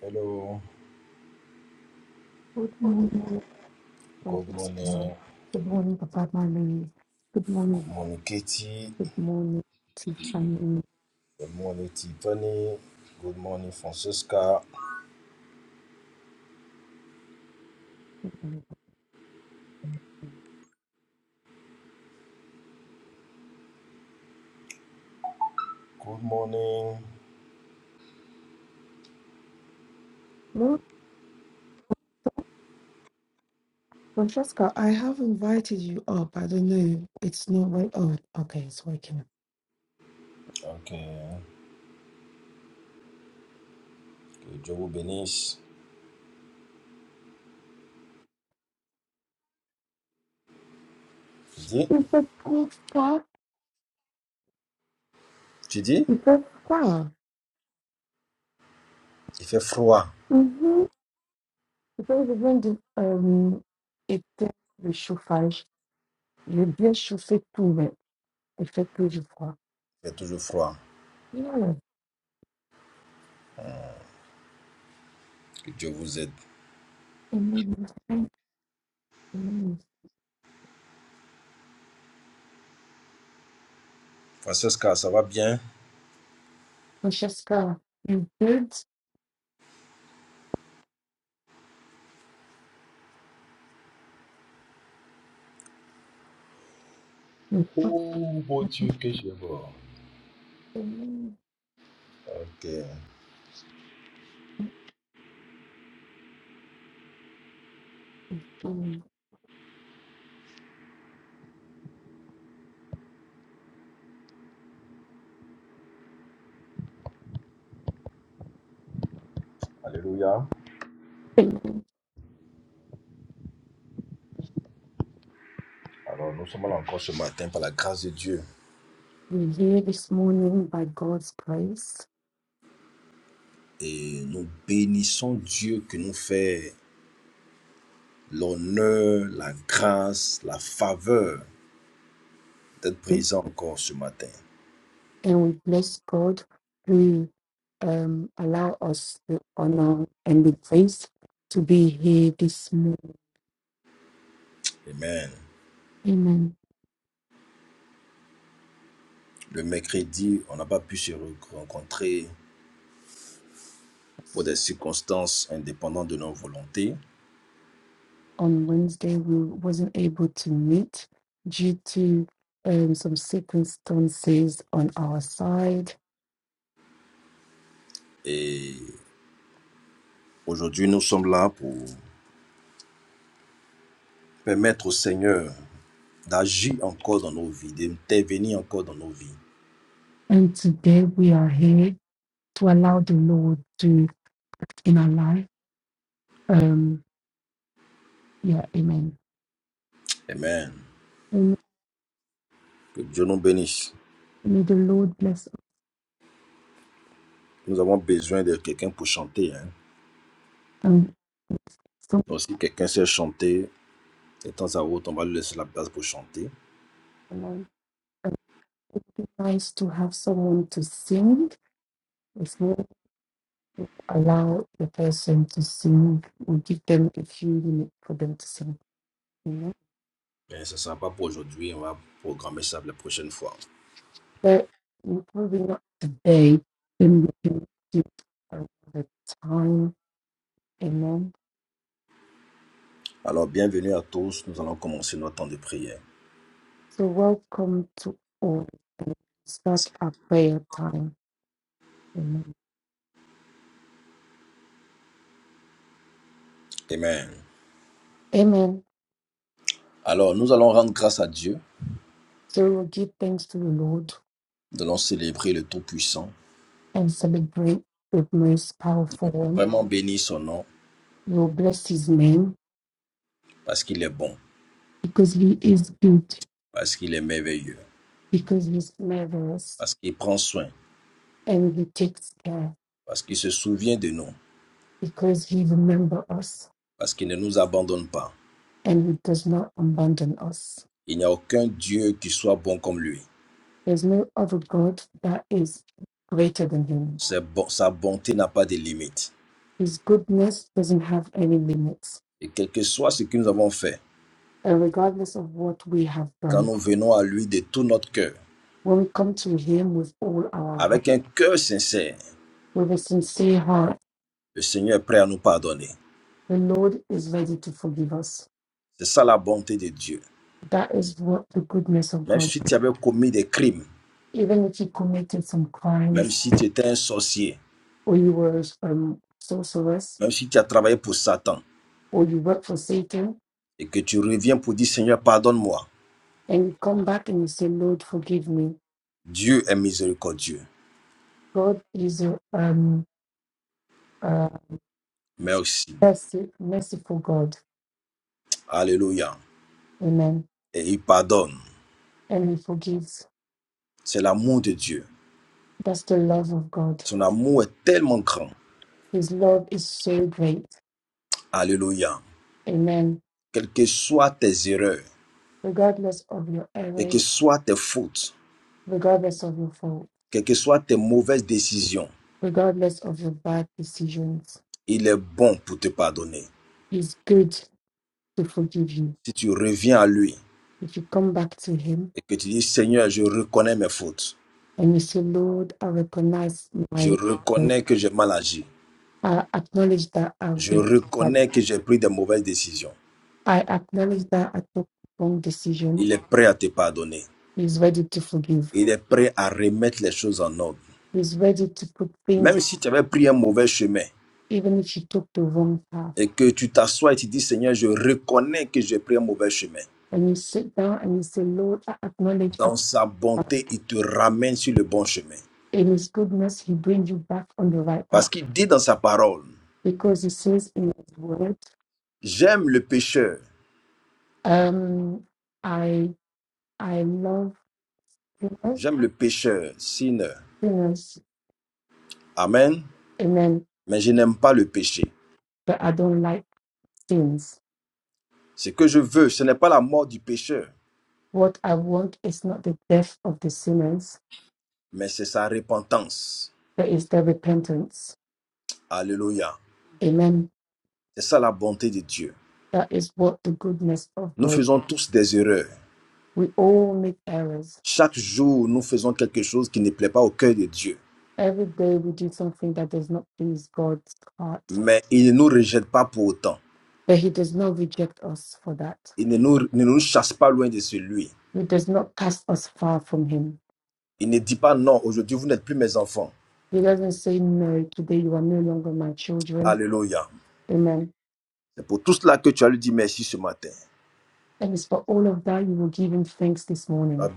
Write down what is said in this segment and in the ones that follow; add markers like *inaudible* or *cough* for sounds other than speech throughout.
Hello, Good morning, good precious love. morning. Good morning, Papa Mami. Good Good morning, morning, Katie. good morning, Tiffany. Good morning, Tiffany. Good morning, Francesca. Good morning. No, Francesca, I have invited you up. I don't know. It's not right. Oh, okay, it's working. Ok, que Dieu vous bénisse. Tu dis, It's a poor star. tu dis, It's a star. il fait froid. Mm-hmm. Because when the um, était le chauffage, j'ai bien chauffé tout, mais effectivement, je crois. Il fait toujours froid. Yeah, Que Dieu vous aide. it made me thank you. Francesca, ça va bien? Francesca, you did. Oh mon Dieu, que je vois. Ok, Alléluia. Alors, nous sommes là encore ce matin par la grâce de Dieu. We're here this morning by God's grace, Et nous bénissons Dieu qui nous fait l'honneur, la grâce, la faveur d'être and présent encore ce matin. we bless God who um, allow us the honor and the grace to be here this morning. Amen. Amen. Le mercredi, on n'a pas pu se rencontrer pour des circonstances indépendantes de nos volontés. On Wednesday, we wasn't able to meet due to um, some circumstances on our side, Et aujourd'hui, nous sommes là pour permettre au Seigneur d'agir encore dans nos vies, d'intervenir encore dans nos vies. and today we are here to allow the Lord to in our life. Um, yeah, Amen. Amen. Que Dieu nous bénisse. May the Lord bless us Nous avons besoin de quelqu'un pour chanter. hein. and bless Donc, si quelqu'un sait chanter, de temps à autre, on va lui laisser la place pour chanter. someone. And it is nice to have someone to sing. If we allow the person to sing, we give them a few minutes for them to sing. You know? Ben, ce ne sera pas pour aujourd'hui, on va programmer ça la prochaine fois. But we're probably not today, then we can give around the time. Amen. Alors, bienvenue à tous, nous allons commencer notre temps de prière. So welcome to all. And Start our prayer time. Amen. Amen. Amen. Alors, nous allons rendre grâce à Dieu, So we'll give thanks to the Lord nous allons célébrer le Tout-Puissant, and celebrate the most powerful one vraiment bénir son nom, We will bless his name parce qu'il est bon, because he is good, parce qu'il est merveilleux, because he smiles on us parce qu'il prend soin, and he takes care, parce qu'il se souvient de nous, because he remembers us parce qu'il ne nous abandonne pas. and he does not abandon us. Il n'y a aucun Dieu qui soit bon comme lui. There's no other God that is greater than him. Sa bon- bonté n'a pas de limite. His goodness doesn't have any limits. Et quel que soit ce que nous avons fait, And regardless of what we have quand done, nous venons à lui de tout notre cœur, when we come to him with all our heart, avec un cœur sincère, with a sincere heart, Le Seigneur est prêt à nous pardonner. the Lord is ready to forgive us. C'est ça la bonté de Dieu. That is what the goodness of Même God si tu avais commis des crimes, even if you committed some crimes même si tu étais un sorcier, or you were um, sorceress, même si tu as travaillé pour Satan or you work for Satan, et que tu reviens pour dire Seigneur, pardonne-moi. and you come back and you say, Lord, forgive me. Dieu est miséricordieux. God is a um, uh, Merci. mercy, merciful God. Alléluia. Amen. Et il pardonne. And He forgives. C'est l'amour de Dieu. That's the love of God. Son amour est tellement grand. His love is so great. Alléluia. Amen. Quelles que soient tes erreurs, Regardless of your quelles que errors, soient tes fautes, regardless of your fault, quelles que soient tes mauvaises décisions, regardless of your bad decisions, il est bon pour te pardonner. He's good to forgive you. Si tu reviens à lui, If you come back to Him, et que tu dis, Seigneur, je reconnais mes fautes. And you say, Lord, I recognize Je my, reconnais que j'ai mal agi. I acknowledge that I've, Je but reconnais que j'ai pris des mauvaises décisions. I acknowledge that I took wrong Il decisions. est prêt à te pardonner. He's ready to forgive. Il est prêt à remettre les choses en ordre. He's ready to put Même things, si tu avais pris un mauvais chemin even if you took the wrong path. et que tu t'assois et tu dis, Seigneur, je reconnais que j'ai pris un mauvais chemin. And you sit down and you say, Lord, I acknowledge Dans that sa bonté, il te ramène sur le bon chemin. in His goodness, He brings you back on the right Parce path qu'il dit dans sa parole, because He says in His word, j'aime le pécheur, um, I, I love sinners, j'aime le pécheur, sinner. sinners, Amen. amen, Mais je n'aime pas le péché. but I don't like sins. Ce que je veux, ce n'est pas la mort du pécheur, What I want is not the death of the sinners, mais c'est sa repentance. but is their repentance. Alléluia. Amen. C'est ça la bonté de Dieu. That is what the goodness of Nous God. faisons tous des erreurs. We all make errors. Chaque jour, nous faisons quelque chose qui ne plaît pas au cœur de Dieu. Every day we do something that does not please God's heart, Mais il ne nous rejette pas pour autant. but He does not reject us for that. Il ne nous, ne nous chasse pas loin de celui. He does not cast us far from Him. Il ne dit pas non, aujourd'hui, vous n'êtes plus mes enfants. He doesn't say, No, today you are no longer my children. Alléluia. Amen. C'est pour tout cela que tu as lui dit merci ce matin. And it's for all of that you will give Him thanks this Bénis morning.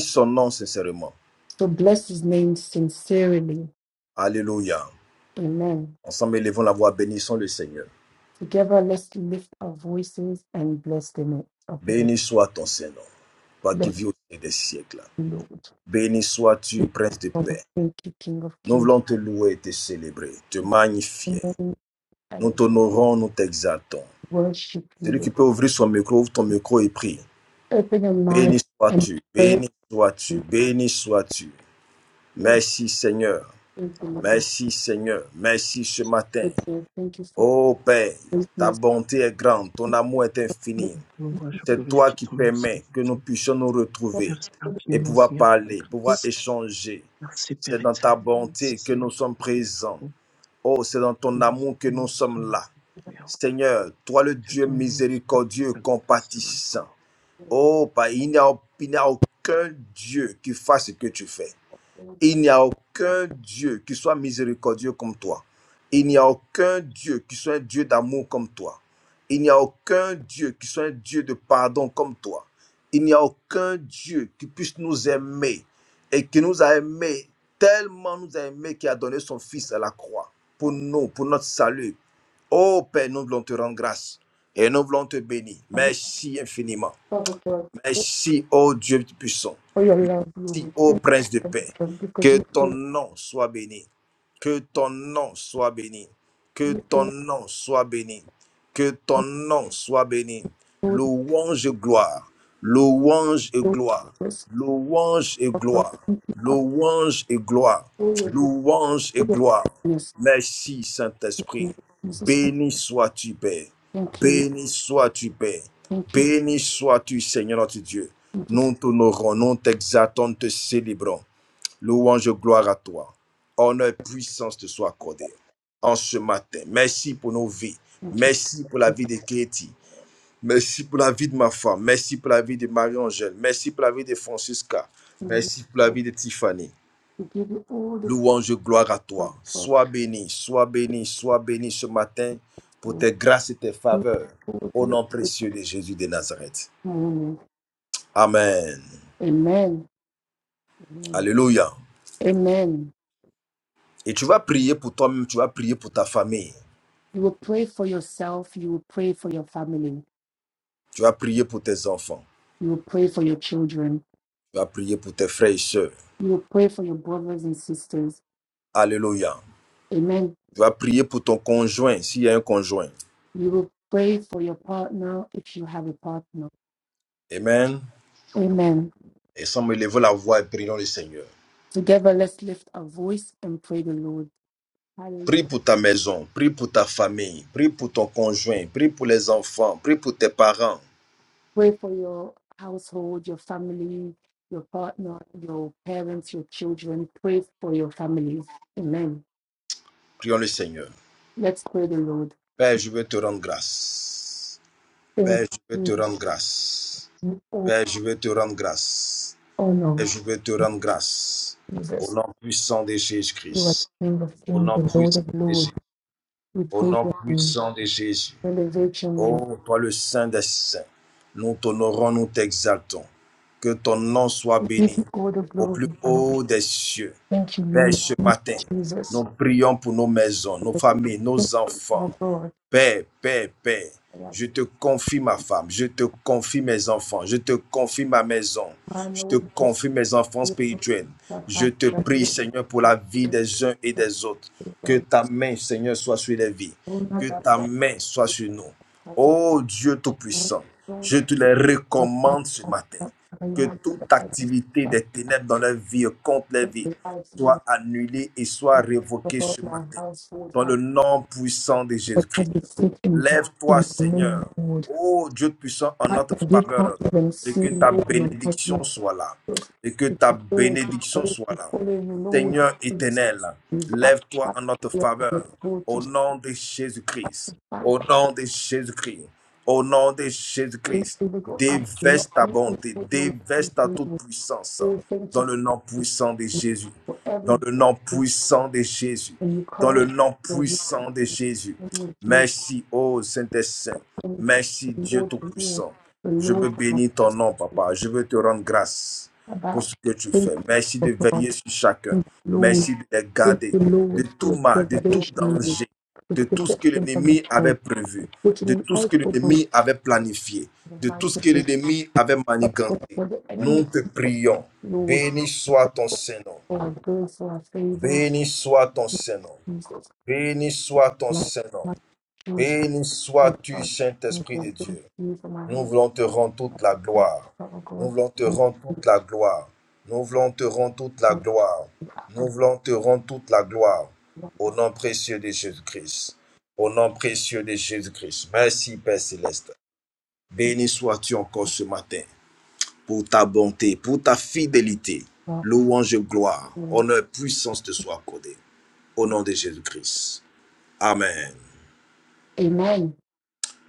son nom sincèrement. So bless His name sincerely. Alléluia. Amen. Ensemble, élevons la voix, bénissons le Seigneur. Together, let's lift our voices and bless the name of the Lord. Béni soit ton Saint-Nom, toi qui Bless vis au milieu des siècles. the Lord. Béni sois-tu, King Prince de of paix. Kings, Thank you, King of Nous Kings. voulons te louer et te célébrer, te King magnifier. of Kings, Nous And t'honorons, nous t'exaltons. worship you. Celui qui Lord. peut ouvrir son micro, ouvre ton micro et prie. Open your mind Béni and sois-tu, pray. béni sois-tu, and béni sois-tu. Merci Seigneur, Thank you for what you're merci Seigneur, merci ce matin. Thank you for Ô Père, ta greatness. bonté est grande, ton amour est infini. Mon roi, je Thank C'est toi glorifie qui ton nom ce permets que nous matin. puissions nous you retrouver Merci for et infiniment, pouvoir Seigneur, pour ta parler, pouvoir grâce. échanger. Merci, C'est Père dans ta éternel. Merci, bonté que Seigneur, nous pour sommes ta présents. délivrance. Oh, c'est dans Je ton glorifie amour que ton nous nom ce sommes là. matin. Seigneur. Seigneur, toi le Que Dieu ton nom soit miséricordieux, exalté ce compatissant. matin. Oh, bah, il n'y a, il n'y a aucun Dieu qui fasse ce que tu fais. Il n'y a aucun Dieu qui soit miséricordieux comme toi. Il n'y a aucun Dieu qui soit un Dieu d'amour comme toi. Il n'y a aucun Dieu qui soit un Dieu de pardon comme toi. Il n'y a aucun Dieu qui puisse nous aimer et qui nous a aimés, tellement nous a aimés qu'il a donné son Fils à la croix pour nous, pour notre salut. Ô Père, nous voulons te rendre grâce et nous voulons te bénir. the Merci infiniment. Father God, Thank you Merci, ô Dieu Dieu Tout-Puissant. for your love, Merci, Lord. ô Thank Prince you, de Father paix. God, because Que you ton do, nom soit béni. Que ton nom soit béni. Que you ton do, nom soit béni. Que ton nom soit béni. Lord, you Louange et gloire. Louange et do, gloire. Jesus, Louange et for gloire. Louange et gloire. your Louange et gloire. greatness. Merci, Saint-Esprit. In Jesus, we Béni sois-tu, Père. thank you. Béni sois-tu, Père. Thank you. Béni sois-tu, Seigneur notre Dieu. Thank you. Nous t'honorons, nous t'exaltons, nous te célébrons. Louange, gloire à toi. Honneur, et puissance te soient accordés. En ce matin, merci pour nos vies. Thank you, Merci pour la vie de Katie. Merci pour la vie de ma femme. Merci pour la vie de Marie-Angèle. Merci pour la vie de Francisca. Lord. Merci pour la vie de Tiffany. We give you all the Louange, gloire à toi. support, Sois béni, sois béni, sois béni ce matin pour Lord. tes grâces et tes Thank faveurs. you for Au nom précieux de Jésus de Nazareth. your morning. Amen. Amen. Amen. Alléluia. Amen. Et tu vas prier pour toi-même, tu vas prier pour ta famille, You will pray for yourself. You will pray for your family. tu vas prier pour tes enfants, You will pray for your children. tu vas prier pour tes frères et sœurs. You will pray for your brothers and sisters. Alléluia. Amen. Tu vas prier pour ton conjoint, s'il y a un conjoint. You will pray for your partner if you have a partner. Amen. Amen. Et sans me lever la voix et prions le Seigneur. Together, let's lift our voice and pray the Lord. Hallelujah. Prie pour ta maison, prie pour ta famille, prie pour ton conjoint, prie pour les enfants, prie pour tes parents. Pray for your household, your family, your partner, your parents, your children. Pray for your families. Amen. Prions le Seigneur. Let's pray the Lord. Père, je veux te rendre grâce. Thank Père, je veux te you, rendre grâce. you all Père, je veux te rendre grâce. Et honor, je veux te rendre grâce. Au Jesus. nom puissant de You are Jésus-Christ. the King of Au Kings, nom the Lord puissant of de Jésus. Lords. We Au praise nom your name. puissant de Jésus. We Elevate your name. Oh, toi le Saint des Saints. Nous t'honorons, nous t'exaltons. Que ton nom soit We give béni you all the au glory. plus Father. haut des cieux. Thank you, Père, Lord. ce Thank matin, you, nous Jesus. prions pour nos maisons, nos Thank familles, you, nos our enfants. God. Père, Père, Père, je Yes. te confie ma femme, je te confie mes enfants, je te confie ma maison, I je te know that confie mes enfants you spirituels. Je are te prie, Seigneur, pour la vie des uns et des autres. Que ta main, Seigneur, soit sur les vies. Que ta About main soit sur nous. Ô Dieu Tout-Puissant, je te les recommande ce matin. Que toute activité des ténèbres dans leur vie, contre les vies, soit annulée et soit révoquée ce my matin. household, Dans le God, nom puissant de what Jésus-Christ. has been sick and do in Lève-toi, the name Seigneur. Lord. Ô Dieu puissant, en I notre we can't faveur. even Et que see ta Lord in the mighty name bénédiction soit là. of Jesus. Et que If ta the Lord is bénédiction ready soit to là. follow you, Lord, Seigneur éternel, we fight, lève-toi fight, en notre we are faveur. able Au to nom de Jésus-Christ. fight Au that nom de Jésus-Christ. Au nom de faith, Jésus-Christ. we will go up, we will not Déverse ta be able, bonté. Lord, we Déverse ta will toute puissance. go. Thank Dans you le nom for puissant de Jésus. for every Dans le nom day. puissant de Jésus. and you Dans cover le nom your wisdom puissant de Jésus with you Merci, ô Saint-Saint. promise that Merci, the Dieu Lord will Tout-Puissant. the Je Lord veux has bénir ton nom, Papa. Je veux te rendre grâce pour about ce que tu thank fais. Merci you de for God, veiller sur chacun. thank you Lord, Merci de les thank garder you de Lord for tout your mal, de tout preservation, Lord, danger, for de the tout ce que protection from the l'ennemi avait Lord, prévu, which in de an tout ce que equal way in l'ennemi avait planifié, the de might tout ce of que God, l'ennemi avait but but manigancé. for the Nous enemy, te prions. Lord, Béni soit ton Saint-Nom. for our good, for our favors, Béni soit ton Saint-Nom. Jesus, Béni soit ton like Saint-Nom. my children, Béni Lord, sois-tu, God, Saint-Esprit de Jesus, thank Dieu. you for my Nous husband, voulons te rendre toute la gloire. oh Nous God, voulons te thank you rendre toute la gloire. Nous voulons te rendre toute la for gloire. the power Nous of voulons te rendre toute la gloire. Au nom précieux de Jésus-Christ. Au nom précieux de Jésus-Christ. Merci, Père Céleste. Béni sois-tu encore ce matin pour ta bonté, pour ta fidélité. love, Louange et gloire, Lord. honneur et puissance te soient accordés. Au nom de Jésus-Christ. Amen. Amen.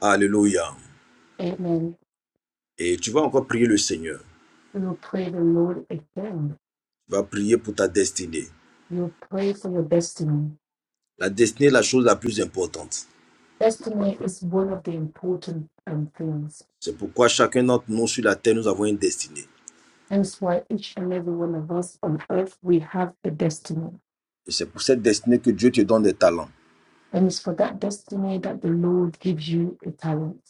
Alléluia. Amen. Et tu vas encore prier le Seigneur. We will pray the Lord again. Tu vas prier pour ta destinée. You will pray for your destiny. La destinée est la chose la plus importante. Destiny is one of the important um, things. C'est pourquoi chacun d'entre nous sur la terre, nous avons une destinée. Hence why each and every one of us on earth, we have a destiny. Et c'est pour cette destinée que Dieu te donne des talents. And it's for that destiny that the Lord gives you a talent.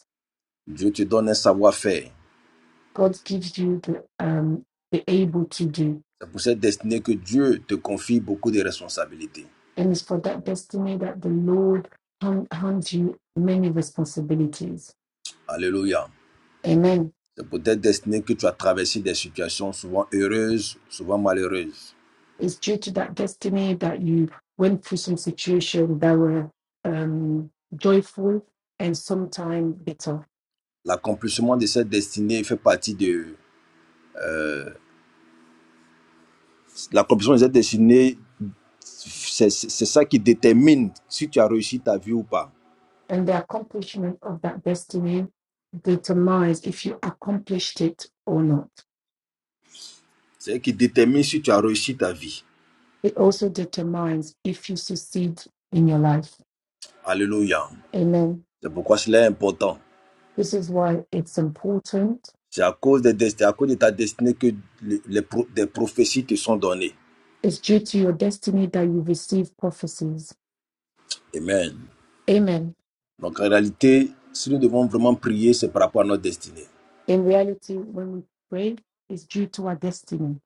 Dieu te donne un savoir-faire. God gives you the um the able to do. C'est pour cette destinée que Dieu te confie beaucoup de responsabilités. And it's for that destiny that the Lord hand, hands you many responsibilities. Alléluia. Amen. C'est pour cette destinée que tu as traversé des situations souvent heureuses, souvent malheureuses. It's due to that destiny that you went through some situations that were um, joyful and sometimes bitter. L'accomplissement de cette destinée fait partie de... L'accomplissement de cette destinée C'est c'est- ça qui détermine si tu as réussi ta vie ou pas. And the accomplishment of that destiny determines if you accomplished it or not. C'est qui détermine si tu as réussi ta vie. It also determines if you succeed in your life. Alléluia. Amen. C'est pourquoi cela est important. This is why it's important. C'est à cause de, c'est à cause de ta destinée que les, les pro- des prophéties te sont données. It's due to your destiny that you receive prophecies. Amen. Amen. Donc en réalité, si nous devons vraiment prier, c'est par rapport à notre destinée. In reality, when we pray, it's due to our destiny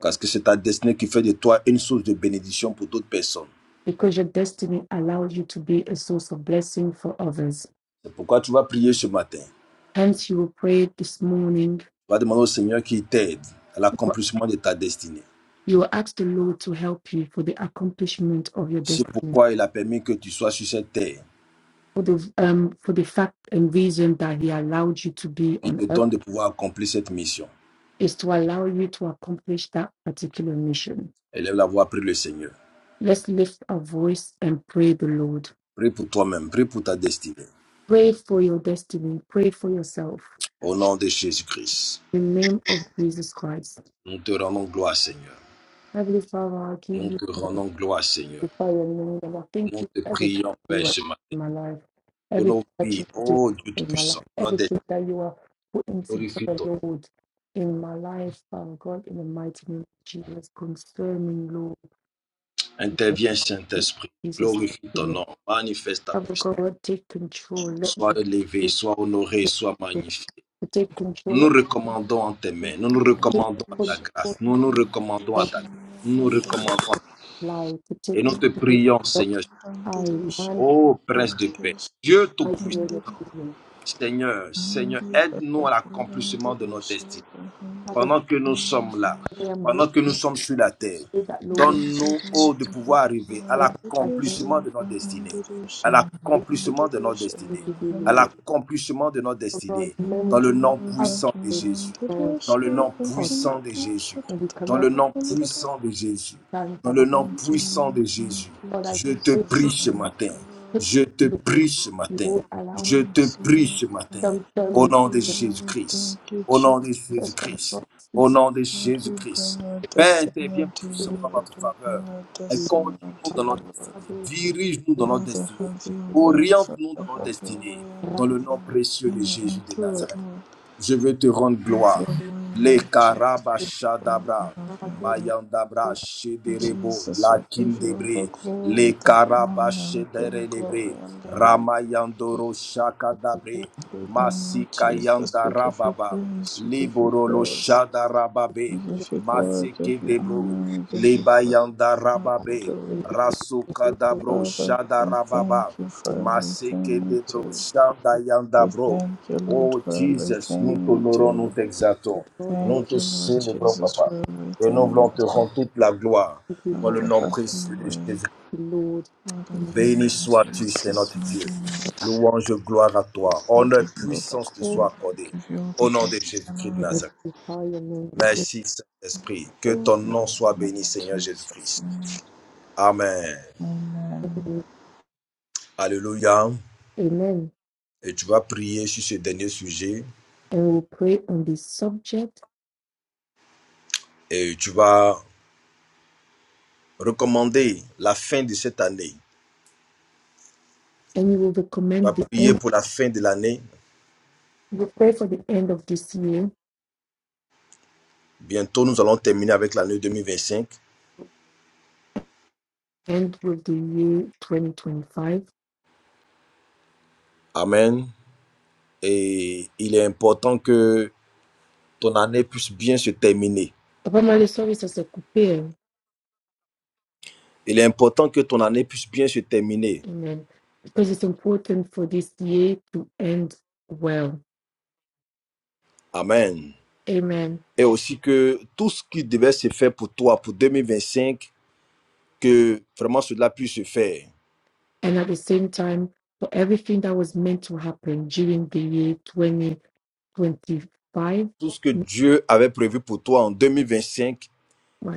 Parce que c'est ta destinée qui fait de toi une source de bénédiction pour d'autres personnes. because your destiny allows you to be a source of blessing for others. C'est pourquoi tu vas prier ce matin. Tu Hence, you will pray this morning. vas demander au Seigneur qu'il t'aide à l'accomplissement de ta destinée. You will ask the Lord to help you for the accomplishment of your C'est destiny, pourquoi il a permis que tu sois sur cette terre. for the um, for the fact and reason that He allowed you to be Il on te earth donne de pouvoir accomplir cette mission. is to allow you to accomplish that particular mission. Élève la voix, prie le Seigneur. Let's lift our voice and pray the Lord. Prie pour toi-même, prie pour ta destinée. Pray for your destiny. Pray for yourself. Au nom de Jésus-Christ, In the name of Jesus Christ, nous te rendons gloire, Seigneur. Heavenly Father, I give Nous you te rendons gloire, Seigneur. magnify your name, Lord. I Thank Nous you te for everything prions, that Père, you are ce matin, in my life, pour everything nos that you vies, are doing ô Dieu in my life, Tout-Puissant. Nos destinées, everything that you are putting glorifie together, ton nom. Lord, in my life, Father God, in the mighty name of Jesus. Concerning, Lord, Interviens, in Saint-Esprit. Jesus. Glorifie ton name. nom. Manifeste ta Father puissance. God, take control. Let Sois the élevé, Spirit sois honoré, sois to magnifié. to take Nous nous control. recommandons en tes mains. Nous nous Take recommandons à ta Yakabambirisha control grâce. Nous nous recommandons à of ta grâce. Nous nous recommandons à life. To Et take nous te control prions, of Seigneur, I, man, ô God, Prince de paix, Dieu mighty Tout-Puissant, name of Jesus. Seigneur, Seigneur, aide-nous à l'accomplissement de nos destinées Father, pendant que nous sommes là, I am here pendant que nous to sommes sur la terre. say that, Lord, Donne-nous, ô, de pouvoir arriver à I thank l'accomplissement de notre destinée, à This l'accomplissement de notre destinée, is your à Lord. l'accomplissement de notre Oh God, destinée, dans many le nom have puissant de prayed Jésus, for us, dans le nom puissant de Jésus, and we dans le cannot nom take puissant de Jésus, time, dans le Father. nom Thank you, puissant Lord. de Thank Jésus. you, God, I Je te pray Jesus. prie for ce Thank matin, you, Lord. je te the Lord. prie ce You matin, do allow me je te Thanks, prie Lord. ce matin, some Thank term au in nom de Hallelujah. We Jésus-Christ, thank you, au nom de prayer, Jesus. Father. Jésus-Christ. God, this Au is nom de Lord, we Jésus-Christ. bring our Père, destiny interviens unto the you, puissamment Lord. en Lord. notre We faveur bring our et destiny conduis-nous unto dans you, notre Lord. destinée. the Dirige-nous dans Lord. notre Father, destinée. have is the your way. Father, Oriente-nous dans notre have your destinée. way Right in Dans it, le nom précieux in, de in it, Jésus and de through it, Nazareth. Lord. Je veux te rendre Have gloire. your way, Les Lord Jesus. Father, Karabashadabra, have your way. Mayandabra, the Lord. Shederebo, Jesus, we give you all the Lakindebre, glory, les the honor. We give you glory Karabashederelebre, and the honor. Ramayandoro, You are in Shakadabre, the Lord. Oh, Jesus, we give you Masikayandarababa, praise, we give you Liborolo, praise, we Shadarababe, give you glory, we give you Masekedebro, honor, we give you praise. Lebayandarababe, Hallelujah. You are Rasukadabro, Father, we thank Shadarababa, you for Maseke everything de you bro, do. Shanda Yanda We bro. thank you, in Lord, Oh for the Jesus, nous Lord. everything you t'honorons, nous do. t'exaltons. But God, I Nous Thank te you, Lord célébrons, Jesus, papa. for Et nous everything voulons you te do. rendre toute la gloire you, dans le Father, Father, nom have précieux your de way. Jésus. Lord, have your way Béni in sois-tu, c'est Jesus' notre mighty Dieu. name. Louange, gloire à toi. We Honneur, et give you all the puissance te all glory, soit we accordée. give you all the Au nom glory de and Jésus-Christ de Nazareth. honor. magnify your name, Merci, Saint-Esprit. Que ton nom soit béni, Seigneur Jesus. Jésus-Christ. Amen. Amen. Father. Alléluia. Amen. Et tu vas prier sur ce dernier sujet and we will pray on this subject. et tu vas Recommandez la fin de cette année. And you will On va recommend the prier end. pour la fin de l'année. We will pray for the end of this year, Bientôt, nous allons terminer avec l'année 2025. end of the year 2025. Amen. Et il est important que ton année puisse bien se terminer. Papa Mario, sorry, ça s'est coupé. Il est important que ton année puisse bien se terminer. Amen. Because it's important for this year to end well. Amen. Amen. Et aussi que tout ce qui devait se faire pour toi pour 2025, que vraiment cela puisse se faire. And at the same time, for everything that was meant to happen during the year 2025, Tout ce que Dieu avait prévu pour toi en 2025,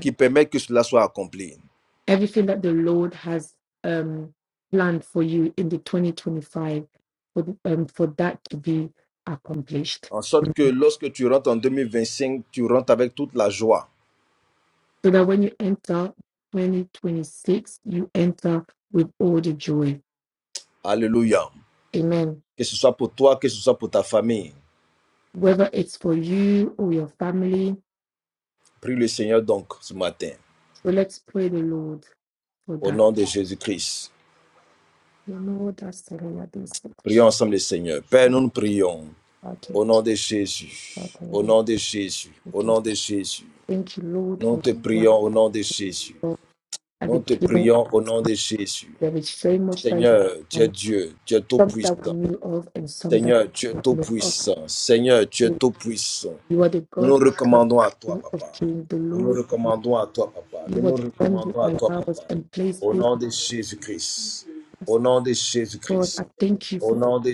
qui permet que cela soit accompli. everything that the Lord has um, planned for you in the 2025 for, the- um, for that to be accomplished. En sorte So que lorsque tu rentres en 2025, tu rentres avec toute la joie. that when you enter 2026, you enter with all the joy. Alléluia. Amen. Que ce soit pour toi, que ce soit pour ta famille. Whether it's for you or your family. Prie le Seigneur donc ce matin. So let's pray the Lord for Au that. nom de Jésus-Christ. You know, that's the way I do it. Prions ensemble le Seigneur. Père, nous nous prions. Okay. Au nom de Jésus. Au Okay. nom de Jésus. Au Okay. nom de Jésus. Thank you, Lord, Nous for te what you prions have au nom de Jésus. done at Nous the te beginning. prions au nom de Jésus. There is so much that you have Seigneur, tu done es Dieu. Tu es some that we tout-puissant. knew of and some that Seigneur, tu es we did not know of. tout-puissant. Seigneur, tu es So tout-puissant. You are the Nous nous God of recommandons à toi, King of papa. Kings, the Nous nous Lord. of Lords. recommandons à toi, papa. Nous You are nous the one who recommandons à toi, allows papa. and plays Au things nom with de Jésus-Christ. Au us. nom de Lord, Jésus-Christ. I thank you Au for nom de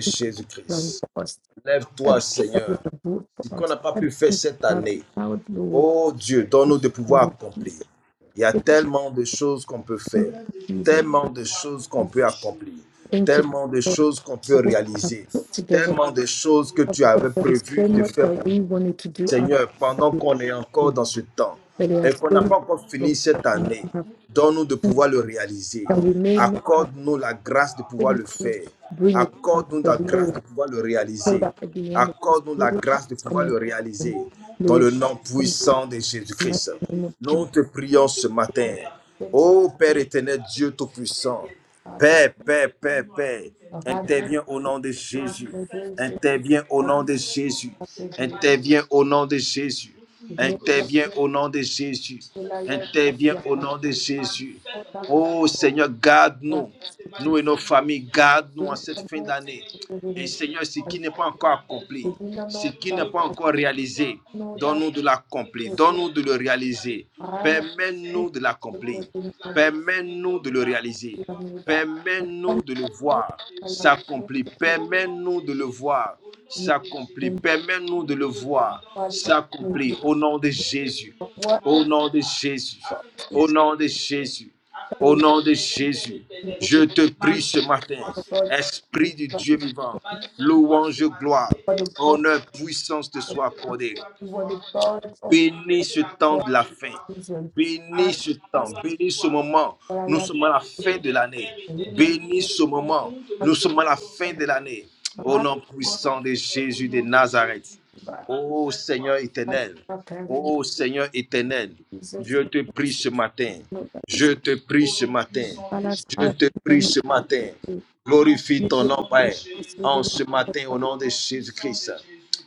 allowing Jésus-Christ. for us. Lève-toi, Everything that you Seigneur. have brought Ce for qu'on us. n'a pas Everything pu faire you cette have année, allowed, Lord, oh Dieu, donne-nous de in the pouvoir name of accomplir. Jesus. Il y a Thank you, tellement de choses qu'on peut thank faire, you, Jesus. tellement de choses qu'on peut accomplir, Thank you tellement de Lord, choses qu'on peut for what you have réaliser, put together. tellement de choses que Father tu avais There is so prévues de much faire that pour nous. we wanted to do after Seigneur, pendant we were qu'on est encore old, dans ce temps But there are et qu'on so n'a pas encore much fini cette that we année, have donne-nous de pouvoir le réaliser. that we may not have Accorde-nous la grâce de pouvoir le finished this, faire. bring it back Accorde-nous to la the grâce Lord, de pouvoir le so réaliser. that at the end of this Accorde-nous la period grâce de that's pouvoir le coming, réaliser um, dans Lord, le nom come to puissant de the mighty Jésus-Christ. name of Nous Jesus. te prions ce matin. Lord, send Ô us Père this éternel, Dieu Tout-Puissant, Father, Paix, paix, paix, paix. our hard work, Interviens au the nom de Lord, Jésus. may they say, Interviens au that nom de Jésus. after they, Interviens au nom de Jésus. the day of Interviens this au nom de Jésus. July, Lord, that Interviens we have au had nom de Jésus. all that have Oh Seigneur, been garde-nous. city, Nous et nos familles, garde-nous en bring cette the fin Lord, d'année. for the Et Lord, Seigneur, ce and qui n'est pas encore accompli, within the ce Lord, qui that n'est pas I encore réalisé, know that donne-nous de l'accomplir, we donne-nous de le réaliser. Permets-nous de l'accomplir. will find a Permets-nous de le réaliser. Bermuda. but Some Permets-nous de le also voir kind of s'accomplir. prostitute Permets-nous de le voir s'accomplir. in Permets-nous de le voir project maybe s'accomplir. Au nom de Jésus. of Au water nom de Jésus. crops Au in nom de Jésus. Au very nom de Jésus, evil je te prie with ce matin, our God the Esprit du Christ Dieu vivant, and louange, gloire, for the God honneur, puissance te of soit accordée. we were the gods of Bénis ce temps de God's la fin. season. Bénis But ce temps. us Bénis ce moment. Nous prior sommes à la to fin the de l'année. agreement Bénis with ce moment. God Nous sommes à la fin of de l'année. the Au heart nom of puissant de Jésus de Nazareth. God Ô Seigneur and éternel. our parent Ô Seigneur éternel. Jesus Dieu te prie Christ, ce matin. no others, Je te prie ce matin. and us Je are te prie ce matin. the Glorifie We ton did nom, Père, this en within ce us, matin au but nom de Jésus-Christ.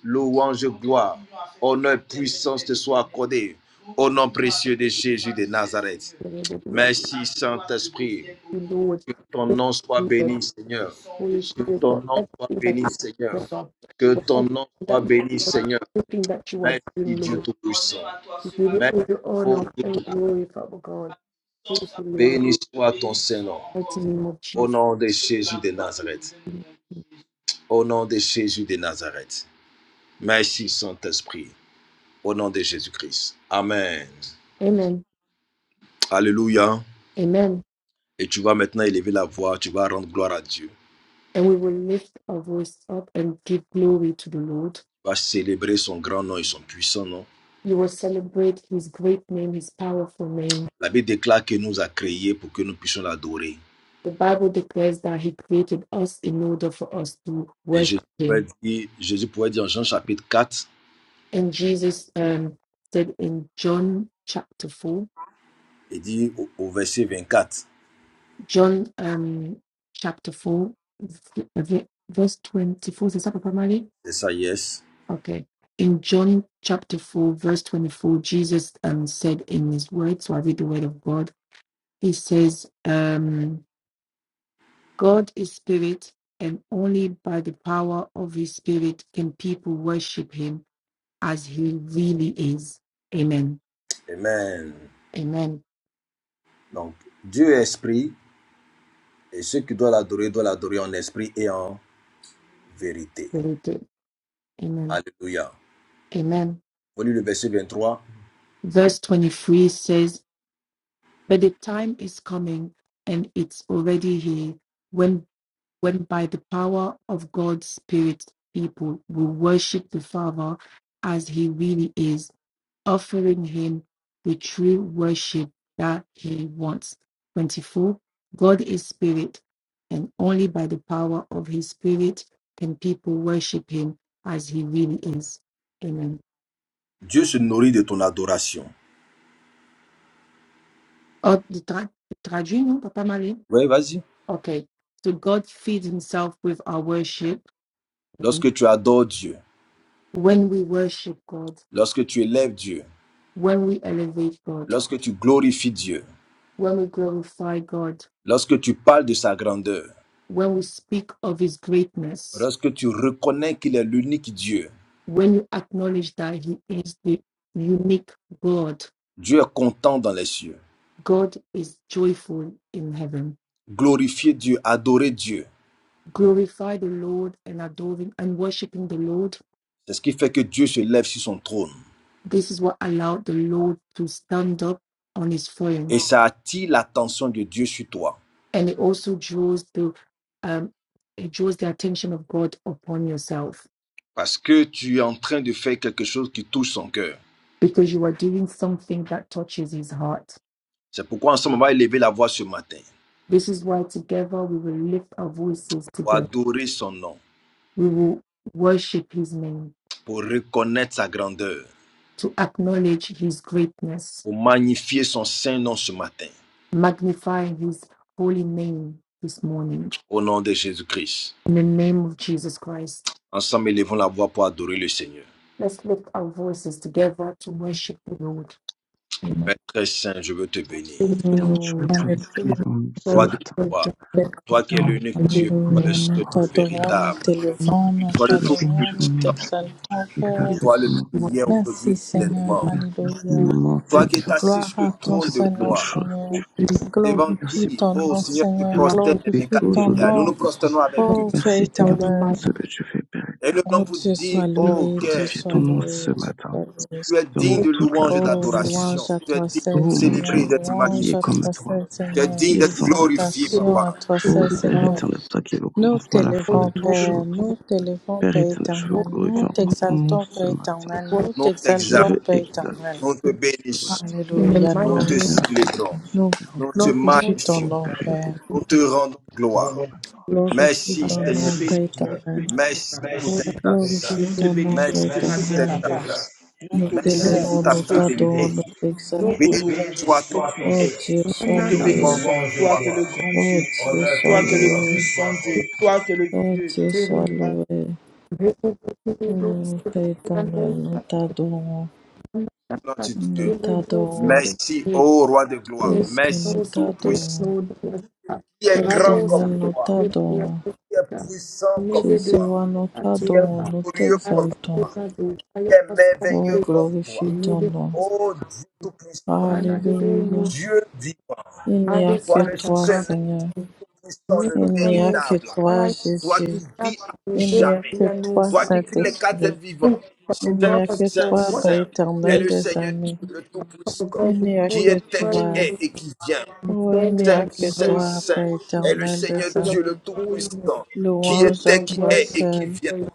Louange, gloire, honneur, puissance te soit accordée au nom précieux de Jésus de Nazareth. you did it with us. Merci, Saint-Esprit. You Lord, Que ton thank nom soit you, Jesus, béni, Seigneur. Holy Que Spirit, ton for nom soit everything that béni, Seigneur. you have done, Que for ton nom everything soit that you béni, for Seigneur. everything that you are Merci, doing, Dieu Lord. Tout-Puissant. We give you Merci, all the oh honor Dieu and tout glory, Father God. Thank you, Lord. Béni soit ton Saint-Nom. In the name of Au Jesus. nom de Jésus de Nazareth. Au nom de Jésus de Nazareth. Merci Saint-Esprit, au nom de Jésus-Christ. Amen. Amen. Alléluia. Amen. Et tu vas maintenant élever la voix, tu vas rendre gloire à Dieu. Tu And we will lift our voice up and give glory to the Lord. vas célébrer son grand nom et son puissant nom. You will celebrate his great name, his powerful name. La Bible déclare qu'il nous a créés pour que nous puissions l'adorer. The Bible declares that He created us in order for us to Et Jésus worship pouvait Him. dire, Jésus pouvait dire en Jean chapitre quatre And Jesus um, said in John chapter 4, il dit au, au verset 4 John um, chapter 4, verse 24, is that Papa c'est ça, yes. Okay. In John chapter 4, verse 24, Jesus um, said in His word, so I read the word of God, He says, um, God is spirit, and only by the power of His spirit can people worship Him as he really is. Amen. Amen. Amen. Donc, Dieu est esprit, et ceux qui doivent l'adorer doivent l'adorer en esprit et en vérité. Related. Amen. Alléluia. Amen. On lit le verset 23. Verse 23 says, But the time is coming, and it's already here, when when by the power of God's Spirit people will worship the Father as he really is offering him the true worship that he wants. 24. God is spirit, and only by the power of his spirit can people worship him as he really is. Amen. Dieu se nourrit de ton adoration. Oh, the tra- traduit, non, Papa Marie. Oui, vas-y. Okay. So God feeds himself with our worship. And Lorsque tu adores Dieu, when we worship God, lorsque tu élèves Dieu, when we elevate God, lorsque tu glorifies Dieu, when we glorify God, lorsque tu parles de sa grandeur, when we speak of his greatness, lorsque tu reconnais qu'il est l'unique Dieu, when you acknowledge that he is the unique god Dieu est content dans les cieux. god is joyful in heaven Glorifier Dieu, adorer Dieu, glorify the lord and adoring and worshiping the lord c'est ce qui fait que Dieu se lève sur son trône. this is what allowed the lord to stand up on his throne Et ça attire l'attention de Dieu sur toi. and it also draws the um it draws the attention of god upon yourself Parce que tu es en train de faire quelque chose qui touche son cœur. because you are doing something that touches his heart C'est pourquoi ensemble on va élever la voix ce matin. this is why together we will lift our voices Pour together adorer son nom, we will worship his name pour reconnaître sa grandeur to acknowledge his greatness, pour magnifier son saint nom ce matin. magnify his holy name this morning. Au nom de Jésus-Christ, In the name of Jesus Christ, ensemble élevons la voix pour adorer le Seigneur. let's lift our voices together to worship the Lord. Amen. Père très saint, je veux te bénir. Thank you, Éternel, je veux Lord. Alléluia. Thank glorifier ton nom you, ce Roi Lord. de matin. for your gloire, goodness toi Te qui es rendre l'unique Dieu, toi toute le la Nous seul gloire, le t'adorons, Seigneur. nous véritable, t'élevons, nous toi Je le veux bénir t'adorons, ton nous tout-puissant, nom, t'exaltons, you Père. exalter toi ton le même nom. are hier, aujourd'hui Merci, et good. Seigneur. éternellement. Merci You Alléluia. are infiniment, Toi qui es Seigneur, assis Gloire sur à le pour ton trône toutes de les seul bonnes nom, gloire, choses que Seigneur. tu fais. devant Glorifie Merci pour qui, ton ta ô nom, force, Seigneur, tu Seigneur. Seigneur, You que are tu prosternes good, les Glorifie 24 déposes ton au vieillards. Nous devant nom. nous de moi. prosternons avec eux, Oh, Père Seigneur, Merci ce Seigneur God matin. pour tout éternel. Almighty. ce que tu fais, Père Et nous éternel. Oh, nom pour Dieu soit dire, Je veux ô loué, Dieu cœur, glorifier soit ton His nom ce loué, Dieu matin. soit loué. Tu es digne Donne holy de toute la louange et gloire, Oh, Seigneur. d'adoration. louange à Tu es toi digne Oh seul, d'être mon Dieu, Seigneur, célébré mon d'être roi, qui louange est à magnifié. comme toi toi, seul, Tu es Seigneur, qui digne est d'être semblable à glorifié, toi. exaltation à Papa. toi is Oh seul, to Père Seigneur. éternel, toi qui es le Nous commencement à la fin Holy, de t'élevons, toutes holy, Père, choses. nous t'élevons, Père Père éternel, je veux éternel, nous glorifier encore ton nom t'exaltons, ce Père matin. éternel, nous worship Nous Je t'exaltons, veux t'exaltons, Père exalter éternel. nous te ce bénissons, matin. in the Alléluia, nous, nous mighty te Merci name célébrons, infiniment, nous Seigneur. nous te glorifions of ton Oh magnifions, nom, Père éternel. Père. nous te rendons te rendons gloire. Nous Jesus. Glorifie Merci te ton Seigneur, nom, Père éternel. merci pour ta merci, grâce. Glorifie ton nom, bénissons Père Seigneur. Merci pour ce matin, ta papa. Merci pour tes éternel. grâces. Nous te bénissons ce matin, papa. grâce. Nous Nous te t'honorons Merci louons, pour pour ta ce nous que tu es. t'adorons, fidélité. nous Nous t'exaltons. Béni t'honorons Béni pour ce que soit ton tu es. Oh Dieu, Nous sois te Another loué. bénissons, louange et toi que gloire, le grand Oh Dieu, Dieu, sois toi que le loué. puissant Dieu, toi que Oh le Dieu, Dieu. city, sois loué. people people Oh Père and éternel, also nous t'adorons. notre another Nous Dieu. village t'adorons. city. Merci, ô roi de gloire. Make Jésus, Merci nous also tout take puissant. t'adorons. food yourself. qui est Père Right grand éternel, also comme nous toi, with your t'adorons. qui est sister. puissant comme Maybe do Jésus, roi, toi, nous a qui chia as t'adorons. est Nous glorieux comme t'exaltons. toi, I qui do. I est also Oh, merveilleux take comme glorifie toi. ton maybe nom. Ô Dieu Tout-Puissant, another day Alléluia. moves. Dieu vivant, Il I n'y a did toi que le Santa toi, Carmen. seul Seigneur. sans Maybe le Il n'y a almost que véritable. toi, I Toi Jésus. qui that vis à we Il did n'y a jamais. que toi, Toi Yanosa. qui crie les quatre êtres Saint-Esprit. vivants. Thank you for Il n'y Saint, a que God Saint, for toi, Père what Saint. you Est éternel le des Seigneur amis. Dieu, le Father Tout-Puissant, God, Il n'y a before qui que your était, qui throne, toi, est we join et the qui vient. oh, il surrender n'y a Saint, que heavenly Saint, host toi, Saint. Père Est le éternel Seigneur des for your Dieu, le amis. holiness, Tout-Puissant, qui because Louange you à are était, qui toi est worthy of et qui seul, vient. praise.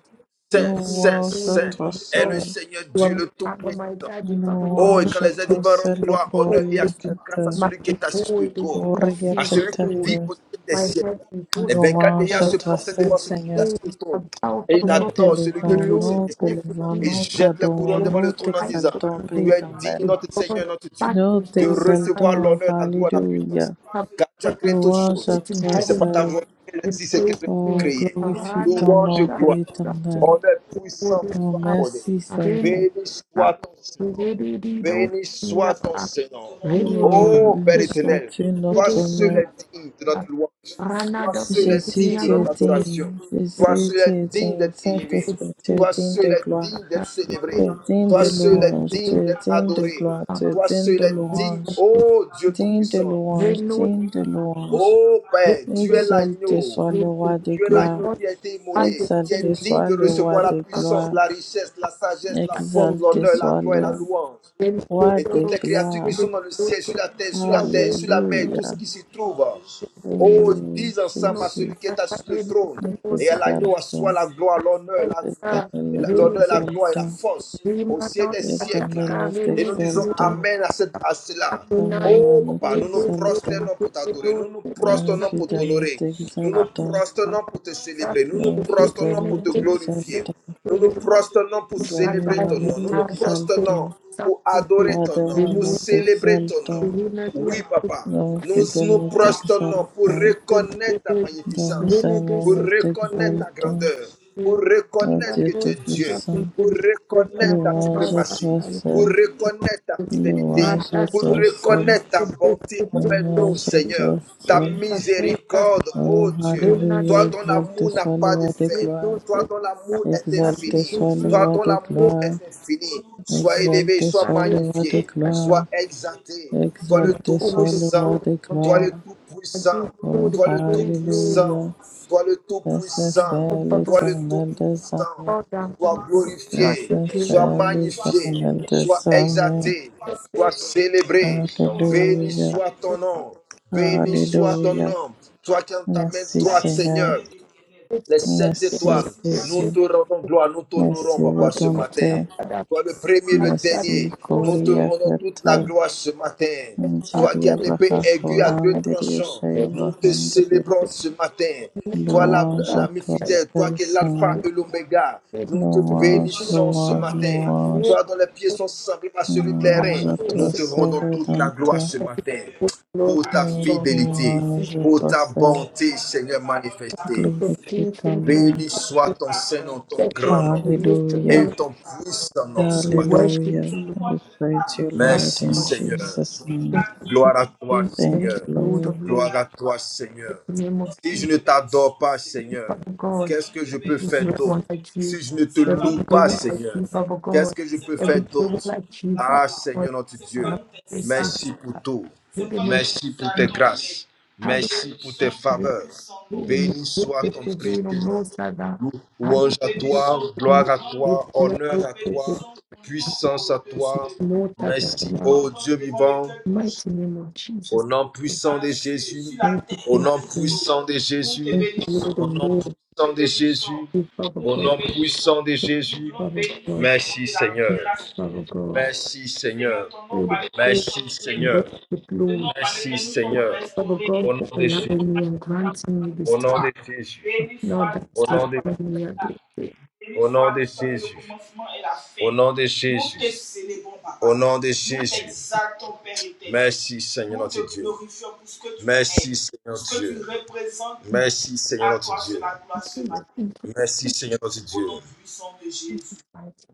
Your Saint, throne is Saint, louange à Saint. holy, toi Father Est le God. seul, Seigneur You Dieu, are le Abba, my Tout-Puissant, daddy, Father Oh, God. et quand louange à les êtres The toi vivants rendent seul, le gloire, holy, honneur et courrier action que de Spirit, grâce à te, my celui qui est assis sur holy, le the one trône, that courrier à sees que it celui te, qui vit all. au ciel des My siècles. heavenly Les host, 24 louange veilleurs Father à God. se toi prosternent seul, The devant celui qui est Seigneur. assis sur saints le trône. are thou, Et ils Father Nous adorent God. celui The qui t'élevons, vit au ciel Lord of nous des hosts, siècles. the t'élevons, King Et ils of nous glory, jettent le the t'adorons, couronne one who devant nous le trône en fights disant, for t'exaltons, Père Tu me. es éternel. digne, The notre God Seigneur, of notre Dieu, Nous battles, de Lord, recevoir fighting t'exaltons, l'honneur, la gloire, la puissance. Alléluia. have Car tu as créé toutes Louange choses. à it in toi Et c'est heaven. par ta seul. volonté qu'elle We existe et praise qu'elle est thee. Oh, créée. glorifie Arana, ton Louange, nom, that, Père gloire. that, éternel. Honneur for puissant te this Oh, soit hour. accordé. merci, Arena, Seigneur. Béni that, soit ton we Seigneur. really do know Béni in soit your ton power. Seigneur. Rene, Oh, Jesus, Ô Père béni we éternel, sois-tu really toi notre do seul know maître. est digne de notre that. louange. Arana, Toi that seul we est Jésus, really digne are de tu es notre not safe. digne. adoration. We Toi Jésus, seul tu est es digne digne. d'être élevé. praise Saint-Esprit, tu thee, es Toi digne seul de est gloire. that, digne d'être that, we Tu célébré. praise es digne thee, Toi de we praise seul est thee, louange. Tu digne we es d'être digne de adoré. gloire. Tu es Toi digne seul de est digne, louange. praise thee. ô Dieu Digne de Tout-Puissant. louange. Reno, Digne de louange. Ô we Père, tu es praise thee, Exalté we l'agneau. soit le praise thee. roi de Tu es Do gloire. l'agneau not qui a été pass immolé, the qui est Exalté feeling. digne soit de le We roi recevoir la de have puissance, got gloire. la richesse, la sagesse, la force, Exalté l'honneur, Elohim la soit gloire et le la louange And so, roi et de toutes so, les créatures qui gloire. we've sont been dans le doing ciel, sur it la terre, sur la that terre, way, sur la mer, uh, tout ce Alléluia. qui s'y trouve. it Oh, is, ils Oh disent ensemble à no, Jésus, celui qui I est assis can't sur le really trône nous do no et à sacrifice, l'agneau t'exaltons. assoit la gloire, l'honneur, la, uh, Éternel, nous la- really l'honneur, la just gloire et la t'exaltons. force dream au ciel about des that, that siècles. Éternel, car, nous I Et nous mean, disons you know, t'exaltons. Amen à, cette- à up cela. to nine, Samuel, Oh nous and papa, nous it nous goes, goes, t'exaltons. goes, prosternons goes, pour it t'adorer, nous goes, nous it's Dame not prosternons pour fidèle, nous t'honorer, nous nous uh, t'exaltons. uh, prosternons pour te célébrer, nous nous Dame fidèle, prosternons nous pour te glorifier, t'exaltons. nous nous really prosternons pour Dame célébrer ton nous nom, nous nous t'exaltons. prosternons pour adorer Roi ton des nom, rois, pour nous célébrer ton nom. t'exaltons. Oui, papa, Dame nous fidèle, nous nous prosternons pour t'exaltons. reconnaître ta Kudibi, Dame magnificence, d'amour, Vinidis, pour nous reconnaître ta Kudibi, t'exaltons. grandeur, pour Oh reconnaître Dieu que Sadu, tu es Dieu, Sakabi, Tout-Puissant. pour Kudibi, reconnaître ta Kada, Louange à suprématie, toi Sakabi, pour seul, reconnaître ta fidélité, louange Mata, à pour toi seul, reconnaître ta Sukudibi, bonté envers nous, louange à Kudibi, Seigneur, toi ta seul. Kadas, miséricorde, Oh, ô Dieu. Renade, Toi Alléluia, dont exalté l'amour n'a soit le pas de roi des fin, gloires, Kudos, toi dont l'amour est Sakabi, exalté infini. soit le Kudibi, Toi roi dont des l'amour gloires, est infini. Sois élevé, exalté sois soit le Kudibi, roi des magnifié, Kudibi, gloires, sois exalté. Toi le exalté All soit the le roi Tout-Puissant. glory des of Toi gloires. le God. I Tout-Puissant. give all Oh, the Toi le praise, Lord, Alléluia, Tout-Puissant. Toi le c'est Tout-Puissant. c'est above of Toi le l'éternel des armées, Tout-Puissant. God, Sois and the glorifié, c'est sois blood c'est magnifié, l'éternel sois des armées. exalté, sois célébré. of Béni Alléluia, soit ton nom. Béni soit ton Alléluia. nom. Toi qui as ta main you, thank Merci droite, you, Seigneur. Seigneur les sept Merci étoiles. Nous Jésus. te rendons gloire, nous Merci t'honorons, papa, ce matin. Rédempteur. Toi le premier, le Merci dernier, nous te Coria rendons toute la Kata. gloire ce matin. Toi qui Ndiria as l'épée Baha aiguë à deux Korandiria tranchants, Shaya nous te Bahandiria. célébrons ce matin. Toi la- Louange à l'ami toi fidèle, toi seul qui es l'alpha Seigneur. et l'oméga, nous te Louange, bénissons ce louange, matin. louange. Toi dont les pieds sont semblables à celui de l'airain, Louange à nous toi te seul rendons toute la gloire Rédempteur. ce matin pour ta fidélité, Louange à pour toi ta seul. bonté, Seigneur, manifestée. Glorifie ton thank you. nom. Béni soit ton Seigneur, ton You grand nom lift Alléluia. et me, ton puissant nom ce we matin. worship Hallelujah. you, We praise you, Father Lord, Merci in God. Seigneur. Jesus' name. Thank you, Gloire à toi King of Kings. thank Thank you, you, Seigneur. Lord Lord. of Gloire Lords. à toi In Seigneur. the name of Si Jesus. je ne t'adore pas Seigneur, Father God, qu'est-ce que je peux faire every d'autre one like si you, je ne te every loue pas one like Seigneur? you, Father Qu'est-ce God, que je peux faire every one d'autre? like you, Father Ah God, Seigneur notre Dieu, I have wasted, merci pour tout. given it, Merci pour tes grâces. had it, Merci pour tes faveurs. in Béni the soit ton day of précieux no sada, nom. had Louange à it, toi, no, gloire à if toi, you honneur à toi, puissance à toi. no Merci, sada, ô Dieu vivant. mighty name of Au Jesus, nom thank puissant de Jésus, you, thank au you, nom puissant de Jésus, thank you, Lord, au of nom Lord, puissant de Jésus, Father au God, nom puissant de Jésus. Father God, Merci Seigneur. Father God. Merci Seigneur. for the prayer Merci and Seigneur. worship, the Lord. Merci Seigneur. Father Au God, nom for de Jésus, allowing me and granting me this au nom time de Jésus, of Lord, that's au the nom de only other thing. Au nom de Jésus. Au nom de Jésus. Au nom de Jésus. Merci Seigneur notre Dieu. Merci Seigneur Dieu. Thank Merci Seigneur notre Dieu. you, Lord. Thank you, Merci Seigneur notre Dieu. Jesus Christ.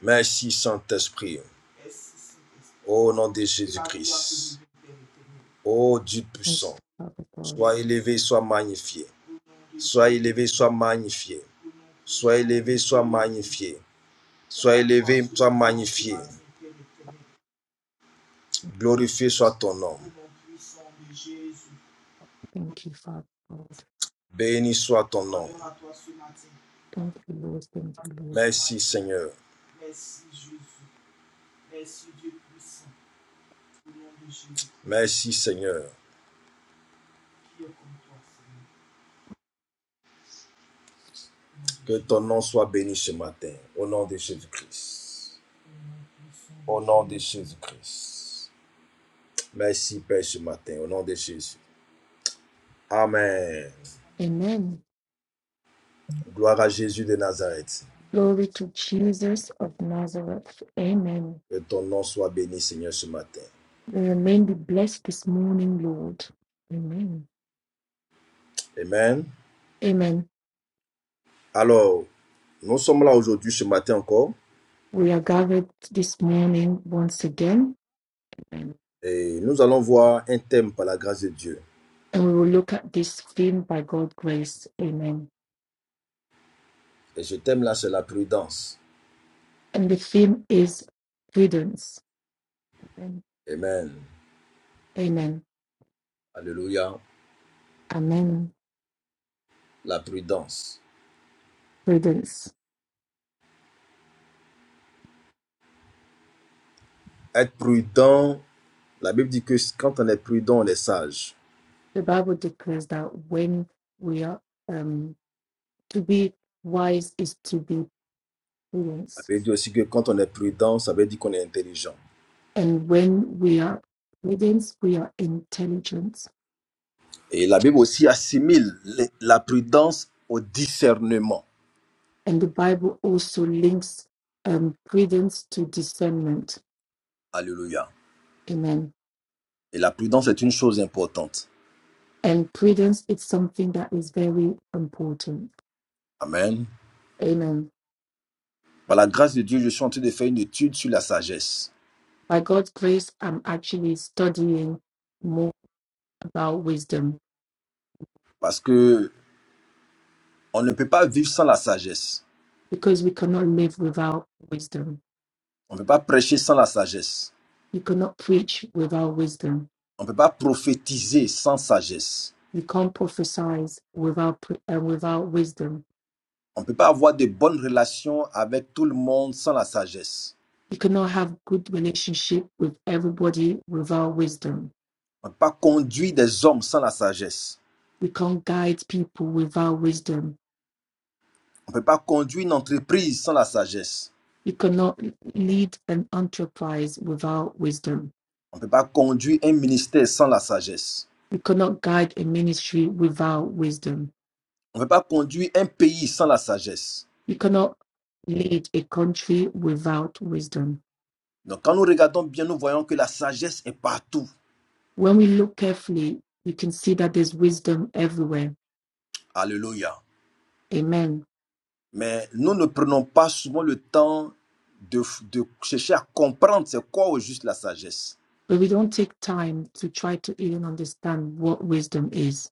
Merci Saint-Esprit. Au nom de Jésus-Christ. Ô Dieu Thank puissant, you, Father God. sois élevé, sois magnifié. Sois élevé, sois magnifié. Sois élevé, sois magnifié. Sois élevé, sois magnifié. Glorifié soit ton nom. Thank you, Father God. Béni soit ton nom. Thank you, Lord. Thank you, Lord. Merci Seigneur. Merci Seigneur. Que ton nom soit béni ce matin. Au nom de Jésus-Christ. Au nom de Jésus-Christ. Merci Père ce matin. Au nom de Jésus. Amen. Amen. Gloire à Jésus de Nazareth. Glory to Jesus of Nazareth. Amen. Que ton nom soit béni Seigneur ce matin. May your be blessed this morning, Lord. Amen. Amen. Amen. Alors, nous sommes là aujourd'hui ce matin encore We are gathered this morning once again. Amen. Et nous allons voir un thème par la grâce de Dieu. and we will look at this theme by God's grace. Amen. Et ce thème-là, c'est la prudence. And the theme is prudence. Amen. Amen. Amen. Alléluia. Amen. La prudence. Prudence. Être prudent, la Bible dit que quand on est prudent, on est sage. The Bible declares that when we are um, to be wise is to be La prudent, Bible dit aussi que quand on est prudent, ça veut dire qu'on est intelligent. and when we are prudent, we are intelligent. Et la Bible aussi assimile la prudence au discernement. And the Bible also links um, prudence to discernment. Alléluia. Amen. Et la prudence est une chose importante. And prudence is something that is very important. Amen. Amen Par la grâce de Dieu, je suis en train de faire une étude sur la sagesse. by God's grace, I'm actually studying more about wisdom Parce que on ne peut pas vivre sans la sagesse. because we cannot live without wisdom. On ne peut pas prêcher sans la sagesse. You cannot preach without wisdom. On ne peut pas prophétiser sans sagesse. You can't prophesy without pre- uh, without wisdom. On ne peut pas avoir de bonnes relations avec tout le monde sans la sagesse. You cannot have good relationship with everybody without wisdom. On ne peut pas conduire des hommes sans la sagesse. You can't guide people without wisdom. On ne peut pas conduire une entreprise sans la sagesse. You cannot lead an enterprise without wisdom. On ne peut pas conduire un ministère sans la sagesse. You cannot guide a ministry without wisdom On ne peut pas conduire un pays sans la sagesse. You cannot lead a country without wisdom. Donc quand nous regardons bien, nous voyons que la sagesse est partout. When we look carefully, you can see that there's wisdom everywhere. Alléluia. Amen. Mais nous ne prenons pas souvent le temps de, de chercher à comprendre c'est quoi au juste la sagesse. But we don't take time to try to even understand what wisdom is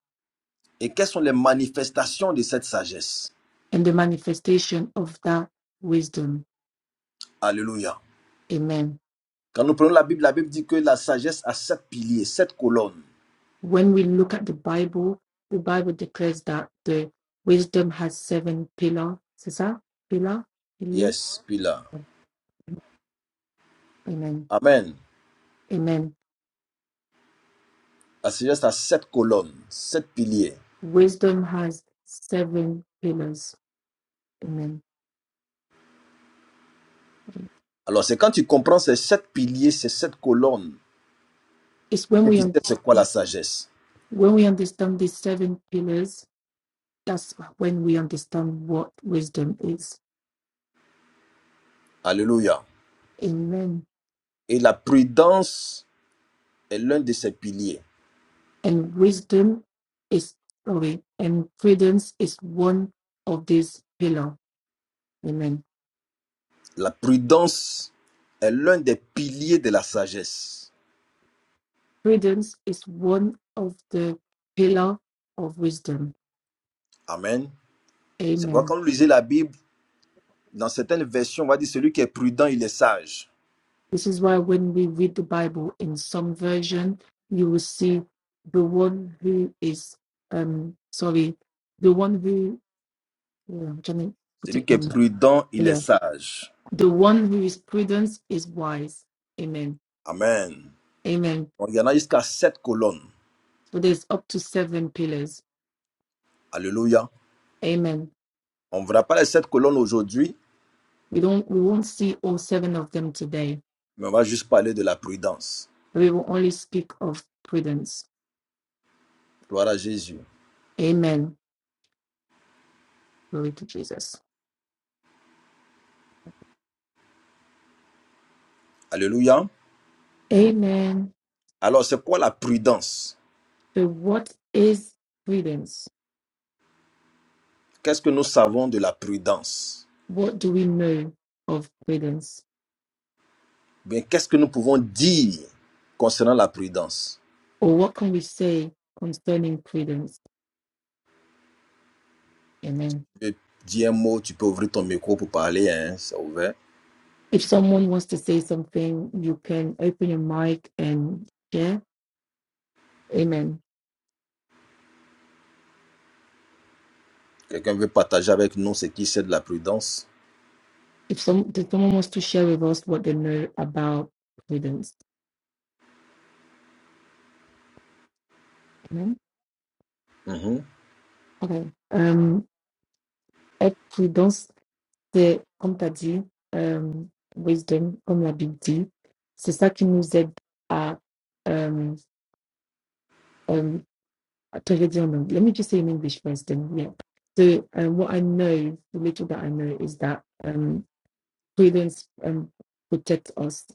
Et quelles sont les manifestations de cette sagesse and the manifestation of that wisdom. Alléluia. Amen. Quand nous prenons la Bible, la Bible dit que la sagesse a sept piliers, sept colonnes. When we look at the Bible, the Bible declares that the wisdom has seven pillars. C'est ça? Pillar? Pilier? Yes, pillar. Amen. Amen. Amen. La sagesse a sept colonnes, sept piliers. Wisdom has seven pillars. Amen. Alors, c'est quand tu comprends ces sept piliers, ces sept colonnes, It's when que we tu un- sais c'est quoi la sagesse. when we understand these seven pillars, that's when we understand what wisdom is. Alléluia. Amen. Et la prudence est l'un de ces piliers. And wisdom is sorry, and prudence is one of these pillar. Amen. La prudence est l'un des piliers de la sagesse. Prudence is one of the pillar of wisdom. Amen. C'est pourquoi Amen. quand vous lisez la Bible, dans certaines versions, on va dire celui qui est prudent, il est sage. This is why when we read the Bible in some version, you will see the one who is um sorry, the one who Yeah, I'm trying to put Celui it qui est in. prudent, il est Yeah, sage. the one who is prudent is wise. Amen. Amen. Amen. Donc, il y en a jusqu'à sept colonnes. So there's up to seven pillars. Alléluia. Amen. On ne verra pas les sept colonnes aujourd'hui, We don't we won't see all seven of them today. mais on va juste parler de la prudence. We will only speak of prudence. Gloire à Jésus. Amen. Glory to Jesus. Alléluia. Amen. Alors, c'est quoi la prudence So what is prudence? Qu'est-ce que nous savons de la prudence What do we know of prudence? Bien, qu'est-ce que nous pouvons dire concernant la prudence Or what can we say concerning prudence? Amen. Je dis un mot, tu peux ouvrir ton micro pour parler, hein, c'est ouvert. If someone wants to say something, you can open your mic and share. Amen. Quelqu'un veut partager avec nous ce qui c'est de la prudence If some if someone wants to share with us what they know about prudence. Amen. Mhm. Okay. Um et prudence, c'est comme tu as dit, euh, wisdom, comme la Bible dit, c'est ça qui nous aide à um um attends, je vais dire en anglais. Let me just say in English first then yeah. So um, what I know, the little that I know is that um prudence um protects us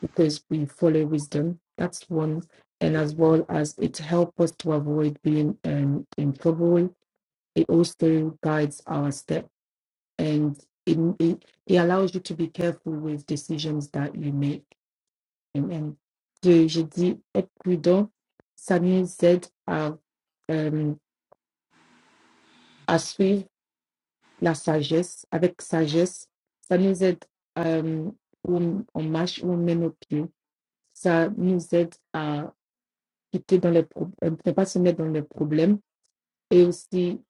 because we follow wisdom. That's one. And as well as it helps us to avoid being um, in trouble, it also guides our step and it, it, it allows you to be careful with decisions that you make. Amen. So, je dis être prudent. Ça nous aide à, euh, à suivre la sagesse avec sagesse. Ça nous aide euh, où on marche, où on met nos pieds. Ça nous aide à quitter dans les pro- euh, ne pas se mettre dans les problèmes et aussi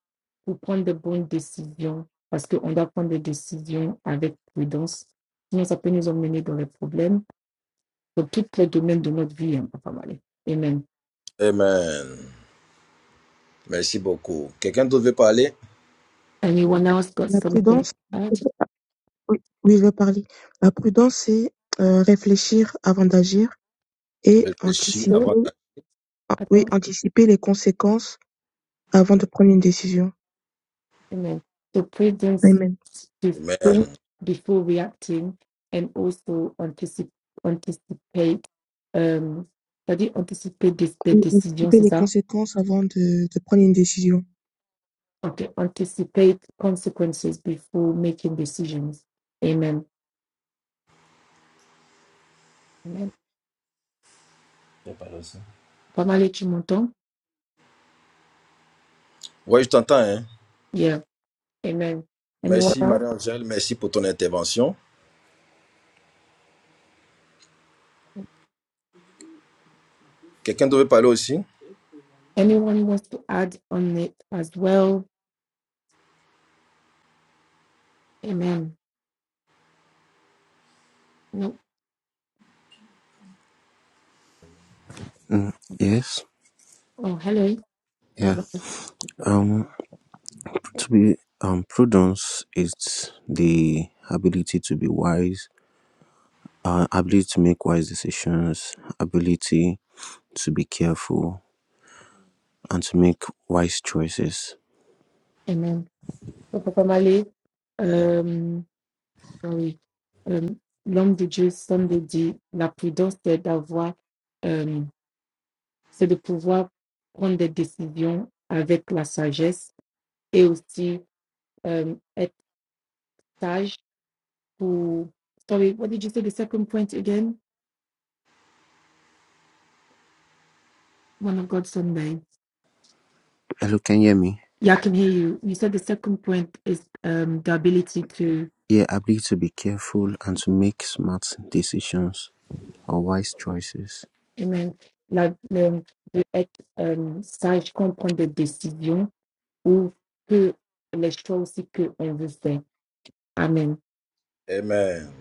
pour prendre de bonnes décisions parce qu'on doit prendre des décisions avec prudence. Sinon, ça peut nous emmener dans les problèmes dans tous les domaines de notre vie, hein, Papa Malé. Amen. Amen. Merci beaucoup. Quelqu'un d'autre veut parler? Anyone else got La something to prudence, add? oui, oui, je vais parler. La prudence, c'est euh, réfléchir avant d'agir et Réfléchis Oh, anticiper, avant d'aller. ah, I oui, don't. anticiper les conséquences avant de prendre une décision. Amen. So prudence Amen. to think Amen. before reacting and also anticipate, anticipate um, c'est-à-dire anticiper des, des Oui, décisions, anticiper c'est les ça? conséquences avant de, de prendre une décision. or to anticipate consequences before making decisions. Amen. Amen. Je parle aussi. Pamela Chimonton? Oui, je t'entends. Hein? Yeah. Amen. Anyone Merci, else? Marie-Angèle. Merci pour ton intervention. Quelqu'un devait parler aussi? Anyone who wants to add on it as well? Amen. No. Mm, yes, Oh, hello. yeah. Hello. Um, to be um, prudence is the ability to be wise, uh, ability to make wise decisions, ability to be careful, and to make wise choices. Amen. So, Papa Mali, um, sorry. Um, L'homme de Dieu, Sunday dit, la prudence, c'est d'avoir, euh, c'est de pouvoir prendre des décisions avec la sagesse et aussi euh, Taj for sorry, what did you say? The second point again, one of God Sunday. Hello, can you hear me? Yeah, I can hear you. You said the second point is um the ability to Yeah, ability to be careful and to make smart decisions or wise choices. amen, like um, de être euh, sage, comprendre des décisions ou que les choses que on veut faire. Amen. Amen.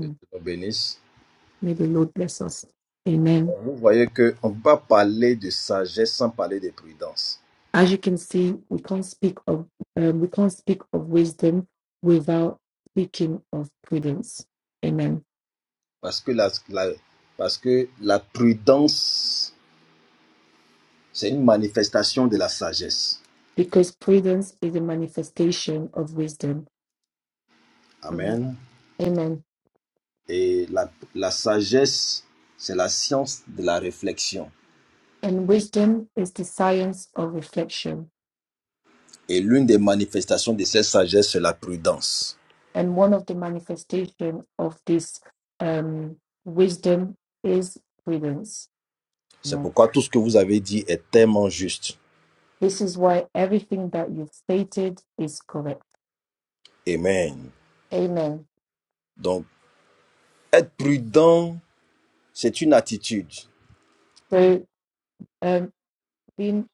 Que Dieu nous bénisse. May the Lord bless us. Amen. Bon, Vous voyez qu'on ne peut pas parler de sagesse sans parler de prudence. As you can see, we can't speak of um, we can't speak of wisdom without speaking of prudence. Amen. Parce que la, la- parce que la prudence, c'est une manifestation de la sagesse. because prudence is a manifestation of wisdom. Mhm. Amen. Amen. Et la, la sagesse, c'est la science de la réflexion. And wisdom is the science of reflection. Et l'une des manifestations de cette sagesse, c'est la prudence. And one of the manifestation of this um, wisdom is prudence. C'est Amen. pourquoi tout ce que vous avez dit est tellement juste. This is why everything that you've stated is correct. Amen. Amen. Donc, être prudent, c'est une attitude, So um, being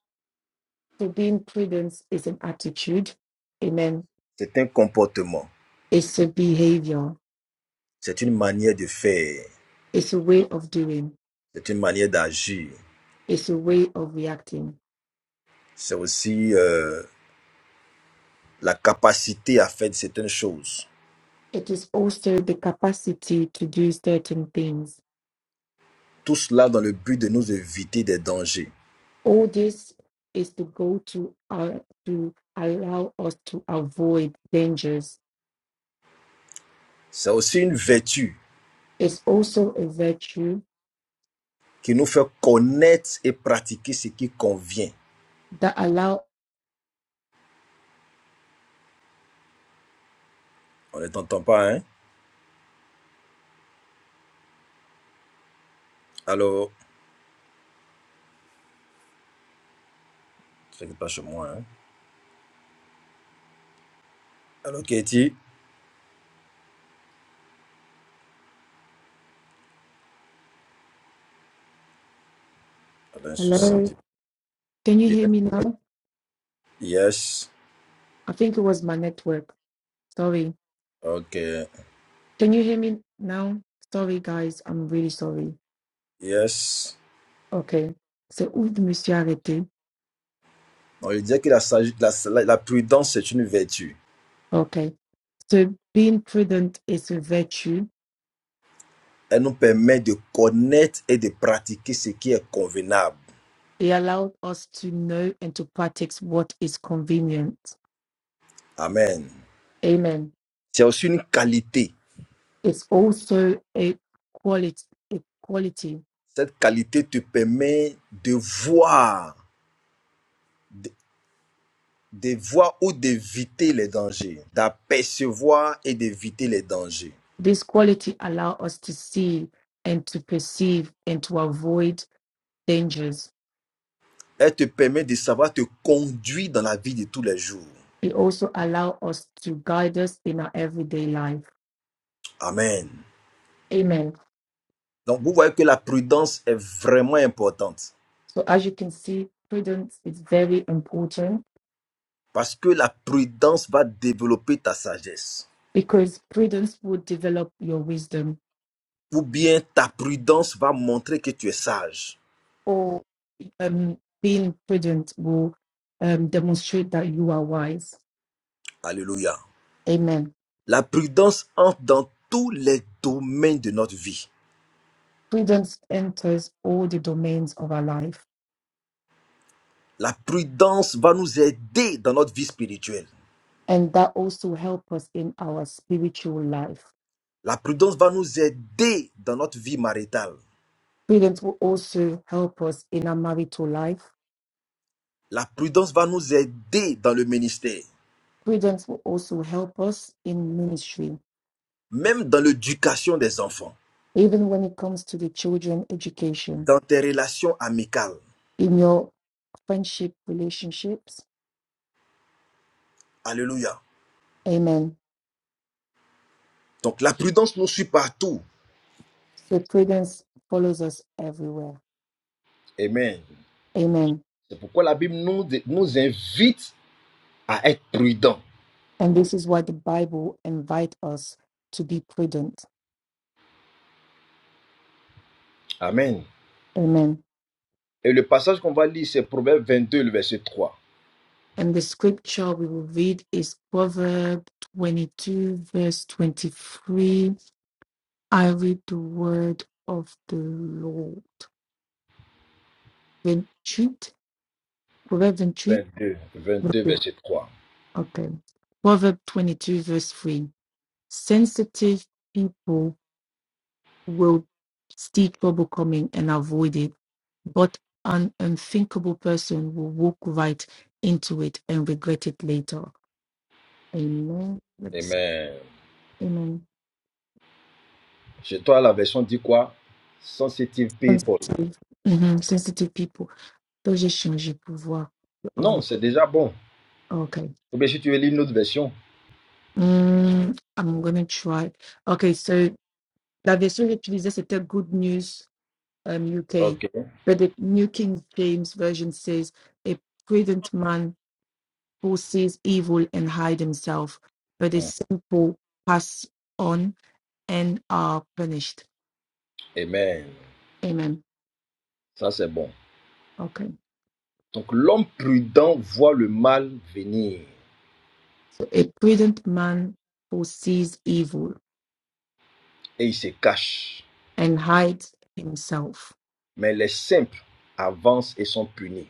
so being prudent is an attitude. Amen. c'est un comportement, It's a behavior. c'est une manière de faire, It's a way of doing. c'est une manière d'agir. It's a way of reacting C'est aussi euh, la capacité à faire certaines choses. It is also the capacity to do certain things. Tout cela dans le but de nous éviter des dangers. All this is the goal to, uh, to allow us to avoid dangers. C'est aussi une vertu It's also a virtue qui nous fait connaître et pratiquer ce qui convient. that allow. On ne t'entend pas, hein? Alors, Ça n'est pas chez moi. Hein? Allô, Katie? Elle a un souci, on Hello, dit. can you hear Yes. me now? Yes. I think it was my network. Sorry. Ok. Can you hear me now? Sorry, guys. I'm really sorry. Yes. Okay. So, où je me suis arrêtée? On lui dit que la, sage- la, la, la prudence, c'est une vertu. Okay. So, being prudent is a virtue Elle nous permet de connaître et de pratiquer ce qui est convenable. He allowed us to know and to practice what is convenient. Amen. Amen. C'est aussi une qualité. It's also a quality. A quality. Cette qualité te permet de voir, de, de voir ou d'éviter les dangers, d'apercevoir et d'éviter les dangers. This quality allows us to see and to perceive and to avoid dangers. Elle te permet de savoir te conduire dans la vie de tous les jours. It also allows us to guide us in our everyday life. Amen. Amen. Donc, vous voyez que la prudence est vraiment importante So as you can see, prudence is very important parce que la prudence va développer ta sagesse. because prudence would develop your wisdom. Ou bien ta prudence va montrer que tu es sage. Or um, being prudent will um, demonstrate that you are wise. Alléluia. Amen. La prudence entre dans tous les domaines de notre vie. Prudence enters all the domains of our life, La prudence va nous aider dans notre vie spirituelle. and that also helps us in our spiritual life. La prudence va nous aider dans notre vie maritale. Prudence will also help us in our marital life. La prudence va nous aider dans le ministère, Prudence will also help us in ministry, même dans l'éducation des enfants, even when it comes to the children education, dans tes relations amicales. in your friendship relationships. Alléluia. Amen. Donc la prudence nous suit partout. So prudence follows us everywhere. Amen. Amen. C'est pourquoi la Bible nous, nous invite à être prudents. And this is why the Bible invites us to be prudent. Amen. Amen. Et le passage qu'on va lire, c'est Proverbe deux le verset trois. And the scripture we will read is Proverbs 22, verse 23. I read the word of the Lord. Retreat. Proverb retreat. Vingt-deux, vingt-deux, verset 3. Okay. Proverb 22, verse 3. Sensitive people will see trouble coming and avoid it. But an unthinkable person will walk right into it and regret it later. Amen. Yes. Amen. Amen. Chez toi, la version dit quoi Sensitive people. Sensitive. Mhm. Sensitive people. Donc, j'ai changé pour voir. Non, Of- c'est déjà bon. Okay. Ou bien si tu veux lire une autre version. Hmm, I'm gonna try. Okay, so la version utilisée, c'était Good News um, UK. Ok. But the New King James Version says, a prudent man who sees evil and hide himself, but the Mm. simple pass on and are punished. Amen. Amen. Ça, c'est bon. Okay. Donc, l'homme prudent voit le mal venir So a prudent man who sees evil et il se cache. and hides himself, Mais les simples avancent et sont punis.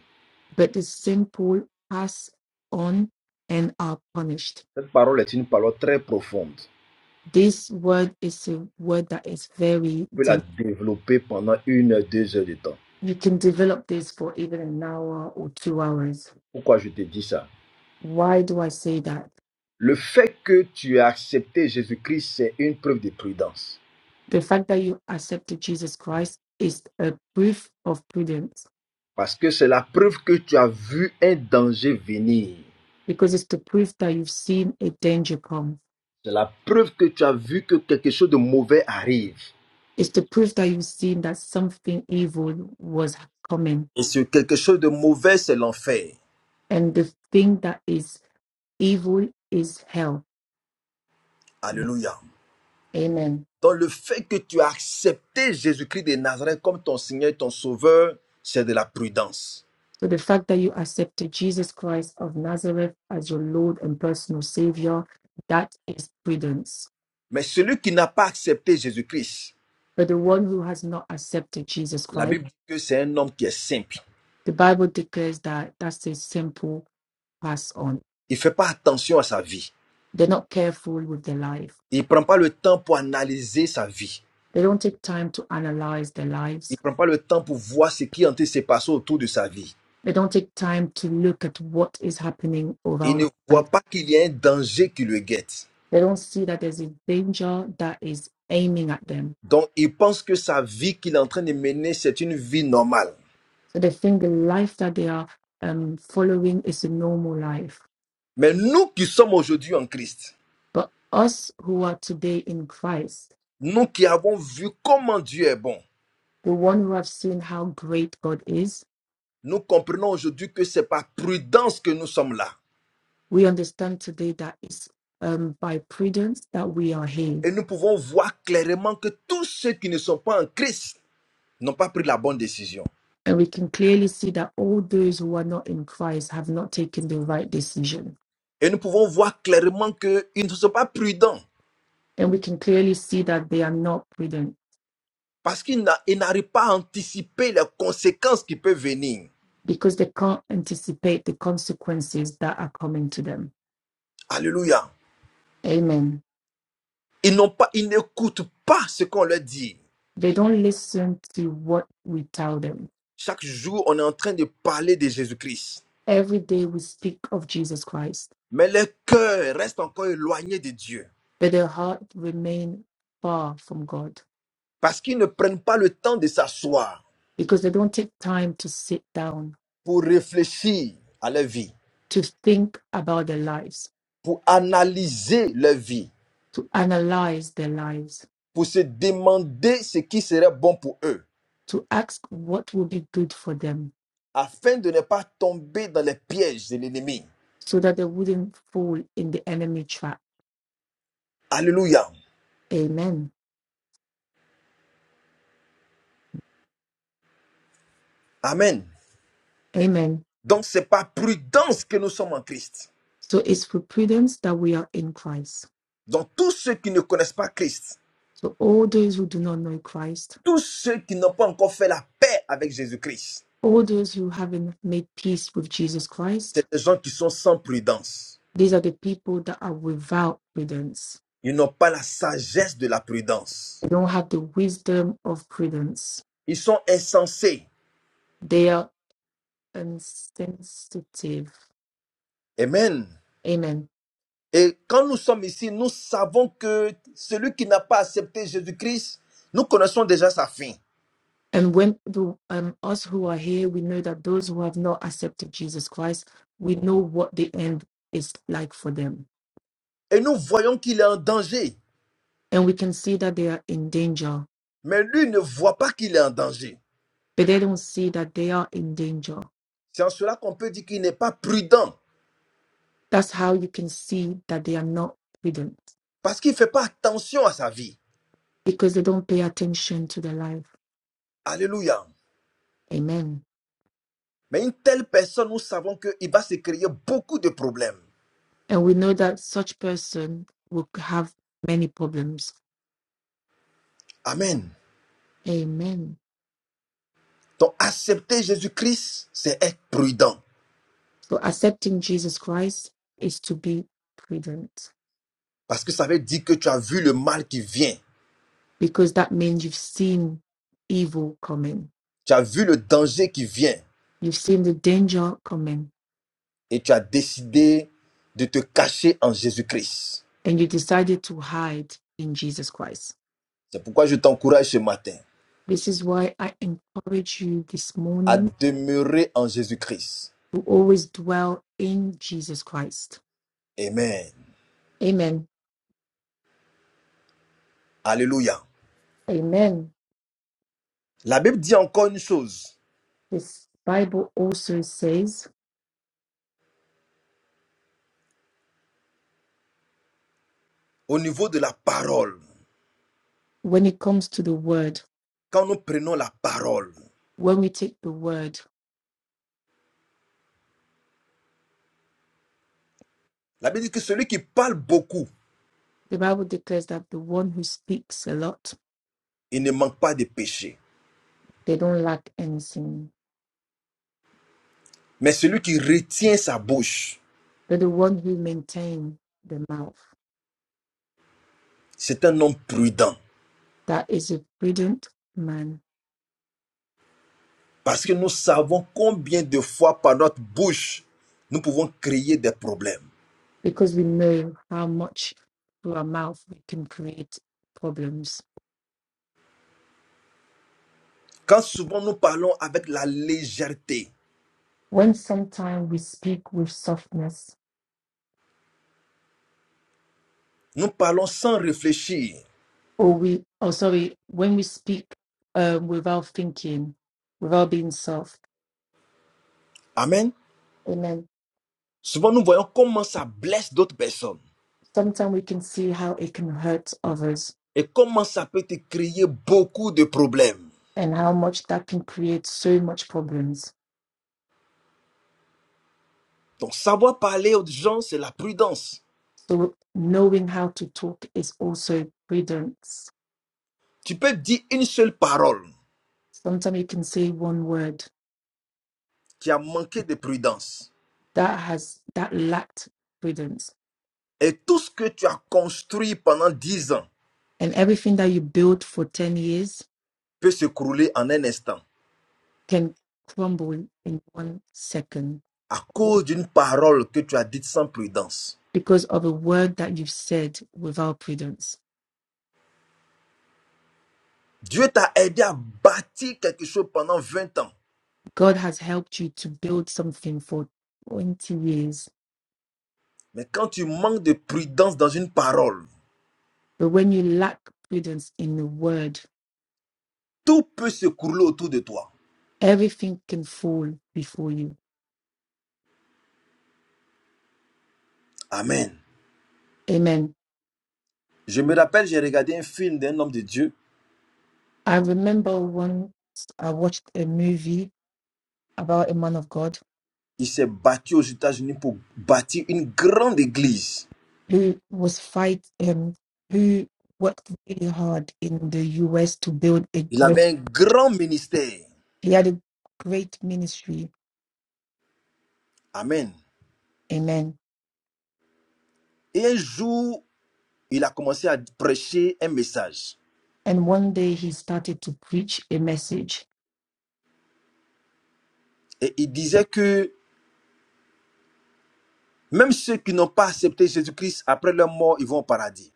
but the simple pass on and are punished. Cette parole est une parole très profonde. This word is a word that is On very peut la deep. développer pendant une, heure, deux heures de temps. You can develop this for even an hour or two hours. Pourquoi je te dis ça Why do I say that? Le fait que tu as accepté Jésus-Christ, c'est une preuve de prudence. the fact that you accepted Jesus Christ is a proof of prudence Parce que c'est la preuve que tu as vu un danger venir. because it's the proof that you've seen a danger come. C'est la preuve que tu as vu que quelque chose de mauvais arrive. It's the proof that you've seen that something evil was coming. Et ce quelque chose de mauvais, c'est l'enfer. And the thing that is evil is hell. Alléluia. Amen. Donc le fait que tu as accepté Jésus-Christ de Nazareth comme ton Seigneur et ton Sauveur, c'est de la prudence. So the fact that you accepted Jesus Christ of Nazareth as your Lord and personal Savior, that is prudence. Mais celui qui n'a pas accepté Jésus-Christ, But the one who has not accepted Jesus la Christ, Bible dit que c'est un homme qui est simple. the Bible declares that that's a simple pass on Il ne fait pas attention à sa vie. They're not careful with their life. Il ne prend pas le temps pour analyser sa vie. They don't take time to analyze their Il lives. ne prend pas le temps pour voir ce qui est en train de se passer autour de sa vie. They don't take time to look at what is happening Il ne around life. voit pas qu'il y a un danger qui le guette. They don't see that there's a danger that is aiming at them. Donc, il pense que sa vie qu'il est en train de mener, c'est une vie normale. So they think the life that they are um, following is a normal life. Mais nous qui sommes aujourd'hui en Christ, But us who are today in Christ, nous qui avons vu comment Dieu est bon, the one who have seen how great God is, nous comprenons aujourd'hui que c'est par prudence que nous sommes là. we understand today that it's um, by prudence that we are healed Et nous pouvons voir clairement que tous ceux qui ne sont pas en Christ n'ont pas pris la bonne décision. And we can clearly see that all those who are not in Christ have not taken the right decision. Et nous pouvons voir clairement qu'ils ne sont pas prudents And we can clearly see that they are not prudent parce qu'ils n'a- ils n'arrivent pas à anticiper les conséquences qui peuvent venir. because they can't anticipate the consequences that are coming to them. Alléluia. Amen. Ils n'ont pas, ils n'écoutent pas ce qu'on leur dit. They don't listen to what we tell them. Chaque jour, on est en train de parler de Jésus-Christ. Every day we speak of Jesus Christ, Mais leur cœur reste encore éloigné de Dieu but their heart remain far from God parce qu'ils ne prennent pas le temps de s'asseoir because they don't take time to sit down, pour réfléchir à leur vie, to think about their lives, pour analyser leur vie to analyze their lives pour se demander ce qui serait bon pour eux, to ask what will be good for them afin de ne pas tomber dans les pièges de l'ennemi. so that they wouldn't fall in the enemy trap. Alléluia. Amen. Amen. Amen. Donc c'est par prudence que nous sommes en Christ. So it's for prudence that we are in Christ. Donc tous ceux qui ne connaissent pas Christ, So all those who do not know Christ, tous ceux qui n'ont pas encore fait la paix avec Jésus-Christ, all those who haven't made peace with Jesus c'est Christ, des gens qui sont sans prudence. these are the people that are without prudence. Ils n'ont pas la sagesse de la They prudence. don't have the wisdom of prudence. Ils sont insensés. They are insensitive. Amen. Amen Et quand nous sommes ici, nous savons que celui qui n'a pas accepté Jésus-Christ, nous connaissons déjà sa fin. And when the, um, us who are here, we know that those who have not accepted Jesus Christ, we know what the end is like for them. Et nous voyons qu'il est en danger. And we can see that they are in danger, Mais lui ne voit pas qu'il est en danger. but they don't see that they are in danger. C'est en cela qu'on peut dire qu'il n'est pas prudent. That's how you can see that they are not prudent Parce qu'il ne fait pas attention à sa vie. because they don't pay attention to their life. Alléluia. Amen. Mais une telle personne, nous savons qu'il va se créer beaucoup de problèmes. And we know that such person will have many problems. Amen. Amen. Donc accepter Jésus-Christ, c'est être prudent. So accepting Jesus Christ is to be prudent. Parce que ça veut dire que tu as vu le mal qui vient. because that means you've seen evil coming, Tu as vu le danger qui vient. you've seen the danger coming, Et tu as décidé de te cacher en Jésus-Christ. and you decided to hide in Jesus Christ. C'est pourquoi je t'encourage ce matin This is why I encourage you this à morning demeurer en Jésus-Christ to always dwell in Jesus Christ. Amen. Amen. Alléluia. Amen. La Bible dit encore une chose This Bible also says, au niveau de la parole. when it comes to the word, Quand nous prenons la parole, when we take the word, la Bible dit que celui qui parle beaucoup, the Bible declares that the one who speaks a lot, il ne manque pas de péché. they don't lack anything. Mais celui qui retient sa bouche, They're the one who maintain the mouth. c'est un homme prudent. that is a prudent man Parce que nous savons combien de fois par notre bouche, nous pouvons créer des problèmes. because we know how much through our mouth we can create problems. Quand souvent nous parlons avec la légèreté, When sometimes we speak with softness, nous parlons sans réfléchir. or we, oh sorry, when we speak um, without thinking, without being soft, Amen. amen. Souvent nous voyons comment ça blesse d'autres personnes. Sometimes we can see how it can hurt others et comment ça peut te créer beaucoup de problèmes. and how much that can create so much problems. Donc savoir parler aux gens, c'est la prudence. So knowing how to talk is also prudence. Tu peux dire une seule parole Sometimes you can say one word qui a manqué de prudence. that has that lacked prudence Et tout ce que tu as construit pendant dix ans and everything that you build for 10 years peut s'écrouler en un instant can crumble in one second à cause d'une parole que tu as dite sans prudence. because of a word that you've said without prudence Dieu t'a aidé à bâtir quelque chose pendant 20 ans. god has helped you to build something for 20 years Mais quand tu manques de prudence dans une parole, but when you lack prudence in the word tout peut s'écrouler autour de toi. everything can fall before you Amen. amen Je me rappelle, j'ai regardé un film d'un homme de Dieu i remember once i watched a movie about a man of god Il s'est battu aux États-Unis pour bâtir une grande église. who was fight um who worked really hard in the US to build a Il great avait un grand ministère. he had a great ministry. Amen. Amen. Et un jour, il a commencé à prêcher un message. And one day he started to preach a message. Et il disait que même ceux qui n'ont pas accepté Jésus-Christ, après leur mort, ils vont au paradis.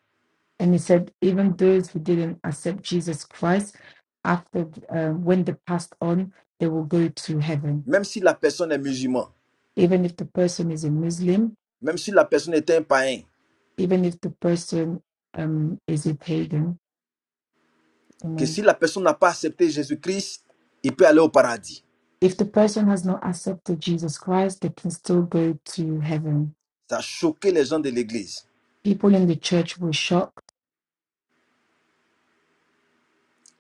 And he said, even those who didn't accept Jesus Christ, after uh, when they passed on, they will go to heaven. Même si la personne est musulmane, Even if the person is a Muslim, même si la personne est un païen, even if the person um, is a pagan. que Amen. si la personne n'a pas accepté Jésus-Christ, il peut aller au paradis. If the person has not accepted Jesus Christ, they can still go to heaven. Ça a choqué les gens de l'église. People in the church were shocked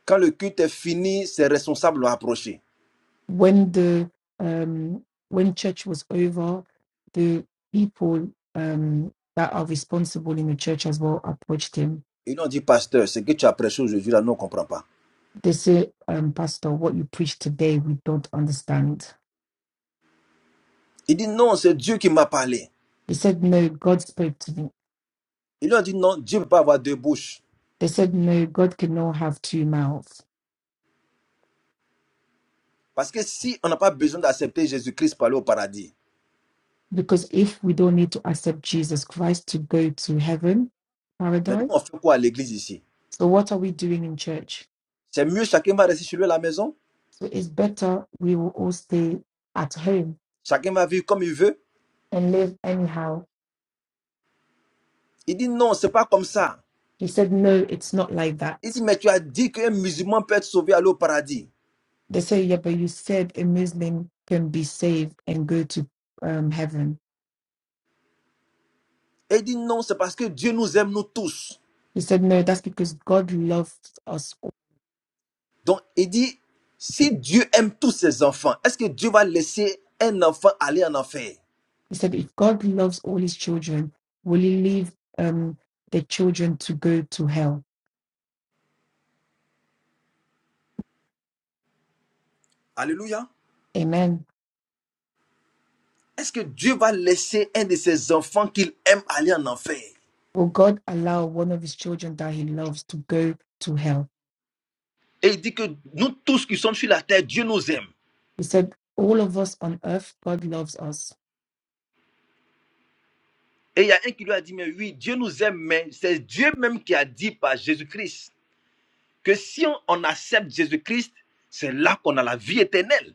Quand le culte est fini, ses responsables l'ont approché. when the um, when church was over. The people um, that are responsible in the church as well approached him. Ils lui ont dit, pasteur, ce que tu as prêché aujourd'hui, là, nous ne comprend pas. They said, um, "Pastor, what you preach today, we don't understand." Il dit, non, c'est Dieu qui m'a parlé. He said, "No, God spoke to me." Ils lui ont dit, non, Dieu ne peut pas avoir deux bouches. They said, "No, God cannot have two mouths Parce que si on n'a pas besoin d'accepter Jésus-Christ pour aller au paradis, because if we don't need to accept Jesus Christ to go to heaven, mais nous, paradise." on fait quoi à l'église ici So, what are we doing in church? C'est mieux, chacun va rester chez lui à la maison, So, it's better we will all stay at home chacun va vivre comme il veut. and live anyhow. Il dit, non, c'est pas comme ça. He said, No, it's not like Il dit, that. mais tu as dit qu'un musulman peut être sauvé, aller au paradis. They say, Yeah, but you said a Muslim can be saved and go to um, heaven. Et il dit, non, c'est parce que Dieu nous aime, nous tous. He said, No, that's because God loves us. all." Donc, il dit, si Dieu aime tous ses enfants, est-ce que Dieu va laisser un enfant aller en enfer He said, If God loves all his children, will he leave um, the children to go to hell? Alléluia. Amen. Est-ce que Dieu va laisser un de ses enfants qu'il aime aller en enfer Will God allow one of his children that he loves to go to hell? Et il dit que nous tous qui sommes sur la terre, Dieu nous aime. He said, All of us on earth, God loves us. Et il y a un qui lui a dit, mais oui, Dieu nous aime, mais c'est Dieu même qui a dit par Jésus-Christ que si on, on accepte Jésus-Christ, c'est là qu'on a la vie éternelle.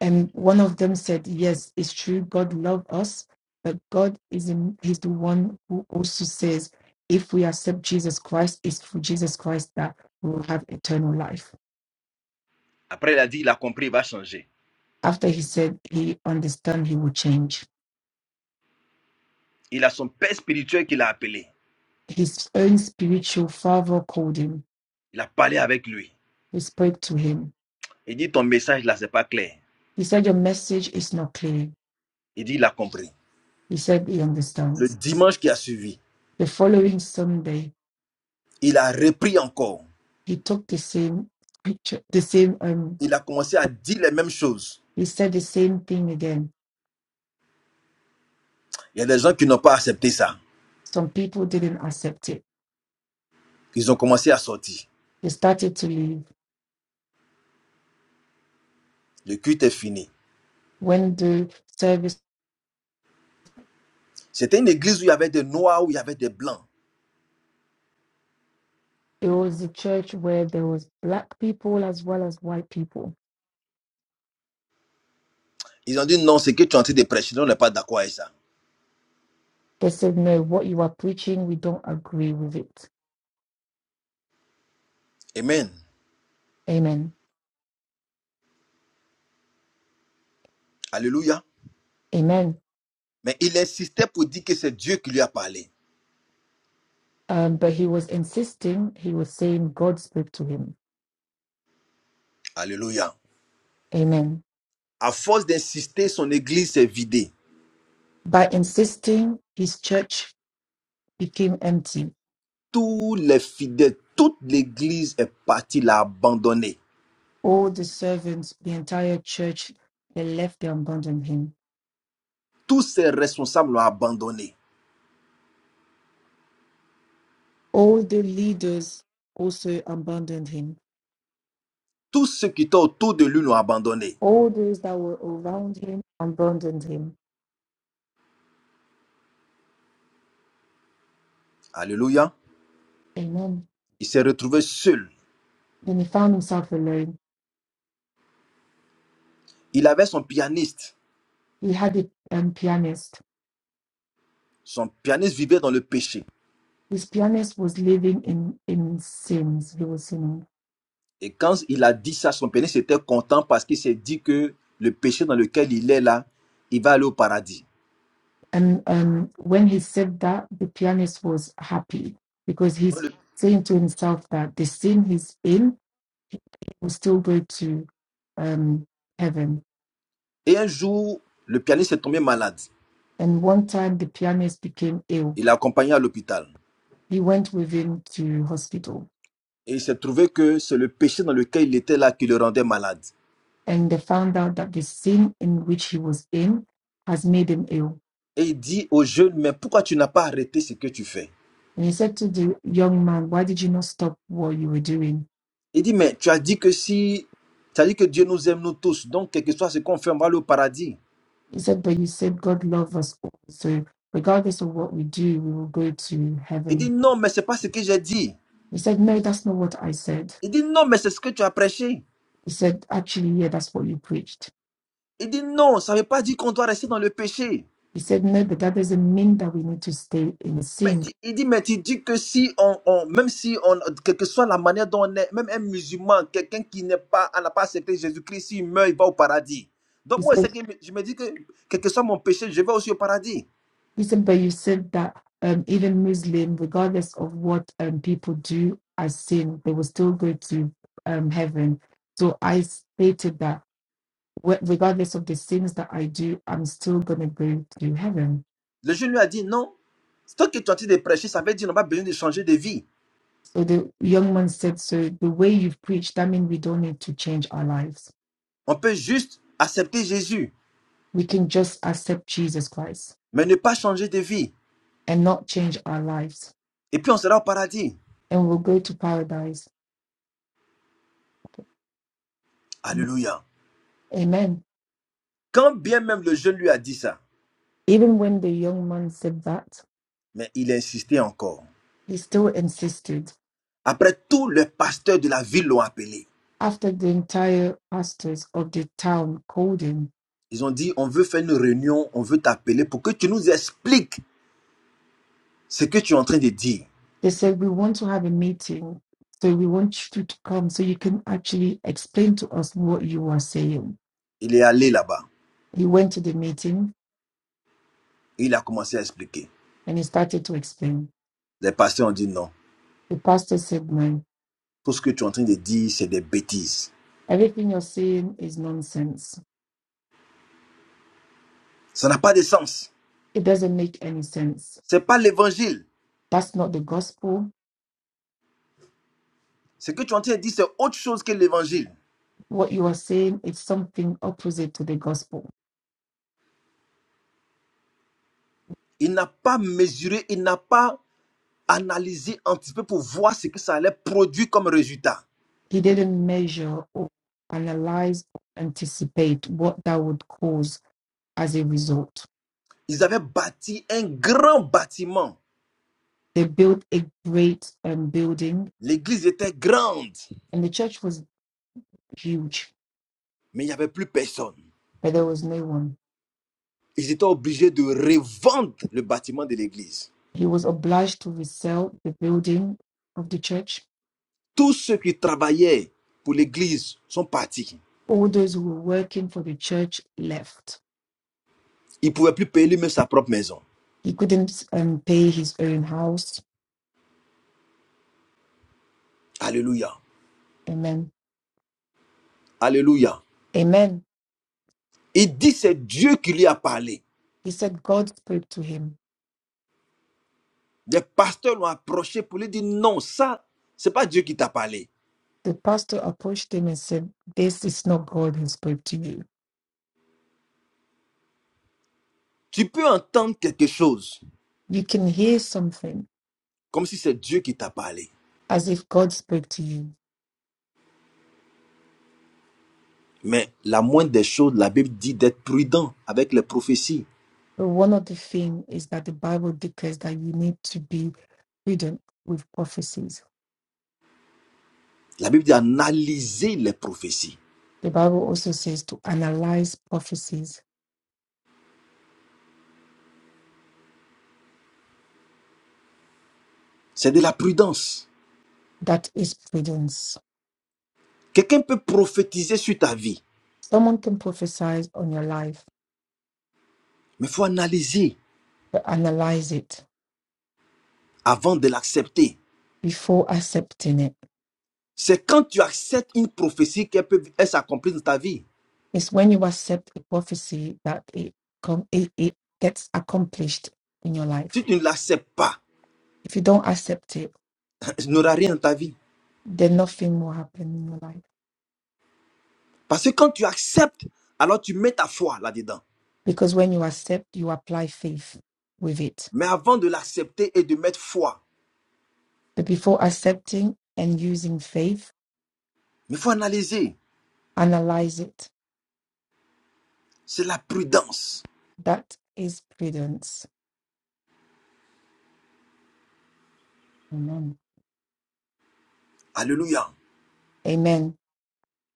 And one of them said, Yes, it's true, God loves us, but God is in, He's the one who also says, if we accept Jesus Christ, it's through Jesus Christ that we will have eternal life. Après, il a dit, il a compris, il va changer. After he said he understand he will change. Il a son père spirituel qui l'a appelé. His own spiritual father called him. Il a parlé avec lui. He spoke to him. Il dit, ton message là, c'est pas clair. He said, Your message is not clear. Il dit, il a compris. He said he Le understands. dimanche qui a suivi, The following Sunday, il a repris encore. he took the same picture, the same um, Il a commencé à dire les mêmes choses. He said the same thing again. Il y a des gens qui n'ont pas accepté ça. Some people didn't accept it. Ils ont commencé à sortir. They started to leave. Le culte est fini. When the service, C'était une église où il y avait des noirs, où il y avait des blancs. it was a church where there was black people as well as white people. Ils ont dit non, c'est que tu es en train de prêcher. On n'est pas d'accord avec ça. They said, no, what you are preaching, we don't agree with it. Amen. Amen. Alléluia. Amen. Mais il insistait pour dire que c'est Dieu qui lui a parlé. Um, but he was insisting, he was saying God spoke to him. Alléluia. Amen. À force d'insister, son église s'est vidée. By insisting, his church became empty. Tous les fidèles, toute l'église est partie, l'a abandonné. All the servants, the entire church, they left, they abandoned him. Tous ses responsables l'ont abandonné. All the leaders also abandoned him. Tous ceux qui étaient autour de lui l'ont abandonné. All those that were around him abandoned him. Alléluia. Amen. Il s'est retrouvé seul. Then he found himself alone. Il avait son pianiste. He had a um, pianist. Son pianiste vivait dans le péché. This pianist was living in, in sins. He was sinning. Et quand il a dit ça, son pianiste était content parce qu'il s'est dit que le péché dans lequel il est là, il va aller au paradis. And um, when he said that, the pianist was happy because Dans he's le- saying to himself that the sin he's in will still go to um, heaven. Et un jour, le pianiste est tombé malade. And one time the pianist became ill. Il l'a accompagné à l'hôpital. He went with him to hospital Et il s'est trouvé que c'est le péché dans lequel il était là qui le rendait malade. and they found out that the sin in which he was in has made him ill. Et il dit au jeune, mais pourquoi tu n'as pas arrêté ce que tu fais And he said to the young man, Why did you not stop what you were doing? Il dit, mais tu as dit que si... Tu as dit que Dieu nous aime nous tous, donc quel que soit ce qu'on fait, on va aller au paradis. He said, But you said God loves us all. So regardless of what we do, we will go to Il dit, heaven. non, mais c'est pas ce que j'ai dit. He said, No, that's not what I said. Il dit, non, mais c'est ce que tu as prêché. He said, Actually, yeah, that's what you preached. Il dit non, ça ne veut pas dire qu'on doit rester dans le péché. He said, No, but that doesn't mean that we need to stay in Mais sin. tu- il dit, mais tu dis que si on, on- même si on, quelle que soit la manière dont on est, même un musulman, quelqu'un qui n'est pas, n'a pas accepté Jésus-Christ, s'il meurt, il va au paradis. Donc He moi, said. c'est que je me dis que, quel que soit mon péché, je vais aussi au paradis. Listen, but you said that um, even Muslim, regardless of what um, people do as sin, they will still go to um, heaven. So I stated that wh- regardless of the sins that I do, I'm still going to go to heaven. Le jeune lui a dit non. C'est toi qui es en train de prêcher, ça veut dire qu'on n'a pas besoin de changer de vie. So the young man said, So the way you've preached, that means we don't need to change our lives. On peut juste accepter Jésus, We can just accept Jesus Christ mais ne pas changer de vie. and not change our lives, Et puis on sera au paradis. and we'll go to paradise. Alléluia. Amen. Quand bien même le jeune lui a dit ça, Even when the young man said that, mais il a insisté encore. he still insisted. Après, tous les pasteurs de la ville l'ont appelé. after the entire pastors of the town called him, Ils ont dit, on veut faire une réunion, on veut t'appeler pour que tu nous expliques ce que tu es en train de dire. they said, We want to have a meeting. So we want you to come so you can actually explain to us what you are saying. Il est allé là-bas. He went to the meeting et Il a commencé à expliquer. and he started to explain. Les pasteurs ont dit non. The pastor said, Man, Tout ce que tu es en train de dire, c'est des bêtises. everything you're saying is nonsense. Ça n'a pas de sens. It doesn't make any sense. C'est pas l'évangile. That's not the gospel. Ce que tu es en train de dire, c'est autre chose que l'évangile. What you are saying is something opposite to the gospel. Il n'a pas mesuré, il n'a pas analysé, anticipé pour voir ce que ça allait produire comme résultat. He didn't measure or analyze, or anticipate what that would cause as a result. Ils avaient bâti un grand bâtiment. They built a great um, building, L'église était grande. and the church was huge, mais il n'y avait plus personne. but there was no one. Ils étaient obligés de revendre le bâtiment de l'église. He was obliged to resell the building of the church. Tous ceux qui travaillaient pour l'église sont partis. All those who were working for the church left. Ils ne pouvaient plus payer lui-même sa propre maison. He couldn't um, pay his own house. Alléluia. Amen. Alléluia. Amen. Il dit c'est Dieu qui lui a parlé. He said, God spoke to him. Les pasteurs l'ont approché pour lui dire non, ça, c'est pas Dieu qui t'a parlé. The pastor approached him and said, This is not God who spoke to you. Tu peux entendre quelque chose You can hear something comme si c'est Dieu qui t'a parlé. as if God spoke to you, Mais la moindre des choses, la Bible dit d'être prudent avec les prophéties. So one of the things is that the Bible declares that you need to be prudent with prophecies. La Bible dit analyser les prophéties. The Bible also says to analyze prophecies. C'est de la prudence. That is prudence. Quelqu'un peut prophétiser sur ta vie, Someone can prophesy on your life, mais il faut analyser but analyze it avant de l'accepter. before accepting it. C'est quand tu acceptes une prophétie qu'elle peut elle s'accomplit dans ta vie. It's when you accept a prophecy that it, com- it, it gets accomplished in your Si life. tu ne l'acceptes pas, If you don't accept it, *laughs* il n'y aura rien dans ta vie. then nothing will happen in your life. Parce que quand tu acceptes, alors tu mets ta foi là-dedans. Because when you accept, you apply faith with it Mais avant de l'accepter et de mettre foi, But before accepting and using faith, il faut analyser. analyze it. C'est la prudence. That is prudence. Amen. Alléluia. Amen.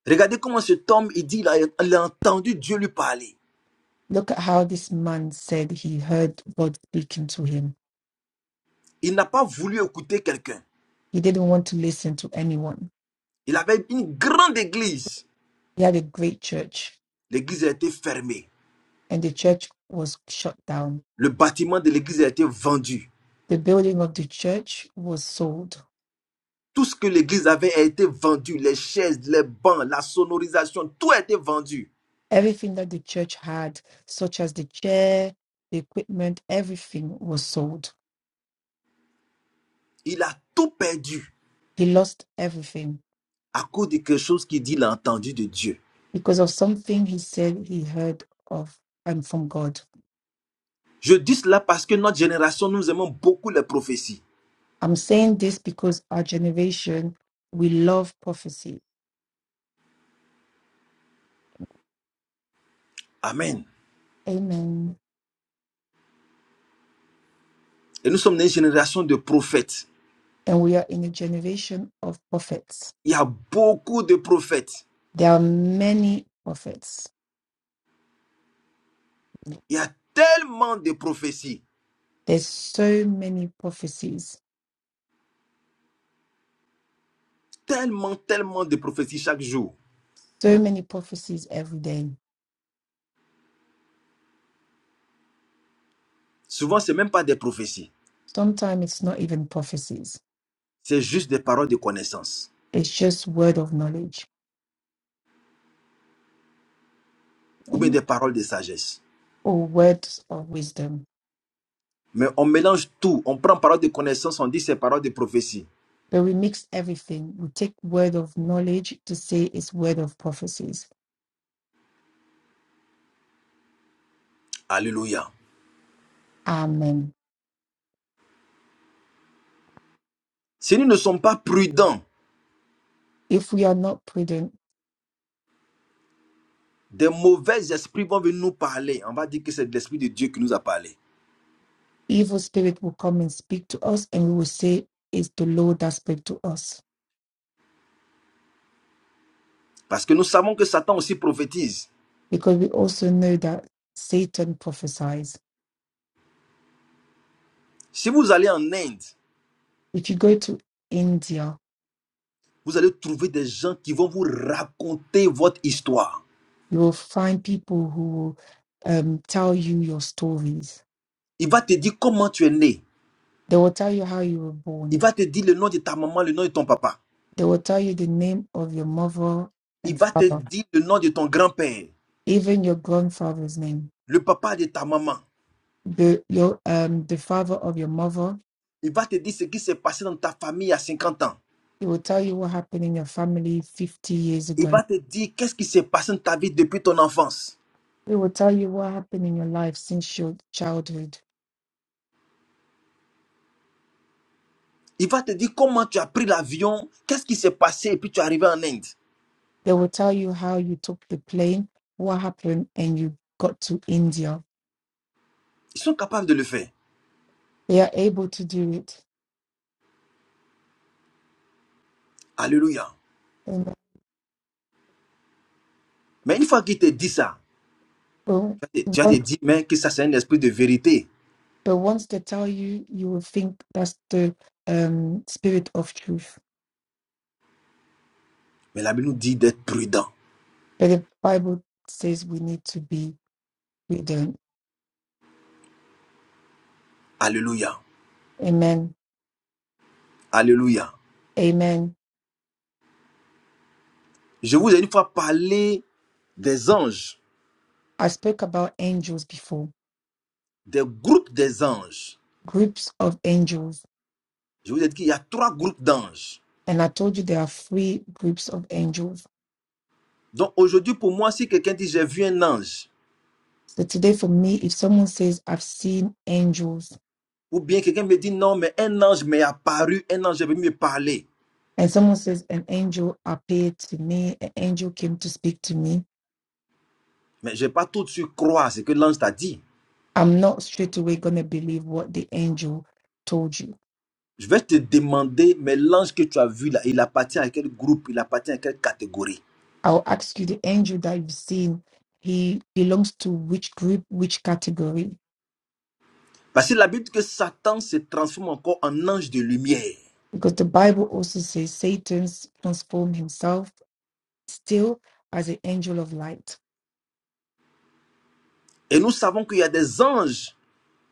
Regardez comment cet homme, il dit, il a, il a entendu Dieu lui parler. Look at how this man said he heard God speaking to him. Il n'a pas voulu écouter quelqu'un. He didn't want to listen to anyone. Il avait une grande église. He had a great church, L'église a été fermée. and the church was shut down. Le bâtiment de l'église a été vendu. The building of the church was sold. Tout ce que l'église avait a été vendu. Les chaises, les bancs, la sonorisation, tout a été vendu. Everything that the church had, such as the chair, the equipment, everything was sold. Il a tout perdu He lost everything à cause de quelque chose qu'il dit, il a entendu de Dieu. because of something he said he heard of and from God. Je dis cela parce que notre génération, nous aimons beaucoup les prophéties. I'm saying this because our generation, we love prophecy. Amen. Amen. Et nous sommes une génération de prophètes. And we are in a generation of prophets. Il y a beaucoup de prophètes. There are many prophets. Il y a tellement de prophéties. There's so many prophecies, Tellement, tellement de prophéties chaque jour. so many prophecies every day. Souvent, c'est même pas des prophéties. Sometimes it's not even prophecies, C'est juste des paroles de connaissance it's just word of knowledge ou bien Amen. des paroles de sagesse. or words of wisdom Mais on mélange tout. On prend parole de connaissance, on dit c'est parole de prophétie. But we mix everything. We take word of knowledge to say it's word of prophecies. Alléluia. Amen. Si nous ne sommes pas prudents, If we are not prudent, des mauvais esprits vont venir nous parler. On va dire que c'est l'esprit de Dieu qui nous a parlé. evil spirit will come and speak to us, and we will say it's the Lord that spoke to us. Parce que nous savons que Satan aussi prophétise. Because we also know that Satan prophesies. Si vous allez en Inde, If you go to India, vous allez trouver des gens qui vont vous raconter votre histoire. you will find people who will um, tell you your stories. Il va te dire comment tu es né. They will tell you how you were Il born. va te dire le nom de ta maman, le nom de ton papa. They will tell you the name of your mother Il and va te father, dire le nom de ton grand-père, even your grandfather's name le papa de ta maman. the your um the father of your mother. Il va te dire ce qui s'est passé dans ta famille à 50 ans. He will tell you what happened in your family 50 years Il ago. va te dire qu'est-ce qui s'est passé dans ta vie depuis ton enfance. He will tell you what happened in your life since your childhood. Il va te dire comment tu as pris l'avion, qu'est-ce qui s'est passé et puis tu es arrivé en Inde. They will tell you how you took the plane, what happened, and you got to India. Ils sont capables de le faire. They are able to do it. Alléluia. And Mais une fois qu'il te dit ça, so, tu vas te tu vas te on- dire mais que ça c'est un esprit de vérité. but once they tell you, you will think that's the um, spirit of truth. Mais la Bible nous dit d'être prudent. But the Bible says we need to be prudent. Alléluia. Amen. Alléluia. Amen. Je vous ai une fois parlé des anges, I spoke about angels before des groupes des anges. groups of angels. Je vous ai dit qu'il y a trois groupes d'anges. And I told you there are three groups of angels. Donc aujourd'hui pour moi si quelqu'un dit j'ai vu un ange, So today, for me, if someone says, I've seen angels, Ou bien quelqu'un me dit non, mais un ange m'est apparu, un ange est venu me parler. and someone says, an angel appeared to me, an angel came to speak to me, Mais je ne vais pas tout de suite croire ce que l'ange t'a dit. I'm not straight away going to believe what the angel told you. Je vais te demander, mais l'ange que tu as vu là, il appartient à quel groupe, il appartient à quelle catégorie. I'll ask you, the angel that you've seen, he belongs to which group, which category? Parce que la Bible dit que Satan se transforme encore en ange de lumière. Because the Bible also says Satan's transformed himself still as an angel of light. Et nous savons qu'il y a des anges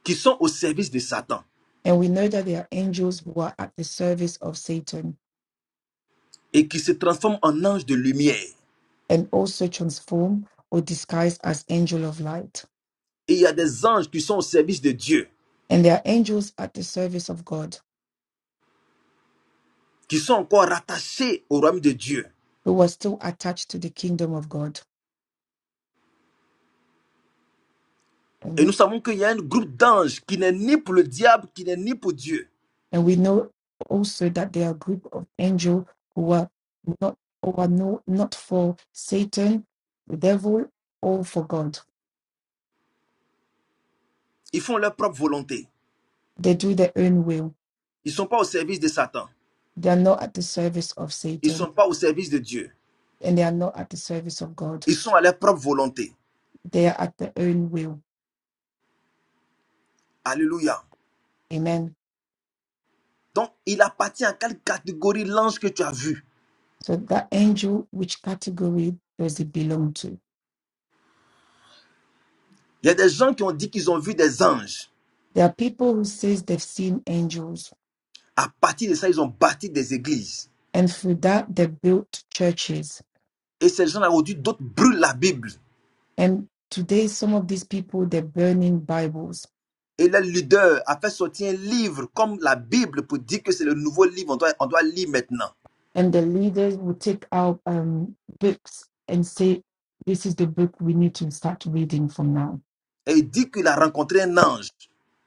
qui sont au service de Satan And we know that there are angels who are at the service of Satan et qui se transforment en anges de lumière. and also transform or disguise as angel of light. Et il y a des anges qui sont au service de Dieu, And there are angels at the service of God qui sont encore rattachés au royaume de Dieu. who are still attached to the kingdom of God. Et nous Amen. savons qu'il y a un groupe d'anges qui n'est ni pour le diable, qui n'est ni pour Dieu. And we know also that there are a group of angels who are not who are no, not for Satan, the devil, or for God. Ils font leur propre volonté. They do their own will. Ils ne sont pas au service de Satan. They are not at the service of Ils ne Satan sont pas au service de Dieu. and they are not at the service of God. Ils sont à leur propre volonté. They are at their own will. Alléluia. Amen. Donc, il appartient à quelle catégorie l'ange que tu as vu. So that angel, which category does it belong to? Il y a des gens qui ont dit qu'ils ont vu des anges. There are people who says they've seen angels, À partir de ça, ils ont bâti des églises. and through that they built churches. Et ces gens-là, aujourd'hui, d'autres brûlent la Bible. And today, some of these people they're burning Bibles, Et le leader a fait sortir un livre comme la Bible pour dire que c'est le nouveau livre, qu'on doit, on doit lire maintenant. and the leaders will take out um, books and say, "This is the book we need to start reading from now," Et il dit qu'il a rencontré un ange.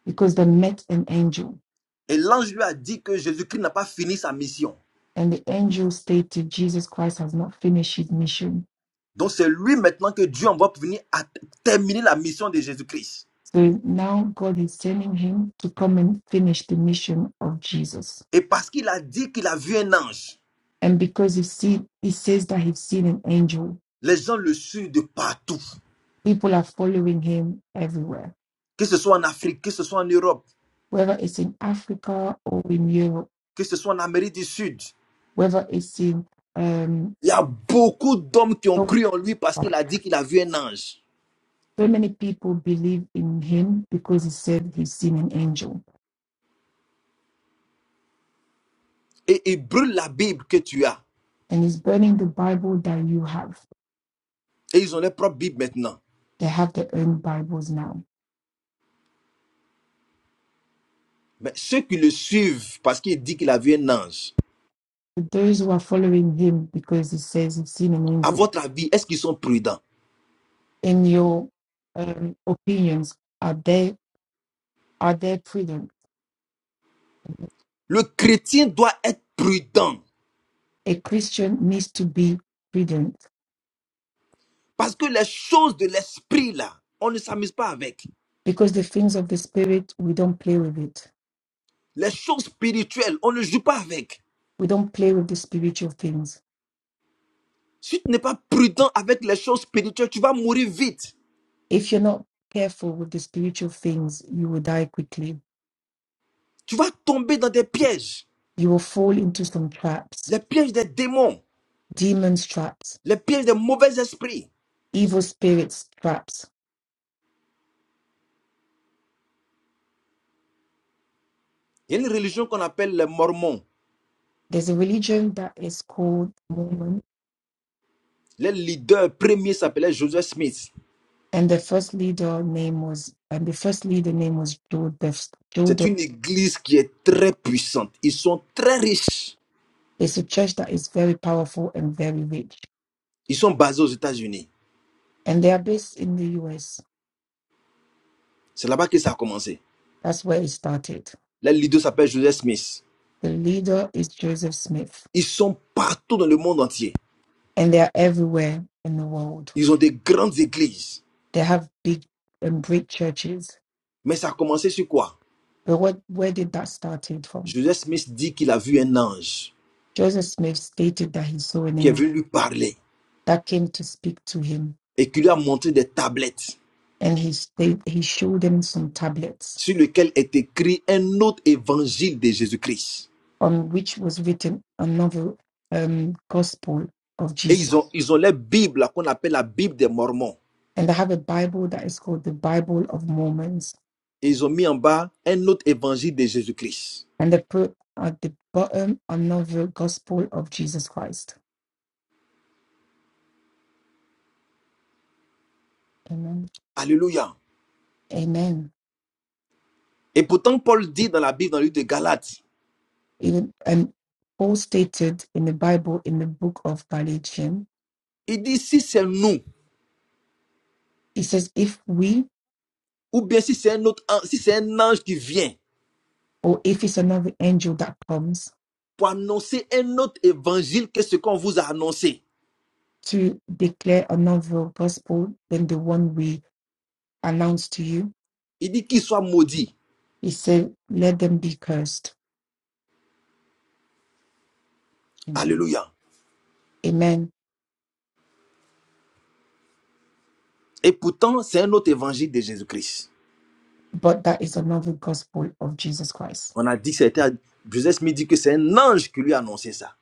because they met an angel, Et l'ange lui a dit que Jésus-Christ n'a pas fini sa mission. and the angel stated, "Jesus Christ has not finished his mission." Donc c'est lui maintenant que Dieu envoie pour venir à- terminer la mission de Jésus-Christ. So now God is sending him to come and finish the mission of Jesus. Et parce qu'il a dit qu'il a vu un ange, And because he see, he says that he's seen an angel, les gens le suivent de partout. people are following him everywhere, Que ce soit en Afrique, que ce soit en Europe, whether it's in Africa or in Europe, que ce soit en Amérique du Sud. whether it's in um, Il y a beaucoup d'hommes qui ont cru en lui parce qu'il a dit qu'il a vu un ange. so many people believe in him because he said he's seen an angel. Et ils brûlent la Bible que tu as. And he's burning the Bible that you have. Et ils ont leur propre Bible maintenant. They have their own Bibles now. Mais ceux qui le suivent parce qu'il dit qu'il a vu un ange, But those who are following him because he says he's seen an à angel, votre avis, est-ce qu'ils sont prudents in your um, opinions, are they are they prudent? Le chrétien doit être prudent a Christian needs to be prudent parce que les choses de l'esprit, là, on ne s'amuse pas avec. because the things of the spirit, we don't play with it. Les choses spirituelles, on ne joue pas avec. We don't play with the spiritual things. Si tu n'es pas prudent avec les choses spirituelles, tu vas mourir vite. If you're not careful with the spiritual things, you will die quickly. Tu vas tomber dans des pièges. You will fall into some traps, Les pièges des démons, demons' traps, les pièges des mauvais esprits. evil spirits' traps. Il y a une religion qu'on appelle les Mormons. There's a religion that is called Mormon, Le leader premier s'appelait Joseph Smith. and the first leader name was, and the first leader name was Joseph. C'est Joseph. une église qui est très puissante. Ils sont très riches. It's a church that is very powerful and very rich, Ils sont basés aux États-Unis. and they are based in the U.S C'est là-bas que ça a commencé. That's where it started. Le leader s'appelle Joseph Smith. The leader is Joseph Smith, Ils sont partout dans le monde entier. and they are everywhere in the world. Ils ont des grandes églises. They have big and great churches. Mais ça a commencé sur quoi But what where did that started from? Joseph Smith dit qu'il a vu un ange Joseph Smith stated that he saw an qui est angel venu lui parler that came to speak to him, et qui lui a montré des tablettes and he stayed, he showed him some tablets sur lesquelles est écrit un autre évangile de Jésus-Christ. on which was written another um, gospel of Et Jesus. ils ont, ils ont la Bible là, qu'on appelle la Bible des Mormons. And they have a Bible that is called the Bible of Mormons, Et ils ont mis en bas un autre évangile de Jésus-Christ. and they put at the bottom another gospel of Jesus Christ Amen. Alléluia. Amen. Et pourtant, Paul dit dans la Bible, dans le livre de Galates, Even and Paul stated in the Bible in the book of Galatians, il dit, si c'est nous he says, if we ou bien si c'est un autre, si c'est un ange qui vient or if it's another angel that comes pour annoncer un autre évangile que ce qu'on vous a annoncé, to declare another gospel than the one we announced to you, il dit qu'il soit maudit. he said, let them be cursed. Amen. Alléluia. Amen. Et pourtant, c'est un autre évangile de Jésus-Christ. But that is another gospel of Jesus Christ. On a dit que c'était, Joseph Smith dit que c'est un ange qui lui a annoncé ça.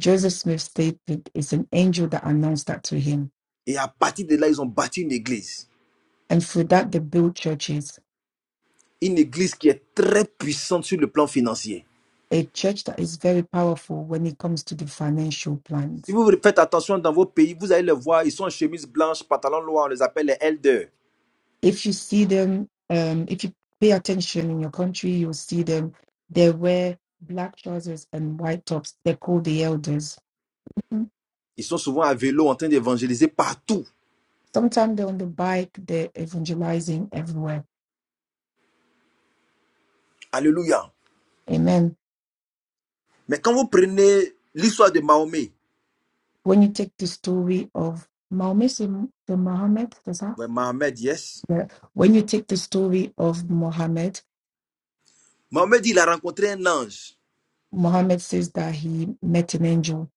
Joseph Smith stated it's an angel that announced that to him. Et à partir de là, ils ont bâti une église. And through that, they built churches Une église qui est très puissante sur le plan financier. a church that is very powerful when it comes to the financial Si plans. vous faites attention dans vos pays, vous allez les voir, ils sont en chemise blanche, pantalon noir, on les appelle les elders. If you see them, um, if you pay attention in your country, you'll see them. They wear black trousers and white tops. They're called the elders. Mhm. Ils sont souvent à vélo en train d'évangéliser partout. Sometimes they're on the bike, they're evangelizing everywhere. Alléluia. Amen. Mais quand vous prenez l'histoire de Mahomet, When you take the story of Mahomet, the Muhammad, that's how? ouais, Mohamed, yes. Yeah. when you take the story of Muhammad, Mohamed, il a rencontré un ange, Muhammad says that he met an angel.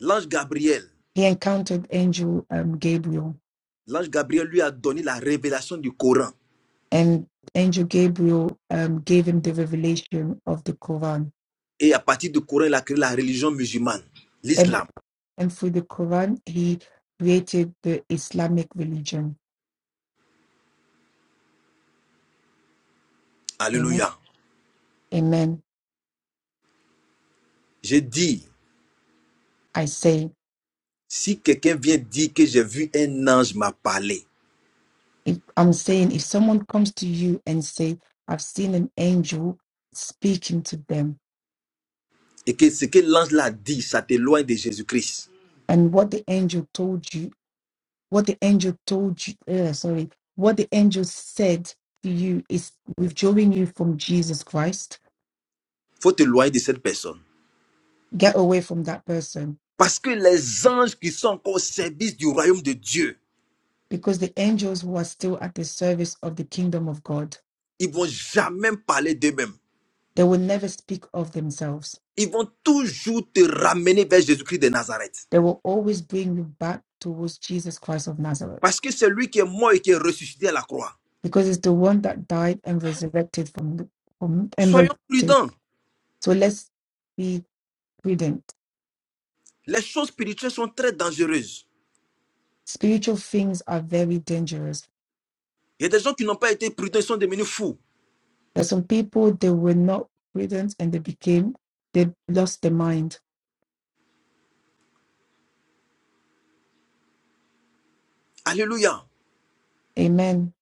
l'ange Gabriel. He encountered angel um, Gabriel L'ange Gabriel lui a donné la révélation du Coran. and angel Gabriel um, gave him the revelation of the Quran, Et à partir du Coran, il a créé la religion musulmane, and l'islam. and through the Quran he created the Islamic religion. Amen. Alléluia. Amen. J'ai dit, I say, si quelqu'un vient dire que j'ai vu un ange m'a parlé, if, I'm saying, if someone comes to you and say, "I've seen an angel speaking to them," et que ce que l'ange l'a dit, ça t'éloigne de Jésus-Christ, and what the angel told you, what the angel told you, uh, sorry, what the angel said to you is withdrawing you from Jesus Christ. faut t'éloigner de cette personne. Get away from that person Parce que les anges qui sont encore au service du royaume de Dieu, because the angels who are still at the service of the kingdom of God, ils vont jamais parler d'eux-mêmes. they will never speak of themselves. ils vont toujours te ramener vers Jésus-Christ de Nazareth. They will always bring you back towards Jesus Christ of Nazareth, Parce que c'est lui qui est mort et qui est ressuscité à la croix. because it's the one that died and resurrected from, from and Soyons resurrected. prudents. So let's be prudent. Les choses spirituelles sont très dangereuses. Spiritual things are very dangerous. Il y a des gens qui n'ont pas été prudents, ils sont devenus fous. There's some people they were not prudent and they became they lost their mind. Alléluia. Amen.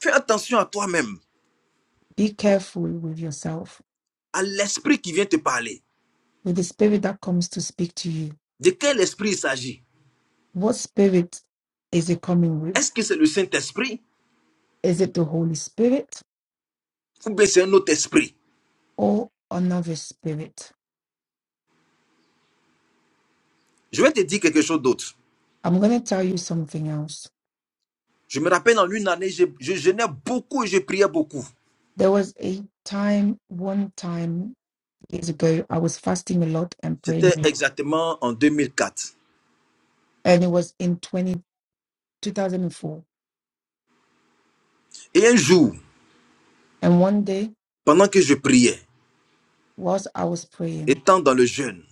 Fais attention à toi-même, Be careful with yourself, à l'esprit qui vient te parler. with the spirit that comes to speak to you De quel esprit il s'agit What spirit is it coming Est-ce with? que c'est le Saint-Esprit Is it the Holy Spirit ou bien c'est un autre esprit or another spirit? Je vais te dire quelque chose d'autre. I'm going to tell you something else. Je me rappelle en une année, je, je jeûnais beaucoup et je priais beaucoup. There was a time, one time years ago, I was fasting a lot and C'était praying, exactement en 2004. and it was in 20, 2004. And four. Et un jour, And one day, pendant que je priais, whilst I was praying, étant dans le jeûne,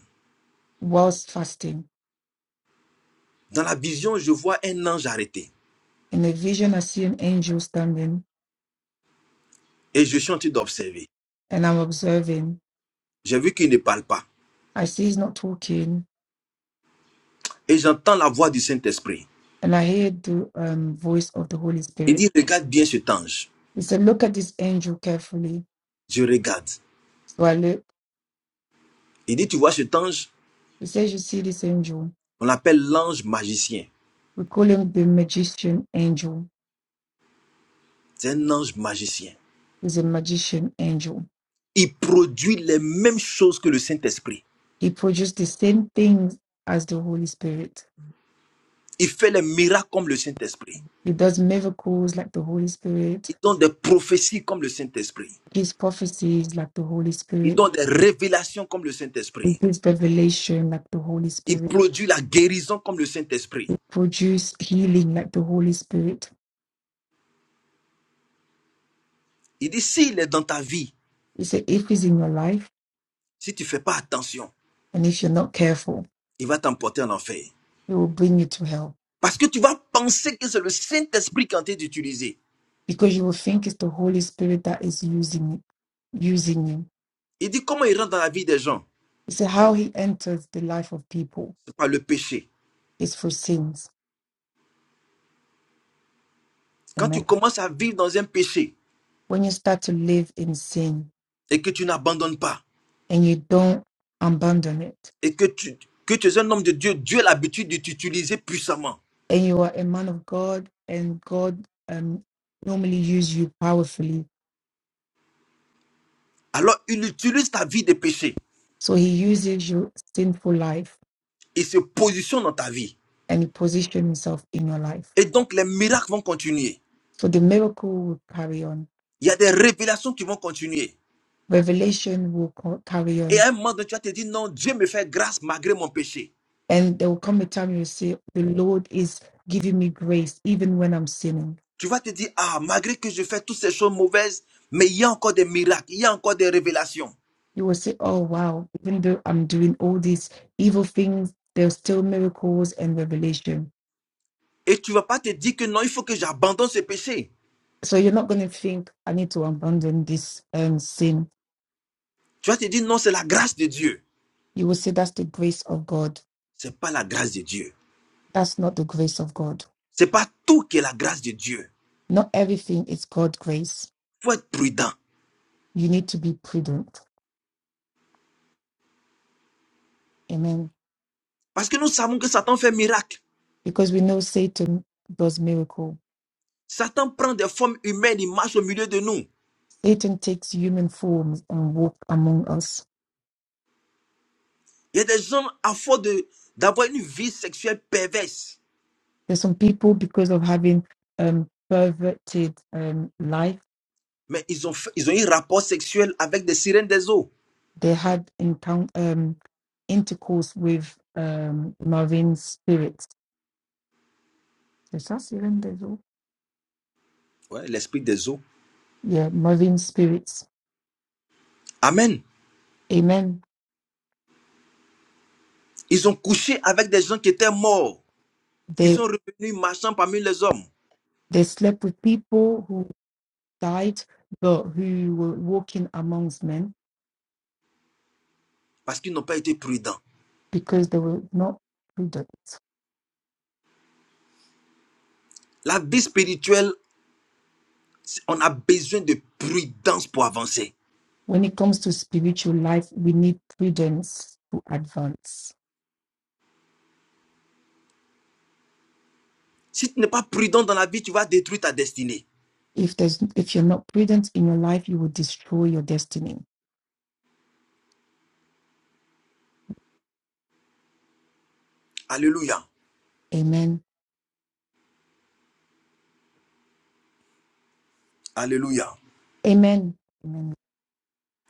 whilst fasting, dans la vision, je vois un ange arrêté in a vision, I see an angel standing et je suis en train d'observer. and I'm observing. J'ai vu qu'il ne parle pas I see he's not talking, et j'entends la voix du Saint-Esprit. and I hear the um, voice of the Holy Il Spirit dit, regarde bien cet ange. He said, Look at this angel carefully. Je regarde. So I look. Il dit, tu vois cet ange, He says, You see this angel? on l'appelle l'ange magicien. We call him the magician angel. C'est un ange magicien. He's a magician angel. Il produit les mêmes choses que le Saint-Esprit. He produced the same things as the Holy Spirit. Il fait les miracles comme le Saint-Esprit. He does miracles like the Holy Il Spirit, donne des prophéties comme le Saint-Esprit. He gives prophecies like the Holy Il Spirit, donne des révélations comme le he Saint-Esprit. gives revelation like the Holy Il Spirit, produit la guérison comme le Saint-Esprit. he produces healing like the Holy Spirit. Il dit, s'il est dans ta vie, He said, If he's in your life Si tu ne fais pas attention, and if you're not careful, il va t'emporter en enfer. he will bring you to hell Parce que tu vas penser que c'est le Saint-Esprit qui est en train d'utiliser. because you will think it's the Holy Spirit that is using using you. Il dit comment il rentre dans la vie des gens You see how he enters the life of people C'est par le péché. It's through sins. Quand tu Amen. commences à vivre dans un péché When you start to live in sin et que tu n'abandonnes pas, and you don't abandon it, et que tu, que tu es un homme de Dieu, Dieu a l'habitude de t'utiliser puissamment. and you are a man of God, and God um, normally uses you powerfully, Alors il utilise ta vie de péché. so He uses your sinful life Il se positionne dans ta vie. and He positions Himself in your life. Et donc les miracles vont continuer. So the miracle will carry on, Il y a des révélations qui vont continuer. revelation will co- carry on, Et à un moment donné, tu vas te dire, non, Dieu me fait grâce malgré mon péché. And there will come a time you will say, The Lord is giving me grace even when I'm sinning. Tu vas te dire, ah, malgré que je fais toutes ces choses mauvaises, mais il y a encore des miracles, il y a encore des révélations. You will say, Oh, wow, even though I'm doing all these evil things, there's still miracles and revelation. Et tu vas pas te dire que non, il faut que j'abandonne ce péché. So you're not going to think, I need to abandon this um, sin. Tu vas te dire, non, c'est la grâce de Dieu. You will say, That's the grace of God. C'est pas la grâce de Dieu. That's not the grace of God. C'est pas tout qui est la grâce de Dieu. Not everything is God's grace. Faut être prudent. You need to be prudent. Amen. Parce que nous savons que Satan fait miracle. Because we know Satan does miracle. Satan prend des formes humaines, il marche au milieu de nous. Satan takes human forms and walk among us Il y a des gens à force de, d'avoir une vie sexuelle perverse. There's some people because of having um, perverted um, life, Mais ils ont, fait- ils ont eu un rapport sexuel avec des sirènes des eaux. they had encounter um, intercourse with um, Marvin spirits. Is that even there's all? Ouais, l'esprit des eaux. Yeah, Marvin spirits. Amen. Amen. Ils ont couché avec des gens qui étaient morts, qui They sont revenus marchant parmi les hommes, they slept with people who died, but who were walking amongst men parce qu'ils n'ont pas été prudents. because they were not prudent. La vie spirituelle, on a besoin de prudence pour avancer. When it comes to spiritual life, we need prudence to advance Si tu n'es pas prudent dans la vie, tu vas détruire ta destinée. If there's if you're not prudent in your life, you will destroy your destiny. Alléluia. Amen. Alléluia. Amen. Amen.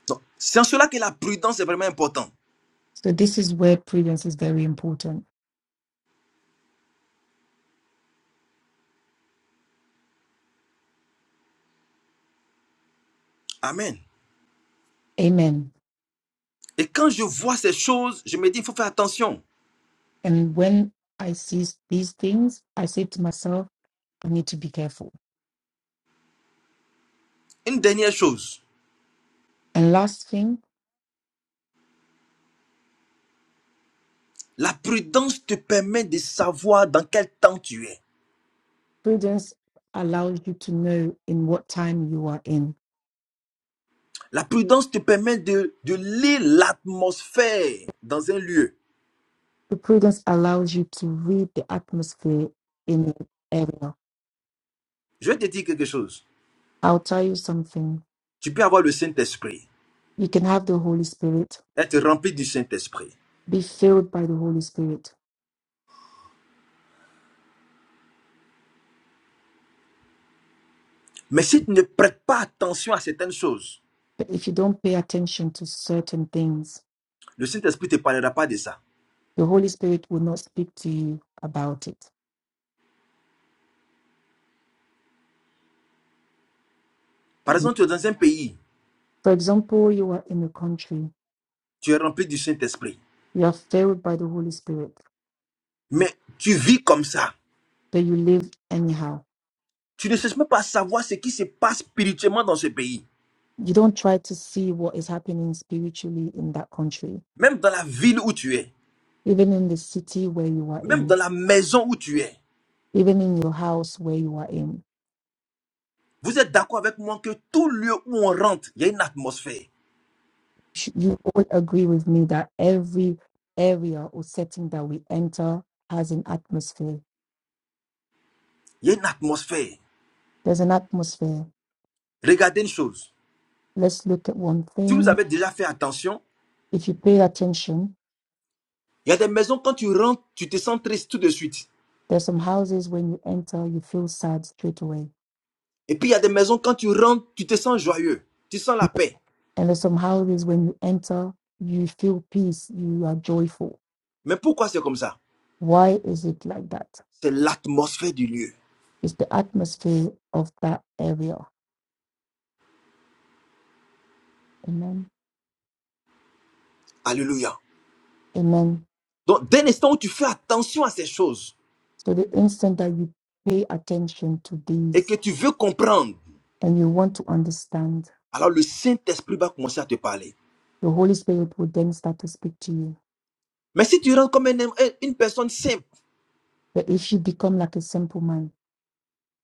Donc, C'est en cela que la prudence est vraiment importante. So this is where prudence is very important. Amen. Amen. Et quand je vois ces choses, je me dis, il faut faire attention. And when I see these things, I say to myself, I need to be careful. Une dernière chose. And last thing, La prudence te permet de savoir dans quel temps tu es. prudence allows you to know in what time you are in. La prudence te permet de, de lire l'atmosphère dans un lieu. The prudence allows you to read the atmosphere in the area. Je vais te dire quelque chose. I'll tell you something. Tu peux avoir le Saint-Esprit, You can have the Holy Spirit, être rempli du Saint-Esprit. be filled by the Holy Spirit Mais si tu ne prêtes pas attention à certaines choses, But if you don't pay attention to certain things, le Saint-Esprit ne te parlera pas de ça. the Holy Spirit will not speak to you about it. Par Amen. exemple, tu es dans un pays, For example, you are in a country, tu es rempli du Saint-Esprit, you are favored by the Holy Spirit, mais tu vis comme ça. but you live anyhow. Tu ne cherches même pas à savoir ce qui se passe spirituellement dans ce pays, You don't try to see what is happening spiritually in that country, même dans la ville où tu es, even in the city where you are même dans in, la maison où tu es. even in your house where you are in. Vous êtes d'accord avec moi que tout lieu où on rentre, il y a une atmosphère. Sh- You all agree with me that every area or setting that we enter has an atmosphere. Il y a une atmosphère. There's an atmosphere. Regardez une chose. Let's look at one Si thing vous avez déjà fait attention, If you pay attention, il y a des maisons quand tu rentres, tu te sens triste tout de suite. there's some houses when you enter, you feel sad straight away. Et puis il y a des maisons quand tu rentres, tu te sens joyeux. Tu sens la paix. And there's some houses when you enter, you feel peace, you are joyful. Mais pourquoi c'est comme ça Why is it like that? C'est l'atmosphère du lieu. It's the atmosphere of that area. Amen. Alléluia. Amen. Donc dès l'instant où tu fais attention à ces choses So the instant that you pay attention to et que these tu veux comprendre, and you want to understand, alors le Saint-Esprit va commencer à te parler. the Holy Spirit will then start to speak to you. Mais si tu rentres comme un- une personne simple, But if you become like a simple man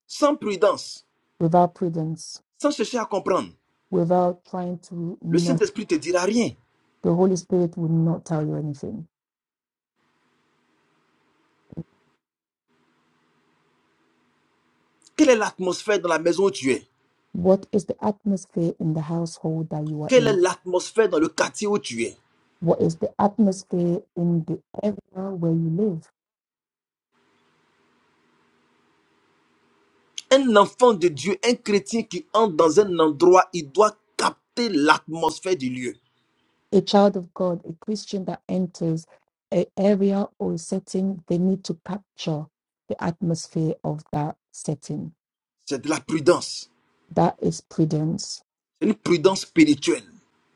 sans prudence, without prudence, sans chercher à comprendre, without trying to le know Saint-Esprit te dira rien. The Holy Spirit will not tell you anything. Quelle est l'atmosphère dans la maison où tu es What is the atmosphere in the household that you are Quelle est in? l'atmosphère dans le quartier où tu es What is the atmosphere in the area where you live? Un enfant de Dieu, un chrétien qui entre dans un endroit, il doit capter l'atmosphère du lieu. A child of God, a Christian that enters an area or a setting, they need to capture the atmosphere of that setting. C'est de la prudence. That is prudence. C'est une prudence spirituelle.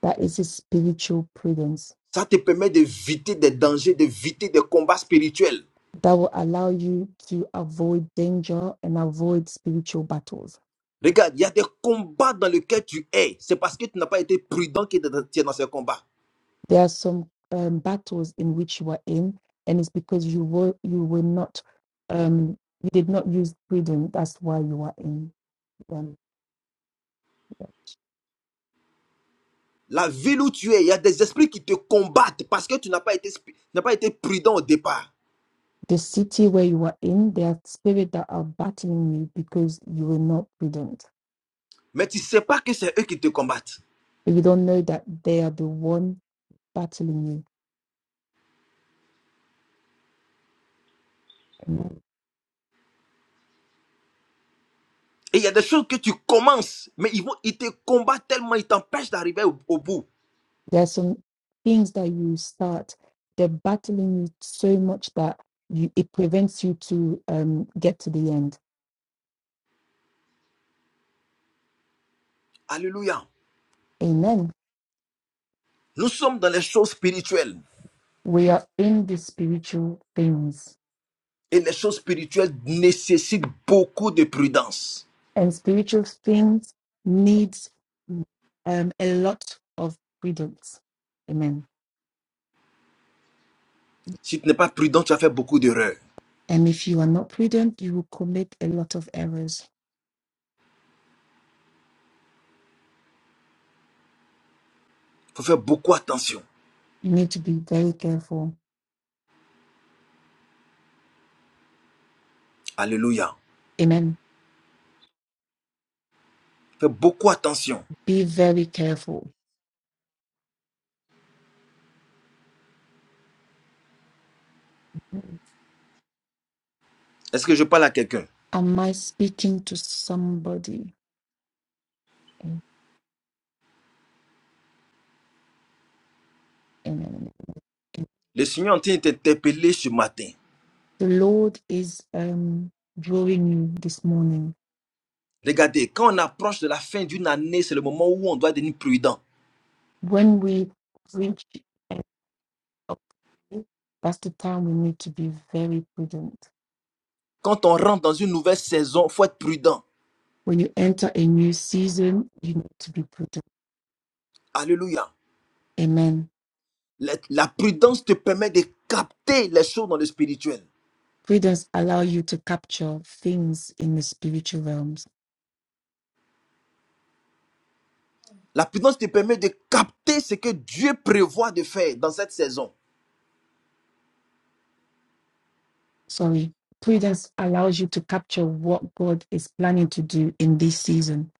That is a spiritual prudence Ça te permet d'éviter des dangers, d'éviter des combats spirituels. that will allow you to avoid danger and avoid spiritual battles Regarde, il y a des combats dans lesquels tu es. C'est parce que tu n'as pas été prudent que tu es dans ces combats. There are some um, battles in which you are in, and it's because you were you were not um, you did not use freedom. That's why you are in them. La ville où tu es, il y a des esprits qui te combattent parce que tu n'as pas été, spi- tu n'as pas été prudent au départ. The city where you are in, there are spirits that are battling you because you were not prudent. Mais tu ne sais pas que c'est eux qui te combattent. But you don't know that they are the one battling you. Mhm. Et il y a des choses que tu commences, mais ils, vont, ils te combattent tellement, ils t'empêchent d'arriver au, au bout. There are some things that you start, they're battling you so much that you, it prevents you to um, get to the end. Alléluia. Amen Nous sommes dans les choses spirituelles. We are in the spiritual things, Et les choses spirituelles nécessitent beaucoup de prudence. and spiritual things needs um, a lot of prudence. Amen. Si tu n'es pas prudent, tu vas faire beaucoup d'erreurs. And if you are not prudent, you will commit a lot of errors. Il faut faire beaucoup attention. You need to be very careful. Alléluia. Amen. Fais beaucoup attention. Be very careful. Est-ce que je parle à quelqu'un Am I speaking to somebody? Amen. Amen. Le Seigneur est en train de t'interpeller ce matin. The Lord is um, drawing you this morning. Regardez, quand on approche de la fin d'une année, c'est le moment où on doit devenir prudent. When we preach That's the time we need to be very prudent. Quand on rentre dans une nouvelle saison, il faut être prudent. When you enter a new season, you need to be prudent. Alléluia. Amen. La, la prudence te permet de capter les choses dans le spirituel. Prudence allow you to capture things in the spiritual realms. La prudence te permet de capter ce que Dieu prévoit de faire dans cette saison. Sorry. Prudence allows you to capture what God is planning to do in this season.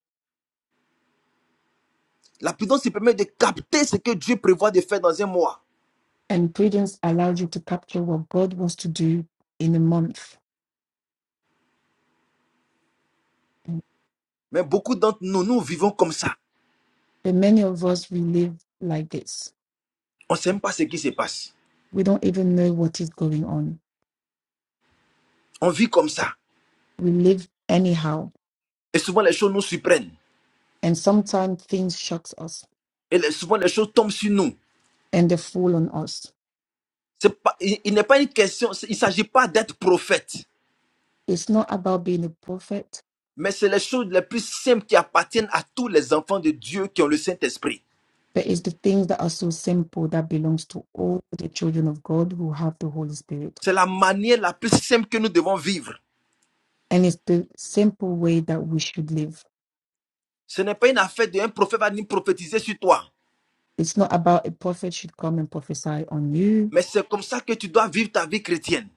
La prudence te permet de capter ce que Dieu prévoit de faire dans un mois. And prudence allows you to capture what God wants to do in a month. But Mais beaucoup d'entre nous, nous vivons comme ça. many of us, we live like this. On ne sait même pas ce qui se passe. We don't even know what is going on. On vit comme ça. We live anyhow. Et souvent les choses nous surprennent. And sometimes things shocks us Et les- souvent les choses tombent sur nous. and they fall on us. C'est pas- il il n'est pas une question, c'est- il ne s'agit pas d'être prophète. It's not about being a prophet, Mais c'est les choses les plus simples qui appartiennent à tous les enfants de Dieu qui ont le Saint-Esprit. but it's the things that are so simple that belongs to all the children of God who have the Holy Spirit. C'est la manière la plus simple que nous devons vivre. And it's the simple way that we should live. Ce n'est pas une affaire d'un prophète va venir prophétiser sur toi. It's not about a prophet should come and prophesy on you, Mais c'est comme ça que tu dois vivre ta vie chrétienne.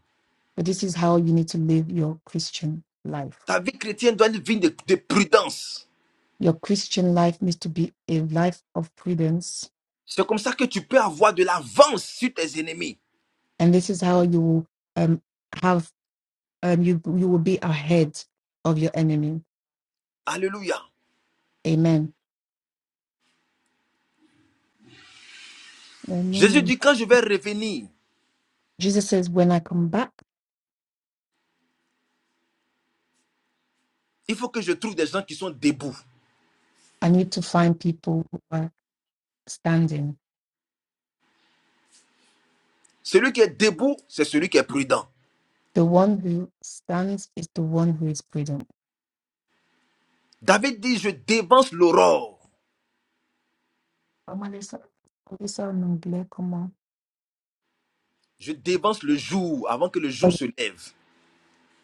but this is how you need to live your Christian life. Ta vie chrétienne doit être une vie de, de prudence. Your Christian life needs to be a life of prudence, C'est comme ça que tu peux avoir de l'avance sur tes ennemis. and this is how you will um, have um, you you will be ahead of your enemy. Alléluia. Amen. Jésus Amen. dit, quand je vais revenir, Jesus says, When I come back, il faut que je trouve des gens qui sont debout. I need to find people who are standing. Celui qui est debout, c'est celui qui est prudent. The one who stands is the one who is prudent. David dit, je dévance l'aurore. Oh, Melissa, Melissa Nongle, come Je dévance le jour avant que le jour on. se lève.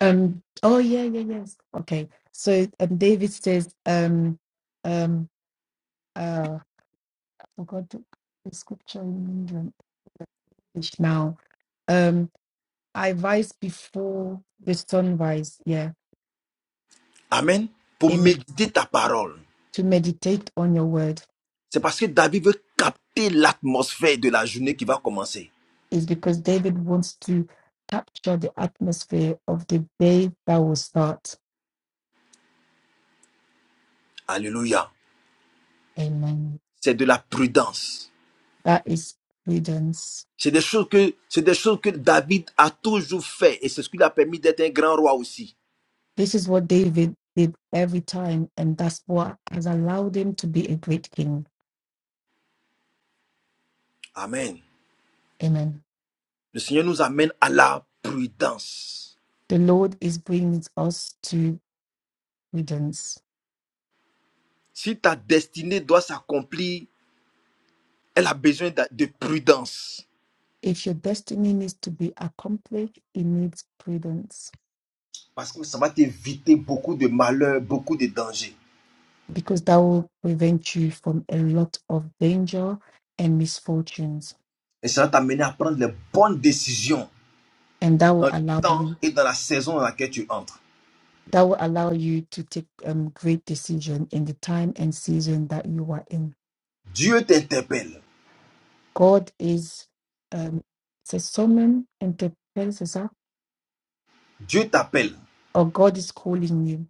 Um, oh, yeah, yeah, yes. Okay. So um, David says, um, um, uh, I forgot the the scripture in English now. Um, I rise before the sunrise. Yeah. Amen. Pour Amen. méditer ta parole. To meditate on your word. C'est parce que David veut capter l'atmosphère de la journée qui va commencer. is because David wants to capture the atmosphere of the day that will start. Alléluia. Amen. C'est de la prudence. That is prudence. C'est des choses que, c'est des choses que David a toujours fait et c'est ce qui lui a permis d'être un grand roi aussi. This is what David did every time, and that's what has allowed him to be a great king. Amen. Amen. Le Seigneur nous amène à la prudence. The Lord is bringing us to prudence. Si ta destinée doit s'accomplir, elle a besoin d'a- de prudence. If your destiny needs to be accomplished, it needs prudence Parce que ça va t'éviter beaucoup de malheurs, beaucoup de dangers. because that will prevent you from a lot of danger and misfortunes, Et ça va t'amener à prendre les bonnes décisions and that dans will le allow temps you et dans la saison dans laquelle tu entres. that will allow you to take um, great decision in the time and season that you are in. Dieu t'interpelle, God is um, c'est somme interpelle, c'est Dieu t'appelle Or God is calling you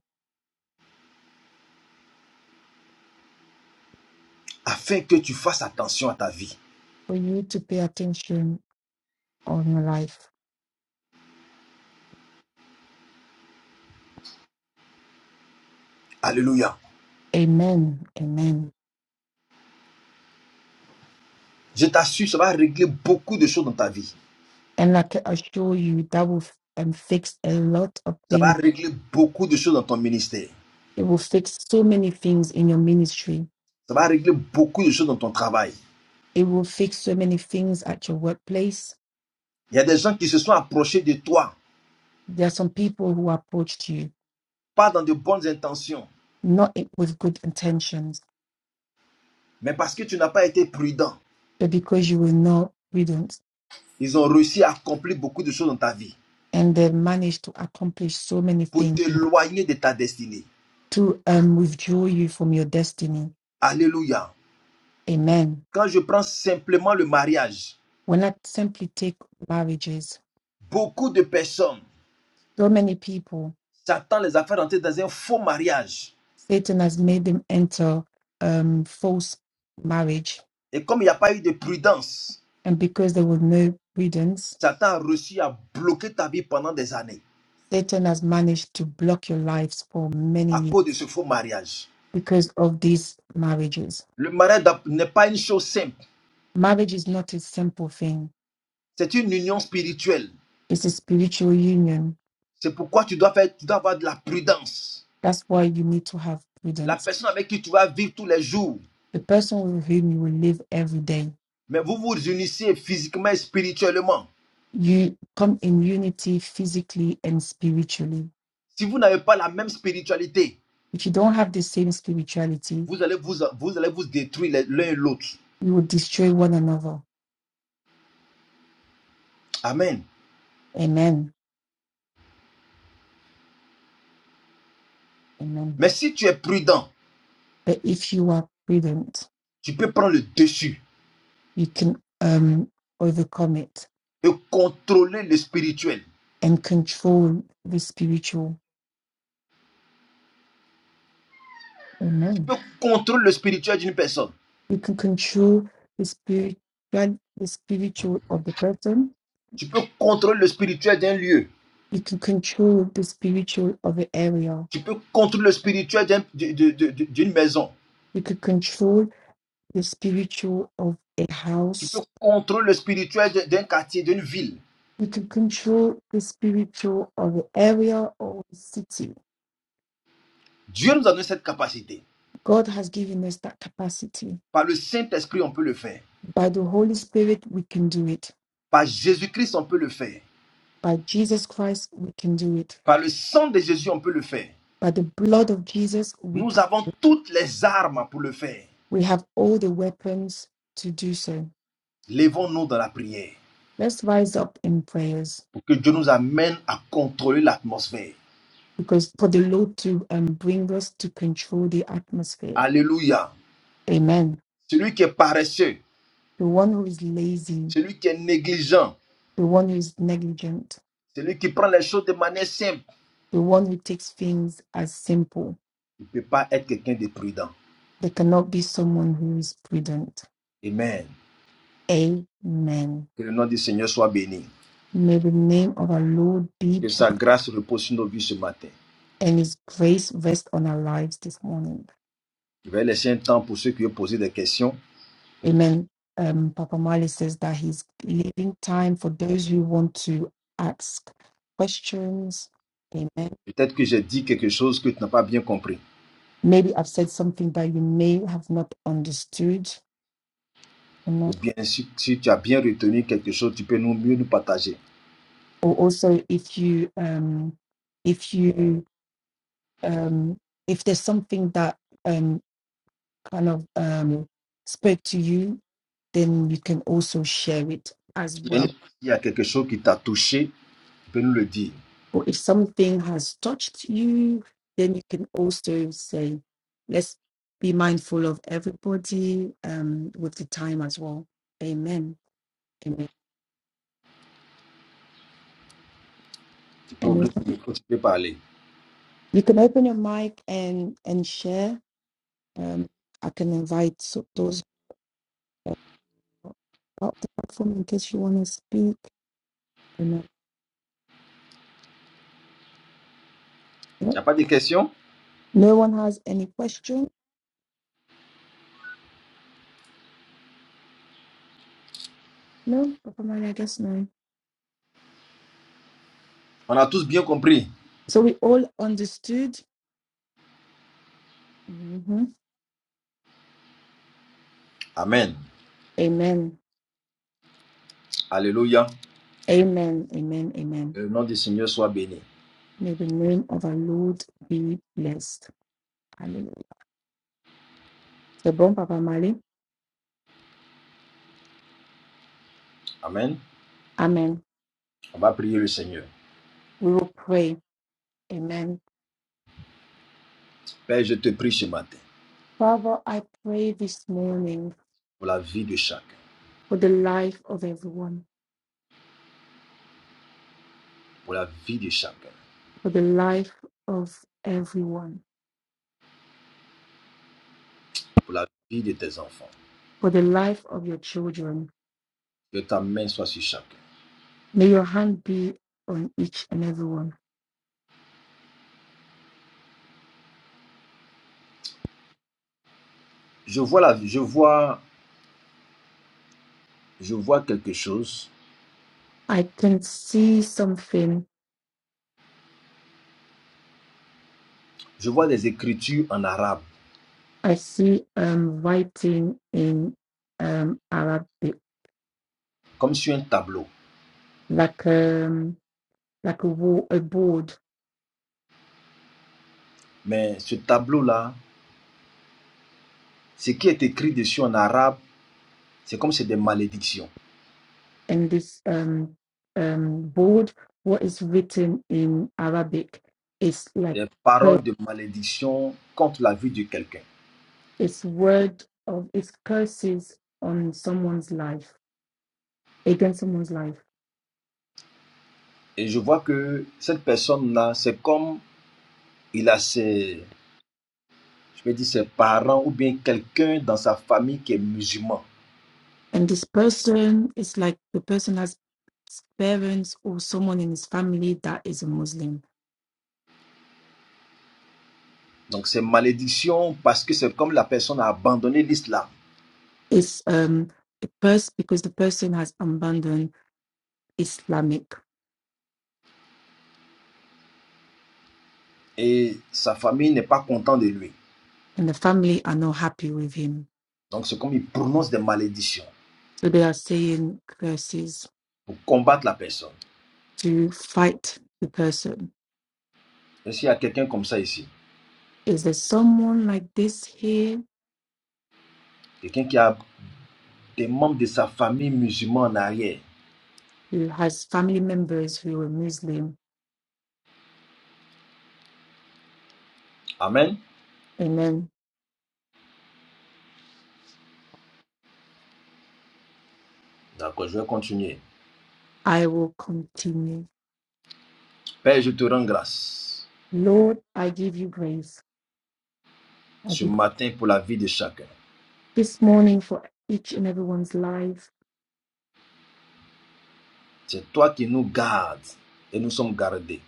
afin que tu fasses attention à ta vie. for you to pay attention on your life. Alléluia. Amen. Amen. Je t'assure, ça va régler beaucoup de choses dans ta vie. And I can assure you that will um, fix a lot of Ça va things. régler beaucoup de choses dans ton ministère. It will fix so many things in your ministry. Ça va régler beaucoup de choses dans ton travail. It will fix so many things at your workplace. Il y a des gens qui se sont approchés de toi, There are some people who approached you pas dans de bonnes intentions, not with good intentions mais parce que tu n'as pas été prudent. But because you will know we don't. Ils ont réussi à accomplir beaucoup de choses dans ta vie And they manage to accomplish so many pour things t'éloigner de ta destinée. to um, withdraw you from your destiny. Alléluia. Amen. Quand je prends simplement le mariage, When not simply take marriages, beaucoup de personnes so many people, Satan les a fait rentrer dans un faux mariage. Satan has made them enter um, false marriage. Et comme il n'y a pas eu de prudence, And because there was no prudence, Satan a réussi à bloquer ta vie pendant des années Satan has managed to block your lives for many à cause de years ce faux mariage. because of these marriages. Le mariage n'est pas une chose simple, Marriage is not a simple thing, c'est une union spirituelle. it's a spiritual union C'est pourquoi tu dois, faire, tu dois avoir de la prudence. That's why you need to have La prudence. personne avec qui tu vas vivre tous les jours, The person with whom you will live every day, mais vous vous unissez physiquement et spirituellement. you come in unity physically and spiritually. Si vous n'avez pas la même spiritualité, If you don't have the same spirituality, vous allez vous, vous, allez vous détruire l'un et l'autre. you will destroy one another. Amen. Amen. Amen. Mais si tu es prudent, But if you are prudent, tu peux prendre le dessus. you can um, overcome it et contrôler le spirituel. and control the spiritual. Tu Amen. peux contrôler le spirituel d'une personne. You can control the spiritual, the spiritual of the person. Tu peux contrôler le spirituel d'un lieu. You can control the spiritual of the area Tu peux contrôler le spirituel d'une maison. You could control the spiritual of a Tu house. peux contrôler le spirituel d'un quartier, d'une ville. You could control the spiritual of an area or a city. Dieu nous a donné cette capacité. God has given us that capacity. Par le Saint-Esprit, on peut le faire. By the Holy Spirit, we can do it. Par Jésus-Christ, on peut le faire. By Jesus Christ, we can do it. Par le sang de Jésus, on peut le faire. By the blood of Jesus, we, Nous c- avons toutes les armes pour le faire. we have all the weapons to do so. Levons-nous dans la prière Let's rise up in prayers pour que Dieu nous amène à contrôler l'atmosphère. because for the Lord to um, bring us to control the atmosphere. Alléluia. Amen. Celui qui est paresseux, The one who is lazy Celui qui est négligent, the one who's negligent, celui qui prend les choses de manière simple, the one who takes things as simple. il ne peut pas être quelqu'un de prudent. There cannot be someone who is prudent. Amen. Amen. Que le nom du Seigneur soit béni. May the name of our Lord be Que sa blessed grâce repose sur nos vies ce matin. and his grace rest on our lives this morning. Je vais laisser un temps pour ceux qui ont posé des questions. Amen. Um, Papa Mali says that he's leaving time for those who want to ask questions. Amen. Peut-être que j'ai dit quelque chose que tu n'as pas bien compris. Maybe I've said something that you may have not understood. Ou bien si, si tu as bien retenu quelque chose, tu peux nous mieux nous partager. Or also, if you um, if you um, if there's something that um, kind of um, spoke to you, then you can also share it as S'il y a well. y a quelque chose qui t'a touché, tu peux nous le dire. Or if something has touched you, then you can also say, let's be mindful of everybody um, with the time as well. Amen. Amen. Tu peux And ouvrir ton micro, tu peux parler. you can open your mic and and share. Um, I can invite so- those uh, up the platform in case you want to speak. And, uh, Il n'y a pas de questions No one has any question? No? Papa Mary, I guess no. On a tous bien compris. So we all understood? hmm Amen. Amen. Alléluia. Amen. Amen. Que Amen. le nom du Seigneur soit béni. May the name of our Lord be blessed. Hallelujah. So bon Papa Mali. Amen. Amen. On va prier le Seigneur. We will pray. Amen. Père, je te prie ce matin Father, I pray this morning pour la vie de chacun, for the life of everyone, pour la vie de chacun, for the life of everyone, pour la vie de tes enfants. for the life of your children. Que ta main soit sur chacun. May your hand be on each and every one. Je vois la, je vois, je vois quelque chose. I can see something. Je vois des écritures en arabe, I see um writing in um Arabic, comme sur un tableau. like um like a wall, a board, Mais ce tableau-là, ce qui est écrit dessus en arabe, c'est comme c'est des malédictions, and this um um board, what is written in Arabic is like des cur- paroles de malédiction contre la vie de quelqu'un. it's word of it's curses on someone's life against someone's life, Et je vois que cette personne-là, c'est comme il a ses, je me dis ses parents ou bien quelqu'un dans sa famille qui est musulman. and this person is like the person has parents or someone in his family that is a Muslim Donc c'est malédiction parce que c'est comme la personne a abandonné l'islam is um, a person because the person has abandoned Islamic et sa famille n'est pas contente de lui. and the family are not happy with him. Donc c'est comme il prononce des malédictions So they are saying curses pour combattre la personne. to fight the person. Est-ce y a quelqu'un comme ça ici Is there someone like this here Quelqu'un qui a des membres de sa famille musulmans en arrière. who has family members who are Muslim? Amen. And then D'accord, je vais continuer. I will continue. Père, je te rends grâce Lord, I give you grace. I ce give matin pour la vie de chacun. this morning for each and everyone's life. C'est toi qui nous gardes et nous sommes gardés.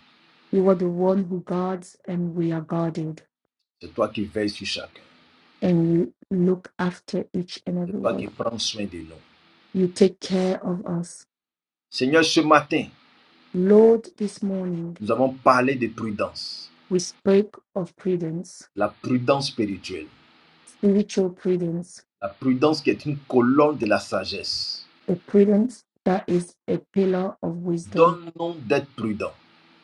You are the one who guards and we are guarded. C'est toi qui veilles sur chacun. and you look after each and de every Pâques one. et prends soin de nous. You take care of us. Seigneur, ce matin, Lord, this morning nous avons parlé de prudence, we spoke of prudence, la prudence spirituelle, spiritual prudence, la prudence qui est une colonne de la sagesse. a prudence that is a pillar of wisdom. Donne-nous d'être prudents.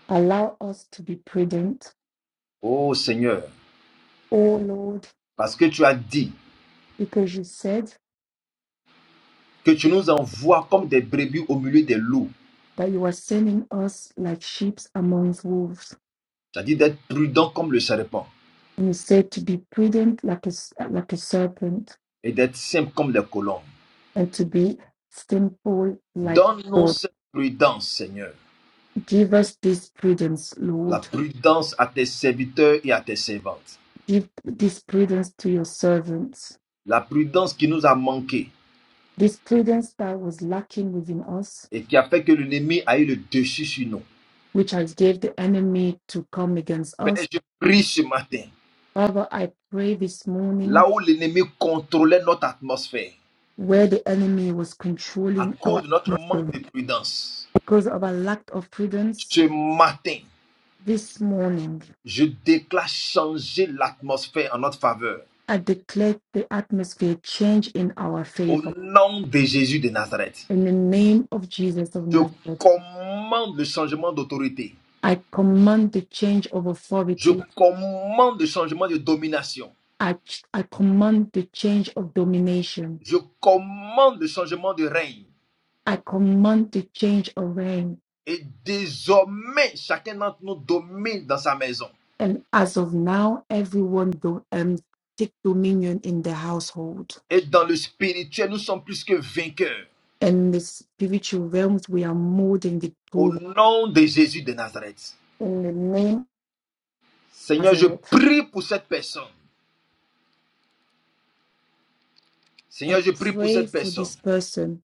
Allow us to be prudent, Oh Seigneur, O Lord, parce que tu as dit because you said que tu nous envoies comme des brebis au milieu des loups, that you are sending us like sheep amongst wolves. c'est-à-dire d'être prudents comme le serpent And you said to be prudent like a, like a serpent et d'être simples comme les colombes. and to be simple like Donne-nous cette prudence, Seigneur, Give us this prudence, la Lord. prudence à tes serviteurs et à tes servantes, Give this prudence to your servants. la prudence qui nous a manqué, This prudence that was lacking within us, et qui a fait que l'ennemi a eu le dessus sur nous. which has gave the enemy to come against Père, us. je prie ce matin, Father, I pray this morning là où l'ennemi contrôlait notre atmosphère where the enemy was à controlling cause our de notre manque atmosphere de prudence, because of our lack of prudence ce matin, this morning. je déclare changer l'atmosphère en notre faveur. I declare the atmosphere change in our Au favor. nom de Jésus de Nazareth, In the name of Jesus of je Nazareth, commande le changement d'autorité. I command the change of Je authority commande le changement de domination. I, I command the change of domination. Je commande le changement de règne. I command the change of reign. Et désormais, chacun d'entre nous domine dans sa maison. And as of now, everyone do, um, take dominion in the household. Et dans le spirituel, nous sommes plus que vainqueurs. In the spiritual realms, we are more than Au victorious. nom de Jésus de Nazareth. In the name of Seigneur, je Nazareth, prie pour cette personne. I Seigneur, je prie pour pray cette for personne this person.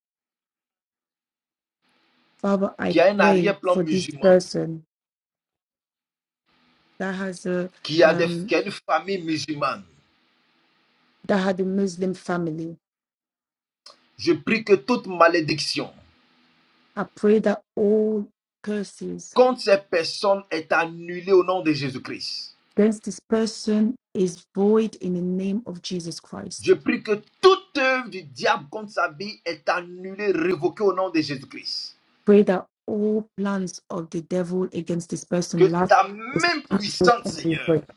Father, I qui a un pray arrière-plan for this musulman, person that has a qui a, des- um, qui a une famille musulmane. that had a Muslim family. Je prie que toute malédiction I pray that all curses contre ces personnes est annulée au nom de Jésus-Christ. Since This person is void in the name of Jesus Je Christ. prie que toute œuvre du diable contre sa vie est annulée, révoquée au nom de Jésus-Christ. Pray that all plans of the devil against this Que person last ta is main cancelled puissante, and Seigneur, revoked.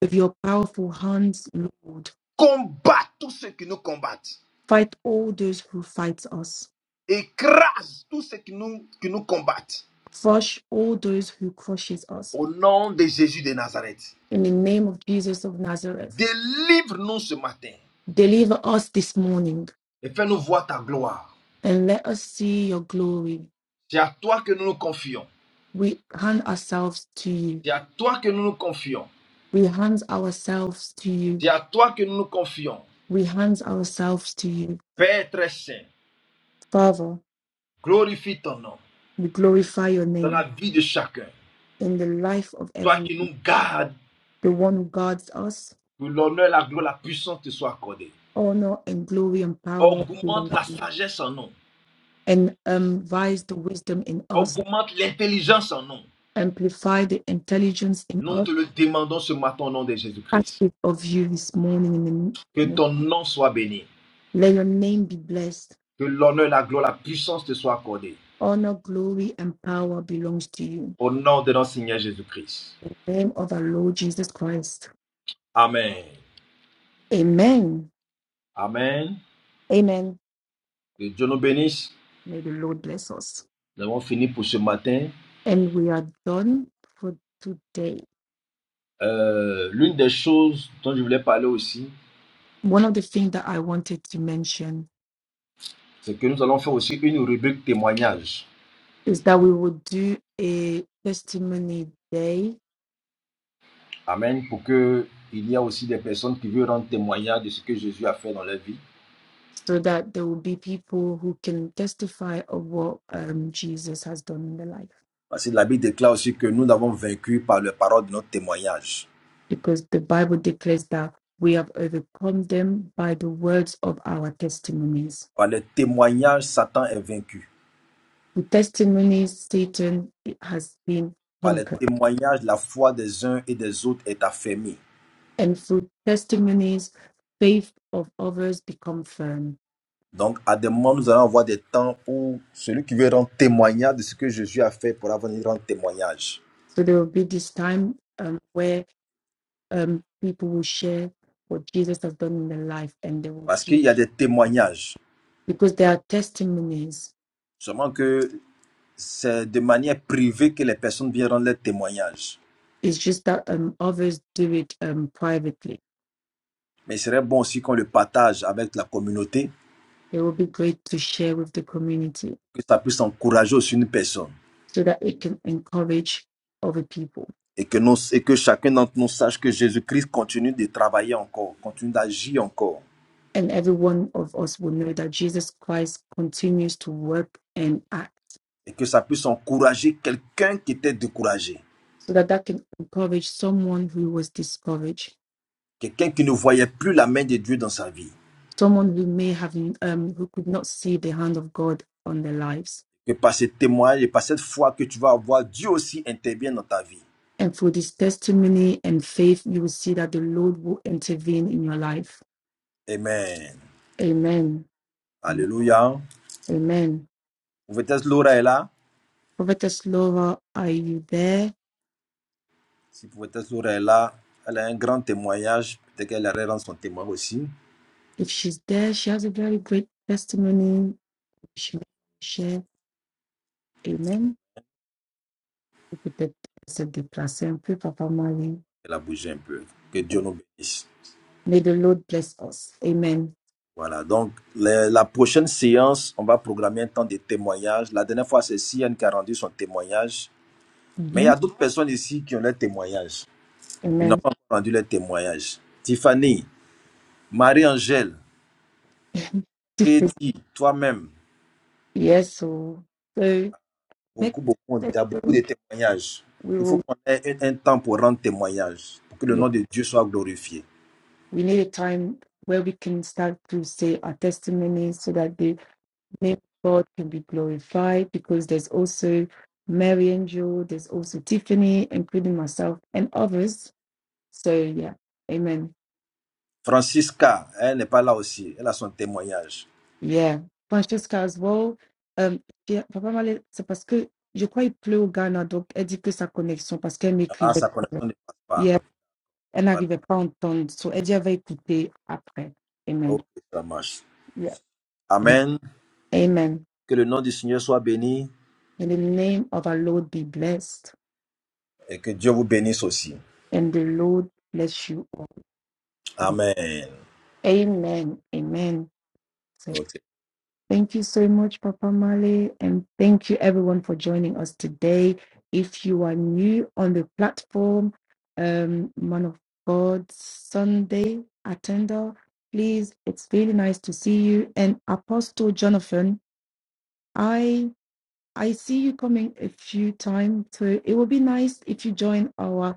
With your powerful hands, Lord, combatte tous ceux qui nous combattent. fight all those who fight us. Écrase tout ce qui nous, qui nous combattent. Crush all those who crushes us. Au nom de Jésus de Nazareth. In the name of Jesus of Nazareth, Délivre-nous ce matin deliver us this morning et fais-nous voir ta gloire. and let us see your glory. C'est à toi que nous nous confions. We hand ourselves to you. C'est à toi que nous nous confions. We hand ourselves to you. C'est à toi que nous nous confions. We hand ourselves to you Père très saint, Father, glorifie ton nom we glorify your dans la name vie de chacun. in the life of Toi every qui nous gardes, the one who guards us. que l'honneur, la gloire, la puissance te soient accordée. Honor and glory and power Augmente belong to la you. sagesse en nous. And advise the wisdom in us, Augmente l'intelligence en nous. amplify the intelligence in Nous us. te le demandons ce matin au nom de Ask Jésus-Christ. it of you this morning. In the Que name- ton nom soit béni. Let your name be blessed. Que l'honneur, la gloire, la puissance te soient accordées. Honor, glory, and power belongs to you. Au nom de notre Seigneur Jésus-Christ. In the name of our Lord Jesus Christ. Amen. Amen. Amen. Amen. Que Dieu nous bénisse. May the Lord bless us. Nous avons fini pour ce matin. And we are done for today. Euh, L'une des choses dont je voulais parler aussi, one of the things that I wanted to mention c'est que nous allons faire aussi une rubrique témoignage. is that we will do a testimony day Amen. Pour que il y a aussi des personnes qui veulent rendre témoignage de ce que Jésus a fait dans leur vie. so that there will be people who can testify of what um, Jesus has done in their life. Parce que la Bible déclare aussi que nous l'avons vaincu par le parole de notre témoignage. Because the Bible declares that we have overcome them by the words of our testimonies. Par le témoignage, Satan est vaincu. With testimonies, Satan has been par les conquered. témoignages, la foi des uns et des autres est affirmée. And through testimonies, faith of others become firm. Donc, à des moments, nous allons avoir des temps où celui qui veut rendre témoignage de ce que Jésus a fait pourra venir rendre témoignage. So there will be this time um, where um, people will share what Jesus has done in their life and they will Parce qu'il give y a des témoignages. because there are testimonies. Seulement que c'est de manière privée que les personnes viennent rendre leurs témoignages. It's just that um, others do it um, privately. Mais il serait bon aussi qu'on le partage avec la communauté, It will be great to share with the community que ça puisse encourager aussi une personne. so that it can encourage other people. Et que, nous, et que chacun d'entre nous sache que Jésus-Christ continue de travailler encore, continue d'agir encore. And every one of us will know that Jesus Christ continues to work and act et que ça puisse encourager quelqu'un qui était découragé, so that that can encourage someone who was discouraged, quelqu'un qui ne voyait plus la main de Dieu dans sa vie. someone who may have, um, who could not see the hand of God on their lives Que par ce témoignage et par cette foi que tu vas avoir, Dieu aussi intervient dans ta vie. and through this testimony and faith, you will see that the Lord will intervene in your life. Amen. Amen. Amen. Alléluia. Amen. Prophétesse Laura est là. Prophetess Laura, are you there? Si Prophétesse Laura est là, elle a un grand témoignage. Peut-être qu'elle allait rendre son témoin aussi. If she's there, she has a very great testimony. She will share. Amen. We put the blessed the blessing. Pray, Elle a bougé un peu. Que Dieu nous bénisse. May the Lord bless us. Amen. Voilà, donc le- la prochaine séance, on va programmer un temps de témoignage. La dernière fois, c'est Sian qui a rendu son témoignage. Mais il y Mhm. a d'autres personnes ici qui ont leur témoignage. Ils n'ont Amen. pas encore rendu leur témoignage. Tiffany, Marie-Angèle, *laughs* Katie, toi-même, yes. So, so beaucoup, next beaucoup, tu as beaucoup de session témoignages. we Il faut will. qu'on ait un un temps pour rendre témoignage, pour que yeah, le nom de Dieu soit glorifié. We need a time where we can start to say our testimonies so that the name of God can be glorified because there's also Mary Angel, there's also Tiffany, including myself and others. So yeah, amen. Francisca, elle n'est pas là aussi. Elle a son témoignage. Yeah. Francesca as well. Euh, j'ai- Papa Malé, c'est parce que je crois qu'il pleut au Ghana, donc elle dit que sa connexion, parce qu'elle Ah, m'écrivait sa connexion ne passe pas. hier, elle Pas- n'arrivait pas à entendre. So elle dit elle va écouter après. Ok, Amen. ça marche. Yeah. Amen. Amen. Que le nom du Seigneur soit béni May the name of our Lord be blessed, et que Dieu vous bénisse aussi. and the Lord bless you. Amen. Amen. Amen. So Ok. thank you so much, Papa Male, and thank you everyone for joining us today. If you are new on the platform, um, Man of God Sunday attender, please, it's really nice to see you. And Apostle Jonathan, I I see you coming a few times, so it will be nice if you join our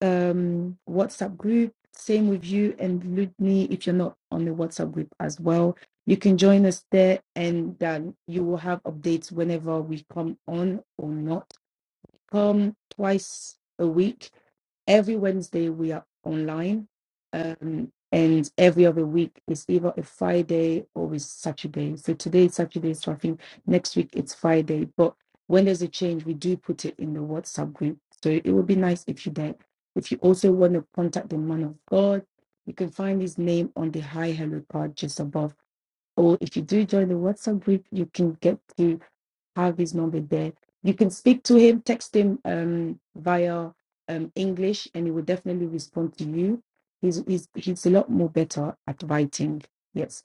um, WhatsApp group. Same with you and Ludni if you're not on the WhatsApp group as well. You can join us there and um, you will have updates whenever we come on or not come twice a week. Every Wednesday we are online, um, and every other week is either a Friday or a Saturday. So today is Saturday, so I think next week it's Friday. But when there's a change, we do put it in the WhatsApp group. So it would be nice if you did. If you also want to contact the man of God, you can find his name on the high hello card just above. Or if you do join the WhatsApp group, you can get to have his number there. You can speak to him, text him um, via um, English, and he will definitely respond to you. He's, he's, he's a lot more better at writing. Yes.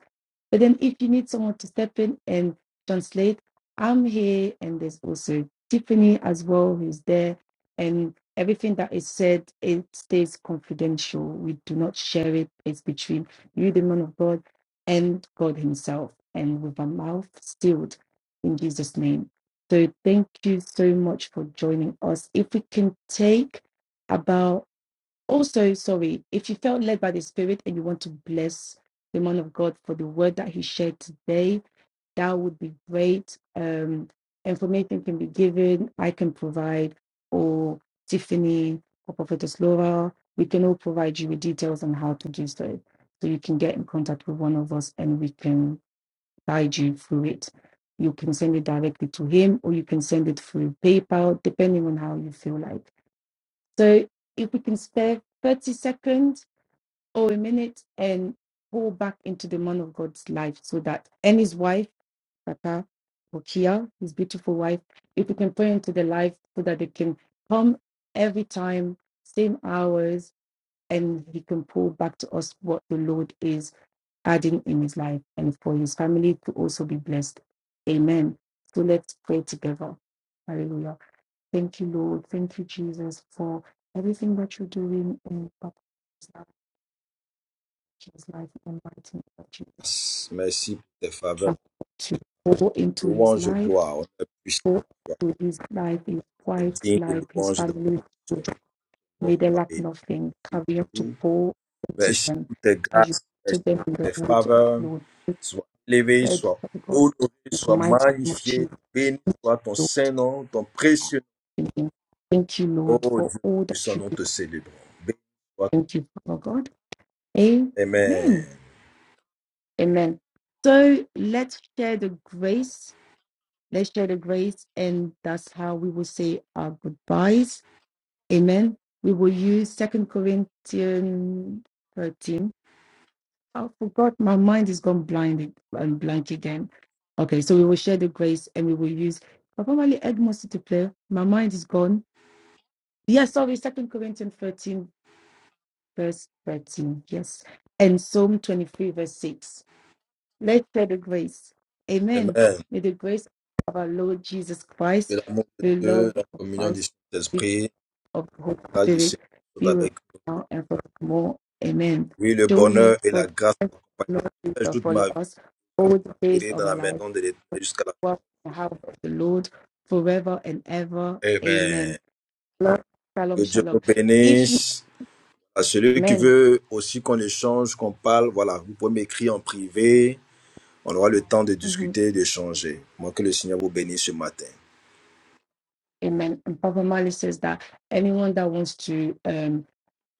But then if you need someone to step in and translate, I'm here and there's also Tiffany as well who's there and everything that is said it stays confidential. We do not share it. It's between you, the man of God, and God Himself, and with our mouth sealed in Jesus' name. So thank you so much for joining us. If we can take about also, sorry, if you felt led by the Spirit and you want to bless the man of God for the word that he shared today, that would be great. Um, information can be given, I can provide, or Tiffany or Prophetess Laura. We can all provide you with details on how to do so. So you can get in contact with one of us and we can guide you through it. You can send it directly to him or you can send it through PayPal, depending on how you feel like. So if we can spare 30 seconds or a minute and go back into the man of God's life so that and his wife, Tata or Kia, his beautiful wife, if we can pray into the life so that they can come every time, same hours, and he can pull back to us what the Lord is adding in his life and for his family to also be blessed. Amen. So let's pray together. Hallelujah. Thank you, Lord. Thank you, Jesus, for everything that you're doing in Papa's life, his life, in the mighty name of Jesus. Merci pour tes faveurs. Help To pour into his Louange, life, gloire. On est pour into his life, his wife's digne de life, his louange et family. d'action. On May they soit lack béni nothing. pour Career to tout. pour into Merci them pour tes as you grâces, merci take them in pour the tes road to faveurs. upload. Sois élevé, Bread sois for God, honoré, in the sois mighty name of magnifié. Jesus. Béni soit ton Lord. Saint-Nom, ton précieux Thank you, Thank you, nom. Lord, Oh for Dieu, all que that son you nom do. te célébrons. Béni soit Thank you, Father God. ton Amen. Amen. Amen. So let's share the grace. Let's share the grace, and that's how we will say our goodbyes. Amen. We will use Second Corinthians 13. I forgot my mind is gone blind and blank again. Okay, so we will share the grace and we will use Papa Mali Edmonds to play. My mind is gone. Yes, sorry, Second Corinthians 13, verse 13. Yes. And Psalm 23, verse 6. Let's share the grace. Amen. Amen. May the grace of our Lord Jesus Que Christ, l'amour de the Dieu, love la of communion du Christ, the gift Saint-Esprit, la of the Holy grâce du Spirit Seigneur soit be with avec us vous. now and forevermore. Amen. Oui, le bonheur Surely et la God grâce m'accompagnent Lord tous les shall jours de follow ma vie. us all the days J'irai of dans our la life. maison de l'Éternel jusqu'à la Dwell in the house of the Lord forever and ever. fin. Amen. Amen. Lord, Que shalom, Dieu nous shalom. If you bénisse. À celui qui amen, veut aussi qu'on échange, qu'on parle, voilà, vous pouvez m'écrire en privé. On aura le temps de mhm, discuter, d'échanger. Moi, que le Seigneur vous bénisse ce matin. amen. And Papa Mali says that anyone that wants to um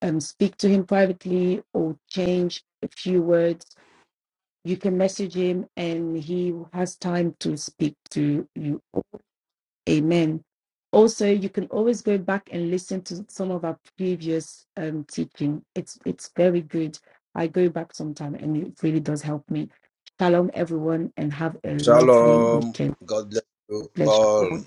um, speak to him privately or change a few words. You can message him and he has time to speak to you. Amen. Also, you can always go back and listen to some of our previous um, teaching. It's it's very good. I go back sometime and it really does help me. Shalom, everyone, and have a lovely Shalom. weekend. God bless you Bless you all. all.